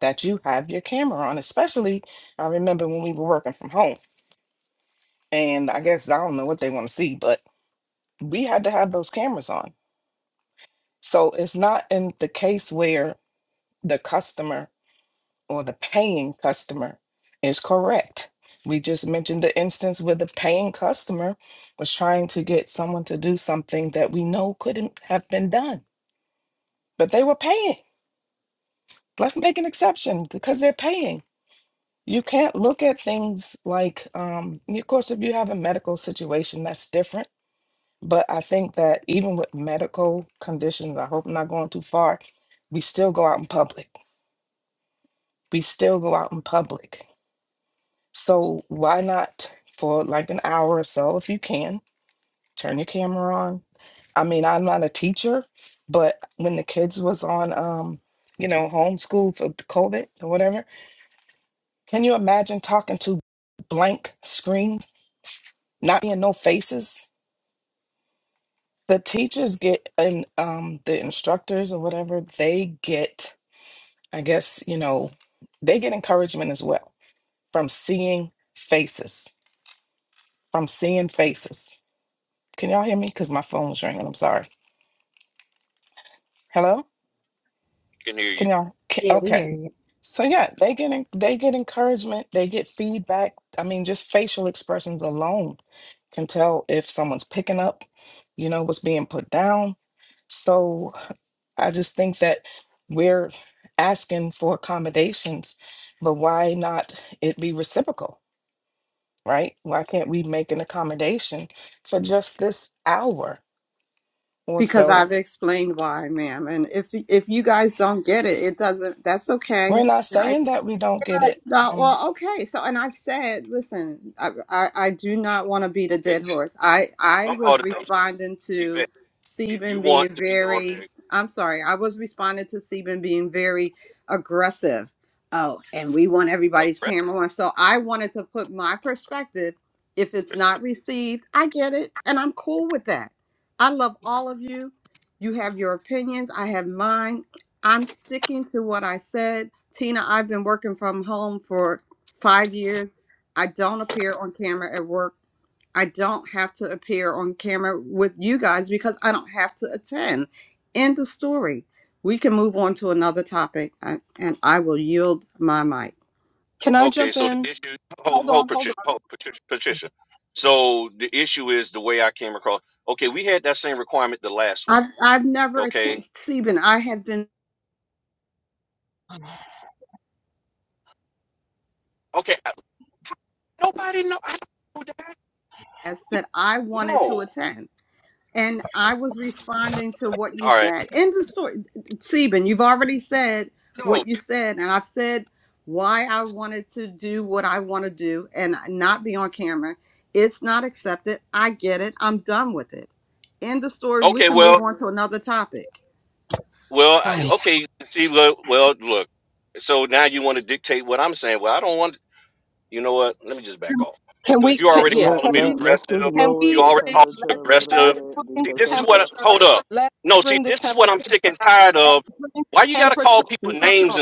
Speaker 6: that you have your camera on. Especially, I remember when we were working from home, and I guess I don't know what they want to see, but we had to have those cameras on. So it's not in the case where the customer or the paying customer is correct. We just mentioned the instance where the paying customer was trying to get someone to do something that we know couldn't have been done, but they were paying. Let's make an exception because they're paying. You can't look at things like, um, of course, if you have a medical situation, that's different. But I think that even with medical conditions, I hope I'm not going too far, we still go out in public. We still go out in public So why not for like an hour or so if you can turn your camera on? I mean, I'm not a teacher, but when the kids was on um, you know, homeschool for the COVID or whatever, can you imagine talking to blank screens, not being no faces? The teachers get and um the instructors or whatever, they get, I guess, you know, they get encouragement as well from seeing faces, from seeing faces. Can y'all hear me? Because my phone was ringing. I'm sorry. Hello? Can y'all? Can,
Speaker 1: Yeah, we
Speaker 6: okay.
Speaker 1: hear you.
Speaker 6: So yeah, they get en- they get encouragement. They get feedback. I mean, just facial expressions alone can tell if someone's picking up, you know, what's being put down. So I just think that we're asking for accommodations, but why not it be reciprocal, right? Why can't we make an accommodation for just this hour or
Speaker 4: because
Speaker 6: so?
Speaker 4: I've explained why, ma'am. And if if you guys don't get it, it doesn't. That's okay.
Speaker 6: We're not saying that we don't get it.
Speaker 4: No,
Speaker 6: um,
Speaker 4: well, okay. So, and I've said, listen, I, I, I do not want to beat a dead horse. I, I was responding to Seben being very, I'm sorry, I was responding to Seben being very aggressive. Oh, and we want everybody's camera on. So I wanted to put my perspective. If it's not received, I get it, and I'm cool with that. I love all of you. You have your opinions. I have mine. I'm sticking to what I said. Tina, I've been working from home for five years. I don't appear on camera at work. I don't have to appear on camera with you guys because I don't have to attend. End of story. We can move on to another topic, I, and I will yield my mic.
Speaker 9: Can I jump in? Hold on, hold on.
Speaker 4: I've, I've never attended Stephen. I have been asked that I wanted to attend. And I was responding to what you said. End the story. Seben, you've already said what you said, and I've said why I wanted to do what I want to do and not be on camera. It's not accepted. I get it. I'm done with it. End the story. We can move on to another topic.
Speaker 9: Hi. Can we? Can yeah?
Speaker 2: Let,
Speaker 9: Can we?
Speaker 2: let, let's just
Speaker 9: Can
Speaker 2: lower
Speaker 9: we
Speaker 2: the
Speaker 9: bring?
Speaker 2: temperature a
Speaker 9: Let's
Speaker 2: little
Speaker 9: let's
Speaker 2: bit
Speaker 9: bring
Speaker 2: because I think,
Speaker 9: temperature. Let's bring the temperature down. Let's bring the temperature
Speaker 2: Ste-
Speaker 9: down.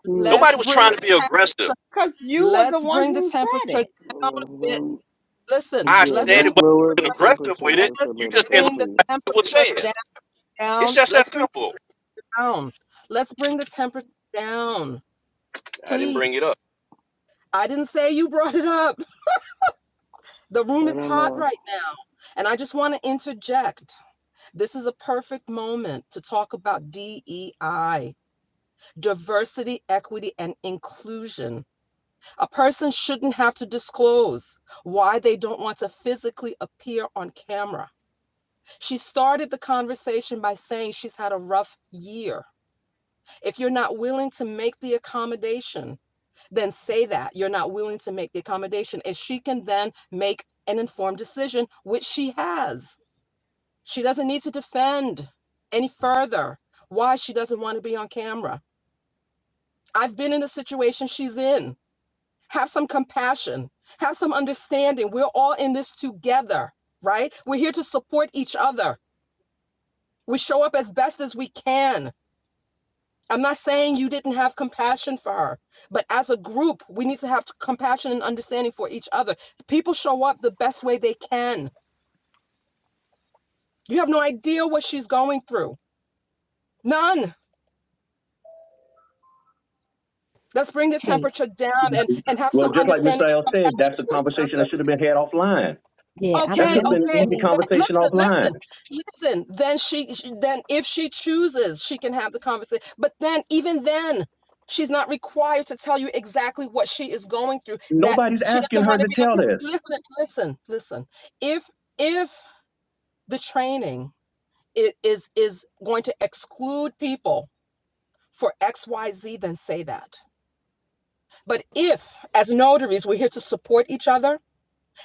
Speaker 2: Steven,
Speaker 9: Let's bring the temperature.
Speaker 4: Because you were the
Speaker 9: Let's
Speaker 4: one
Speaker 9: bring the
Speaker 4: who said
Speaker 9: temperature
Speaker 4: it.
Speaker 9: down
Speaker 2: let's
Speaker 9: a bit.
Speaker 2: run-
Speaker 9: Listen.
Speaker 2: yeah,
Speaker 9: Let's
Speaker 2: let's
Speaker 9: bring the
Speaker 2: lower the temperature
Speaker 9: temperature.
Speaker 2: just a
Speaker 9: Let's
Speaker 2: little bit,
Speaker 9: bring the
Speaker 2: please.
Speaker 9: temperature down. Let's bring it down. Let's bring the temperature down. Please. I didn't say you brought it up. The
Speaker 2: I
Speaker 9: room is
Speaker 2: don't
Speaker 9: hot
Speaker 2: know.
Speaker 9: right now. And I just want to interject. This is a perfect moment to talk about DEI, diversity, equity, and inclusion. A person shouldn't have to disclose why they don't want to physically appear on camera. She started the conversation by saying she's had a rough year. If you're not willing to make the accommodation, then say that you're not willing to make the accommodation. And she can then make an informed decision, which she has. She doesn't need to defend any further why she doesn't want to be on camera. I've been in the situation she's in. Have some compassion, have some understanding. We're all in this together, right? We're here to support each other. We show up as best as we can. I'm not saying you didn't have compassion for her, but as a group, we need to have compassion and understanding for each other. People show up the best way they can. You have no idea what she's going through. None. Let's bring the
Speaker 1: Hey.
Speaker 9: temperature down and, and have
Speaker 10: Well,
Speaker 9: some
Speaker 10: just like
Speaker 9: understanding
Speaker 10: Mr. L
Speaker 9: and
Speaker 10: said, that's
Speaker 9: compassion
Speaker 10: a
Speaker 9: for each
Speaker 10: conversation that
Speaker 9: other.
Speaker 10: should have been had offline.
Speaker 1: Yeah. i I,
Speaker 10: That
Speaker 9: Okay,
Speaker 10: could
Speaker 1: let
Speaker 10: have
Speaker 1: me.
Speaker 10: been an
Speaker 9: okay.
Speaker 1: Let
Speaker 10: easy
Speaker 1: me.
Speaker 9: that-
Speaker 10: conversation
Speaker 9: listen,
Speaker 10: offline.
Speaker 9: listen, listen. Then she, she- then if she chooses, she can have the conversation. But then, even then, she's not required to tell you exactly what she is going through. That
Speaker 10: Nobody's
Speaker 9: she
Speaker 10: asking
Speaker 9: doesn't
Speaker 10: her
Speaker 9: want to
Speaker 10: to
Speaker 9: be.
Speaker 10: tell
Speaker 9: Okay,
Speaker 10: this.
Speaker 9: listen, listen, listen. If if the training i- is is going to exclude people for X, Y, Z, then say that But if, as notaries, we're here to support each other,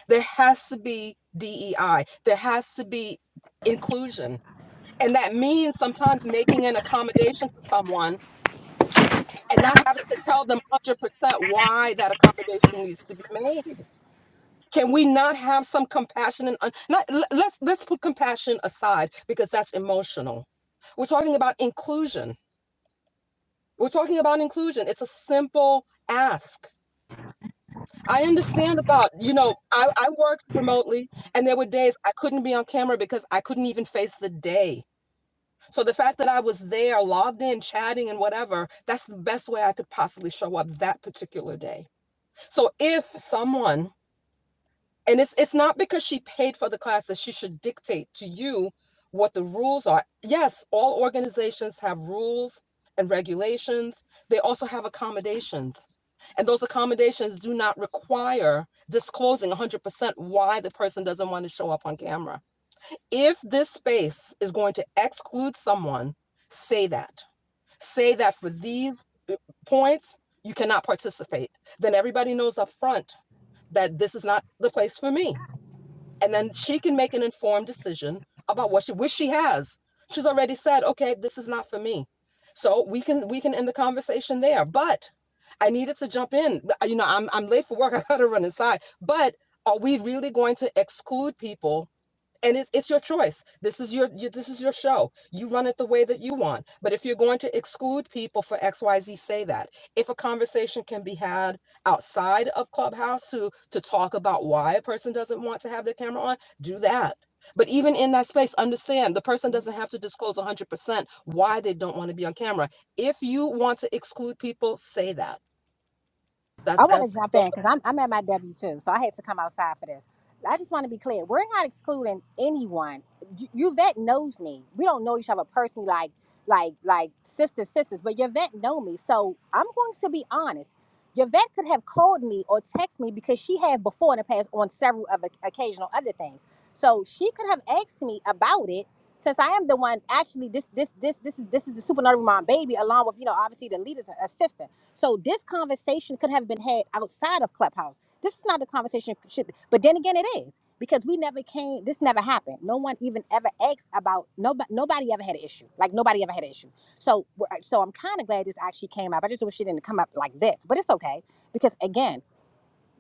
Speaker 9: there has to be DEI, there has to be inclusion. And that means sometimes making an accommodation for someone and not having to tell them 100% why that accommodation needs to be made. Can we not have some compassion and un- not let's let's put compassion aside because that's emotional. We're talking about inclusion. We're talking about inclusion. It's a simple ask I understand about, you know, I, I worked remotely and there were days I couldn't be on camera because I couldn't even face the day. So the fact that I was there, logged in, chatting and whatever, that's the best way I could possibly show up that particular day. So if someone and it's it's not because she paid for the class that she should dictate to you what the rules are yes all organizations have rules and regulations they also have accommodations and those accommodations do not require disclosing 100% why the person doesn't want to show up on camera if this space is going to exclude someone say that say that for these uh, points you cannot participate then everybody knows up front that this is not the place for me and then she can make an informed decision about what she which she has she's already said okay this is not for me so we can we can end the conversation there but i needed to jump in Uh, you know i'm, I'm late for work i gotta run inside but are we really going to exclude people and it's it's your choice. This is your, your this is your show. You run it the way that you want. But if you're going to exclude people for X, Y, Z, say that. If a conversation can be had outside of Clubhouse to to talk about why a person doesn't want to have their camera on, do that. But even in that space, understand the person doesn't have to disclose 100% why they don't want to be on camera. If you want to exclude people, say that.
Speaker 1: I
Speaker 9: That's
Speaker 1: want to
Speaker 9: that's
Speaker 1: jump in because I'm, I'm at my W 2, so I had to come outside for this. I just want to be clear. We're not excluding anyone. Y- your vet knows me. We don't know each other personally, like like like sisters, sisters, but your vet know me. So I'm going to be honest. Your vet could have called me or text me because she had before in the past on several of occasional other things. So she could have asked me about it since I am the one actually this this this this is this is the super nerdy mom baby along with you know obviously the leaders assistant. So this conversation could have been had outside of Clubhouse. This is not the conversation it should, but then again it is because we never came. This never happened. No one even ever asked about nobody. Nobody ever had an issue. Like nobody ever had an issue. So we're- so I'm kind of glad this actually came up. I just wish it didn't come up like this, but it's okay because again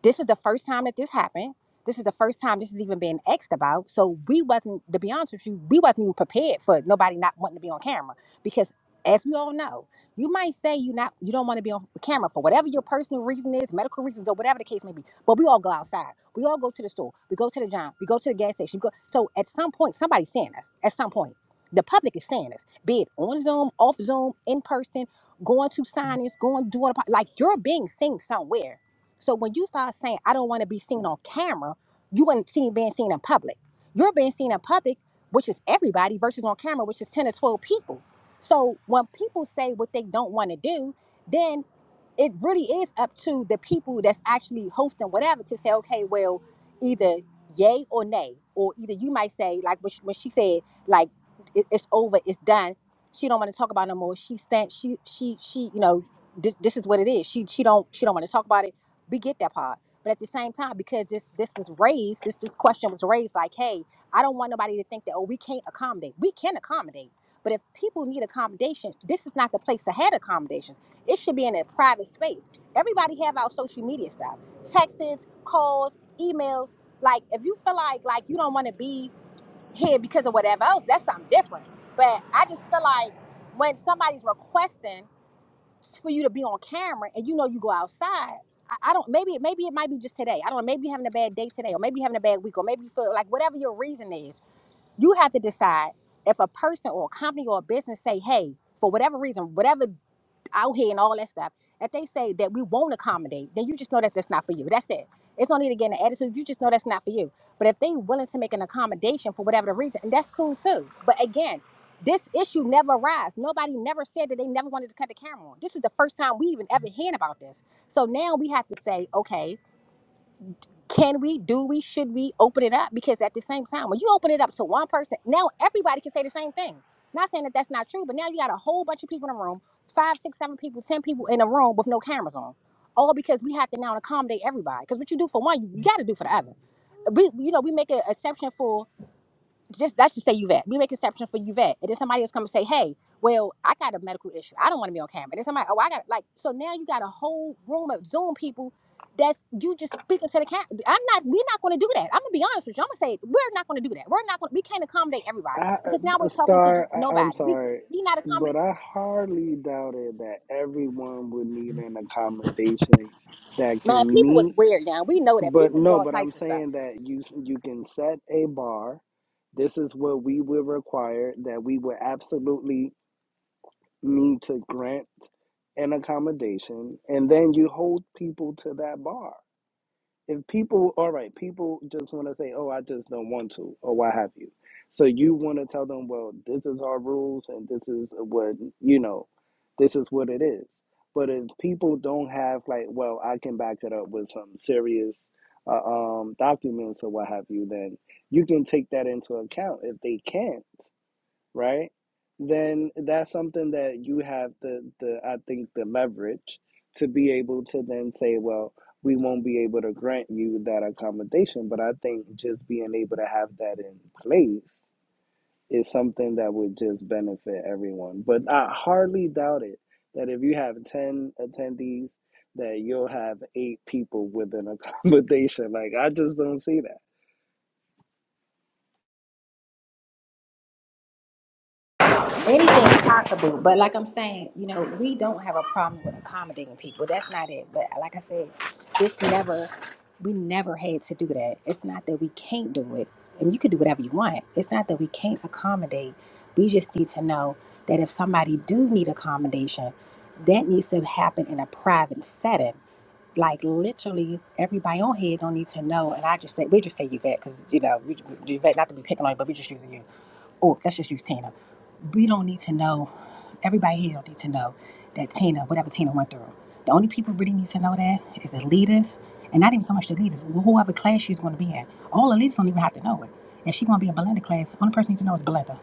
Speaker 1: this is the first time that this happened. This is the first time this is even being asked about. So we wasn't, to be honest with you, we wasn't even prepared for nobody not wanting to be on camera. Because as we all know, you might say you not you don't want to be on camera for whatever your personal reason is, medical reasons or whatever the case may be. But we all go outside. We all go to the store. We go to the gym. We go to the gas station. we Go. So at some point, somebody's seeing us. At some point, the public is seeing us. Be it on Zoom, off Zoom, in person, going to signings, going doing a, po- like you're being seen somewhere so when you start saying, I don't want to be seen on camera, you ain't seen being seen in public. You're being seen in public, which is everybody, versus on camera, which is 10 or 12 people. So when people say what they don't want to do, then it really is up to the people that's actually hosting whatever to say, okay, well, either yay or nay, or either you might say, like when she, when she said, like it, it's over, it's done. She don't want to talk about it no more. She stand, she she she, you know, this this is what it is. She she don't she don't want to talk about it. We get that part, but at the same time, because this this was raised, this this question was raised, like, hey, I don't want nobody to think that oh, we can't accommodate. We can accommodate. But if people need accommodation, this is not the place to have accommodations it should be in a private space. Everybody have our social media stuff. Texts, calls, emails. Like if you feel like like you don't want to be here because of whatever else, that's something different. But I just feel like when somebody's requesting for you to be on camera and you know you go outside, I, I don't maybe maybe it might be just today. I don't know, maybe you're having a bad day today, or maybe you're having a bad week, or maybe you feel like whatever your reason is, you have to decide if a person or a company or a business say, hey, for whatever reason, whatever out here and all that stuff, if they say that we won't accommodate, then you just know that's just not for you. That's it. It's no need to get an attitude. You just know that's not for you. But if they willing to make an accommodation for whatever the reason, and that's cool too. But again, this issue never arrives. Nobody never said that they never wanted to cut the camera on. This is the first time we even ever hearing about this. So now we have to say, okay, can we, do we, should we open it up? Because at the same time, when you open it up to one person, now everybody can say the same thing. Not saying that that's not true, but now you got a whole bunch of people in the room, five, six, seven people in the room with no all because we have to now accommodate everybody. Because what you do for one, you got to do for the other. We, you know, we make an exception for just that's just say Yvette. We make exception for Yvette, and then somebody else come and say, "Hey, well, I got a medical issue. I don't want to be on camera." And then somebody, "Oh, I got like." So now you got a whole room of Zoom people. That's you just speaking to the camera. I'm not. We're not going to do that. I'm gonna be honest with you. I'm gonna say it. we're not going to do that. We're not. Gonna, we are not going we can not accommodate everybody
Speaker 2: I,
Speaker 1: because now
Speaker 2: uh,
Speaker 1: we're talking to
Speaker 2: Star,
Speaker 1: just
Speaker 2: I, I'm
Speaker 1: nobody. We we,
Speaker 2: sorry,
Speaker 1: we not
Speaker 2: but
Speaker 1: accommodate.
Speaker 2: I hardly doubted that everyone would need an accommodation that
Speaker 1: Man,
Speaker 2: can
Speaker 1: people was
Speaker 2: meet
Speaker 1: weird now. We know that
Speaker 2: But
Speaker 1: people do
Speaker 2: no,
Speaker 1: all
Speaker 2: but I'm
Speaker 1: types of stuff.
Speaker 2: saying that you you can set a bar. This is what we would require that we would absolutely need to grant an accommodation, and then you hold people to that bar if people all right people just want to say oh i just don't want to or what have you so you want to tell them well this is our rules and this is what you know this is what it is but if people don't have like well i can back it up with some serious uh, um, documents or what have you then you can take that into account if they can't right? Then that's something that you have the the I think the leverage to be able to then say, well, we won't be able to grant you that accommodation, but I think just being able to have that in place is something that would just benefit everyone. But I hardly doubt it that if you have 10 attendees that you'll have eight people with an accommodation. Like I just don't see that.
Speaker 1: Anything's possible, but like I'm saying, you know, we don't have a problem with accommodating people. That's not it. But like I said, this never, we never had to do that. It's not that we can't do it, and you can do whatever you want. It's not that we can't accommodate. We just need to know that if somebody do need accommodation, that needs to happen in a private setting. Like literally, everybody on here don't need to know. And I just say, we just say Yvette, because you know, we, we- Yvette, not to be picking on you, but we just using you. Oh, let's just use Tina. We don't need to know Everybody here don't need to know that Tina, whatever Tina went through. The only people really need to know that is the leaders, and not even so much the leaders, whoever class she's going to be in. All the leaders don't even have to know it. If she's going to be in Belinda class, the only person needs to know is Belinda.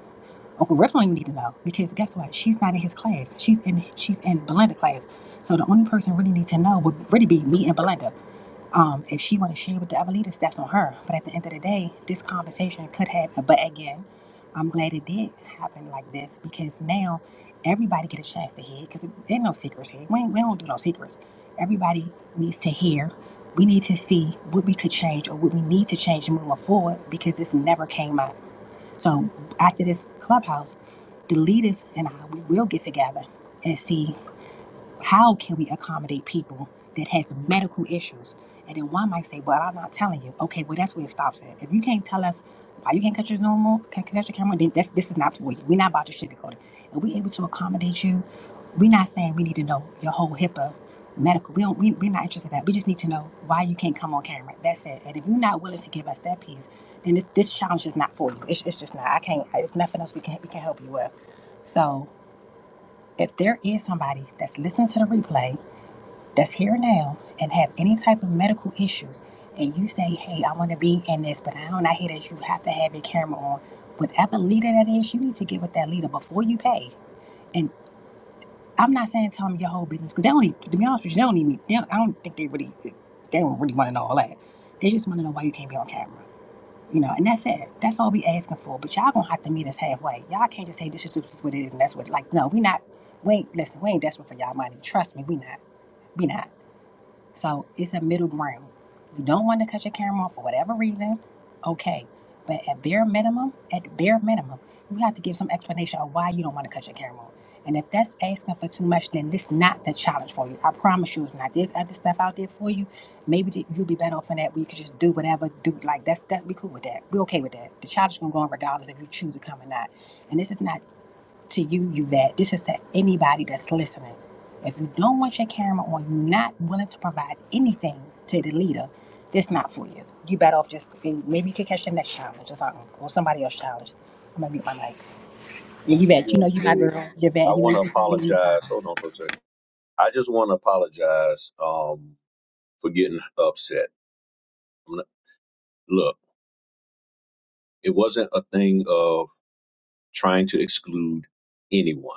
Speaker 1: Uncle Riff don't even need to know because guess what? She's not in his class. She's in she's in Belinda class. So the only person really need to know would really be me and Belinda. Um, if she want to share with the other leaders, that's on her. But at the end of the day, this conversation could have. But again, I'm glad it did happen like this because now everybody get a chance to hear. Because there's no secrets here. We, ain't, we don't do no secrets. Everybody needs to hear. We need to see what we could change or what we need to change moving forward because this never came up. So after this clubhouse, the leaders and I we will get together and see. How can we accommodate people that has medical issues? And then one might say, "Well, I'm not telling you." Okay, well that's where it stops at. If you can't tell us why you can't cut your normal, can't cut your camera, then that's this is not for you. We're not about to sugarcoat it. Are we able to accommodate you? We're not saying we need to know your whole HIPAA medical. We don't. We, we're not interested in that. We just need to know why you can't come on camera. That's it. And if you're not willing to give us that piece, then this this challenge is not for you. It's, it's just not. I can't. It's nothing else we can we can help you with. So if there is somebody that's listening to the replay that's here now and have any type of medical issues and you say, hey, I want to be in this, but I don't I hear that you have to have your camera on, whatever leader that is, you need to get with that leader before you pay. And I'm not saying tell them your whole business because they don't. Even, to be honest with you, they don't even. They don't, I don't think they really. They don't really want to know all that. They just want to know why you can't be on camera. You know, and that's it. That's all we asking for. But y'all gonna have to meet us halfway. Y'all can't just say this is just what it is and that's what. Like, no, we not. We ain't listen. We ain't desperate for y'all money. Trust me, we not. We not. So it's a middle ground. You don't want to cut your camera off for whatever reason, okay. But at bare minimum, at bare minimum, you have to give some explanation of why you don't want to cut your camera off. And if that's asking for too much, then this is not the challenge for you. I promise you, it's not. There's other stuff out there for you. Maybe you'll be better off in that. where you could just do whatever. Do like that's that's be cool with that. We are okay with that. The challenge is gonna go on regardless if you choose to come or not. And this is not to you, Yvette. This is to anybody that's listening. If you don't want your camera on, you're not willing to provide anything to the leader, this not for you. You better off just maybe you could catch the next challenge or something, or somebody else's challenge. I'm gonna mute my mic.
Speaker 10: I
Speaker 1: Yeah,
Speaker 10: just
Speaker 1: Yvette, you know
Speaker 10: want to
Speaker 1: you my
Speaker 10: say
Speaker 1: girl,
Speaker 10: I
Speaker 1: Yvette. You know
Speaker 10: want to
Speaker 1: you can find me
Speaker 10: apologize. Hold on for a second. I just want to apologize um, for getting upset. I'm gonna, look, it wasn't a thing of trying to exclude anyone.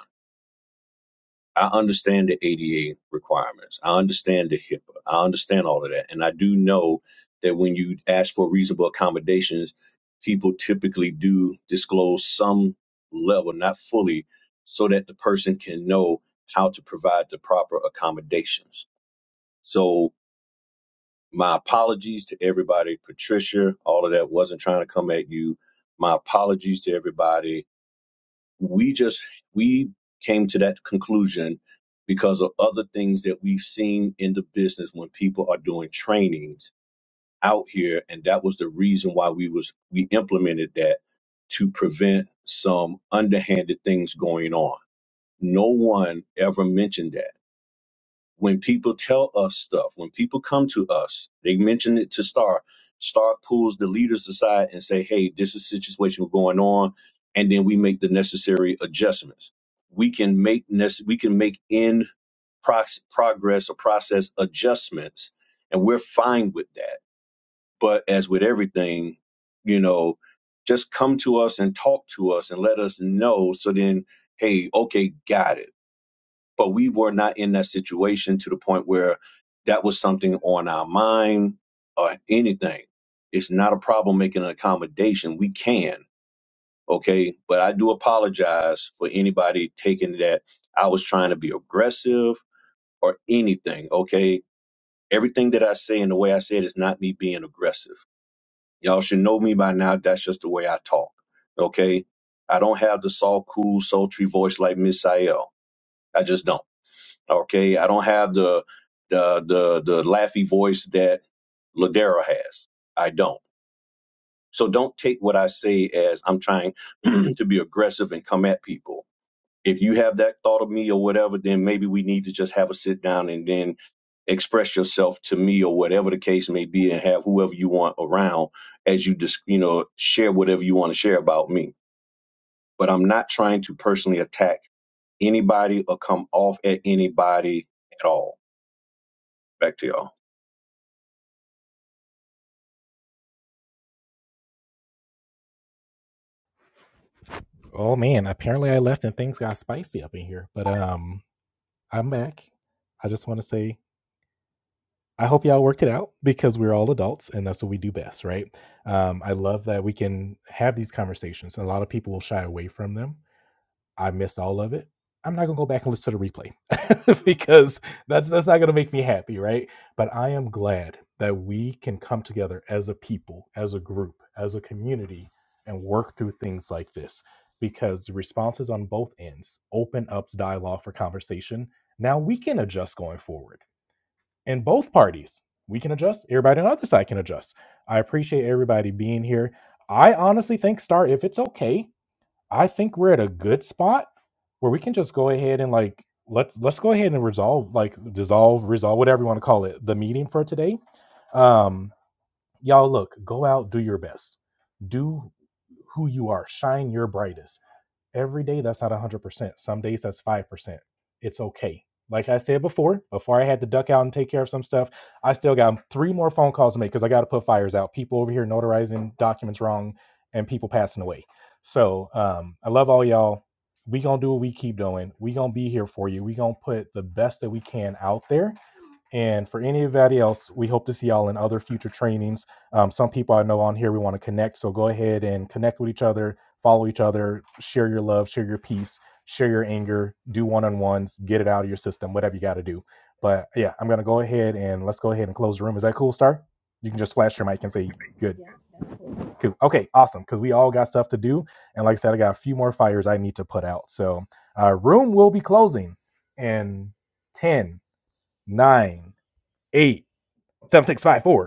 Speaker 10: I understand the ADA requirements. I understand the HIPAA. I understand all of that. And I do know that when you ask for reasonable accommodations, people typically do disclose some level, not fully, so that the person can know how to provide the proper accommodations. So, my apologies to everybody. Patricia, all of that wasn't trying to come at you. My apologies to everybody we just we came to that conclusion because of other things that we've seen in the business when people are doing trainings out here and that was the reason why we was we implemented that to prevent some underhanded things going on no one ever mentioned that when people tell us stuff, when people come to us, they mention it to Star. Star pulls the leaders aside and say, "Hey, this is a situation going on," and then we make the necessary adjustments. We can make nece- we can make in prox- progress or process adjustments, and we're fine with that. But as with everything, you know, just come to us and talk to us and let us know. So then, hey, okay, got it but we were not in that situation to the point where that was something on our mind or anything. It's not a problem making an accommodation. We can, okay? But I do apologize for anybody taking that I was trying to be aggressive or anything, okay? Everything that I say and the way I say it is not me being aggressive. Y'all should know me by now. That's just the way I talk, okay? I don't have the soft, cool, sultry voice like Miss Sayel. I just don't. Okay, I don't have the the the the laughy voice that Ladera has. I don't. So don't take what I say as I'm trying to be aggressive and come at people. If you have that thought of me or whatever, then maybe we need to just have a sit down and then express yourself to me or whatever the case may be, and have whoever you want around as you just you know share whatever you want to share about me. But I'm not trying to personally attack anybody or come off at anybody at all. Back to y'all.
Speaker 5: Oh man, apparently I left and things got spicy up in here. But um I'm back. I just want to say I hope y'all worked it out because we're all adults and that's what we do best, right? Um, I love that we can have these conversations. And a lot of people will shy away from them. I missed all of it. I'm not gonna go back and listen to the replay because that's that's not gonna make me happy, right? But I am glad that we can come together as a people, as a group, as a community, and work through things like this because the responses on both ends open up dialogue for conversation. Now we can adjust going forward and both parties we can adjust everybody on the other side can adjust i appreciate everybody being here i honestly think star if it's okay i think we're at a good spot where we can just go ahead and like let's let's go ahead and resolve like dissolve resolve whatever you want to call it the meeting for today um y'all look go out do your best do who you are shine your brightest every day that's not 100% some days that's 5% it's okay like i said before before i had to duck out and take care of some stuff i still got three more phone calls to make because i got to put fires out people over here notarizing documents wrong and people passing away so um, i love all y'all we gonna do what we keep doing we gonna be here for you we gonna put the best that we can out there and for anybody else, we hope to see y'all in other future trainings. Um, some people I know on here we want to connect, so go ahead and connect with each other, follow each other, share your love, share your peace, share your anger, do one on ones, get it out of your system, whatever you got to do. But yeah, I'm gonna go ahead and let's go ahead and close the room. Is that cool, Star? You can just flash your mic and say good, cool, okay, awesome, because we all got stuff to do, and like I said, I got a few more fires I need to put out. So, uh, room will be closing in ten, nine, eight seven six five four.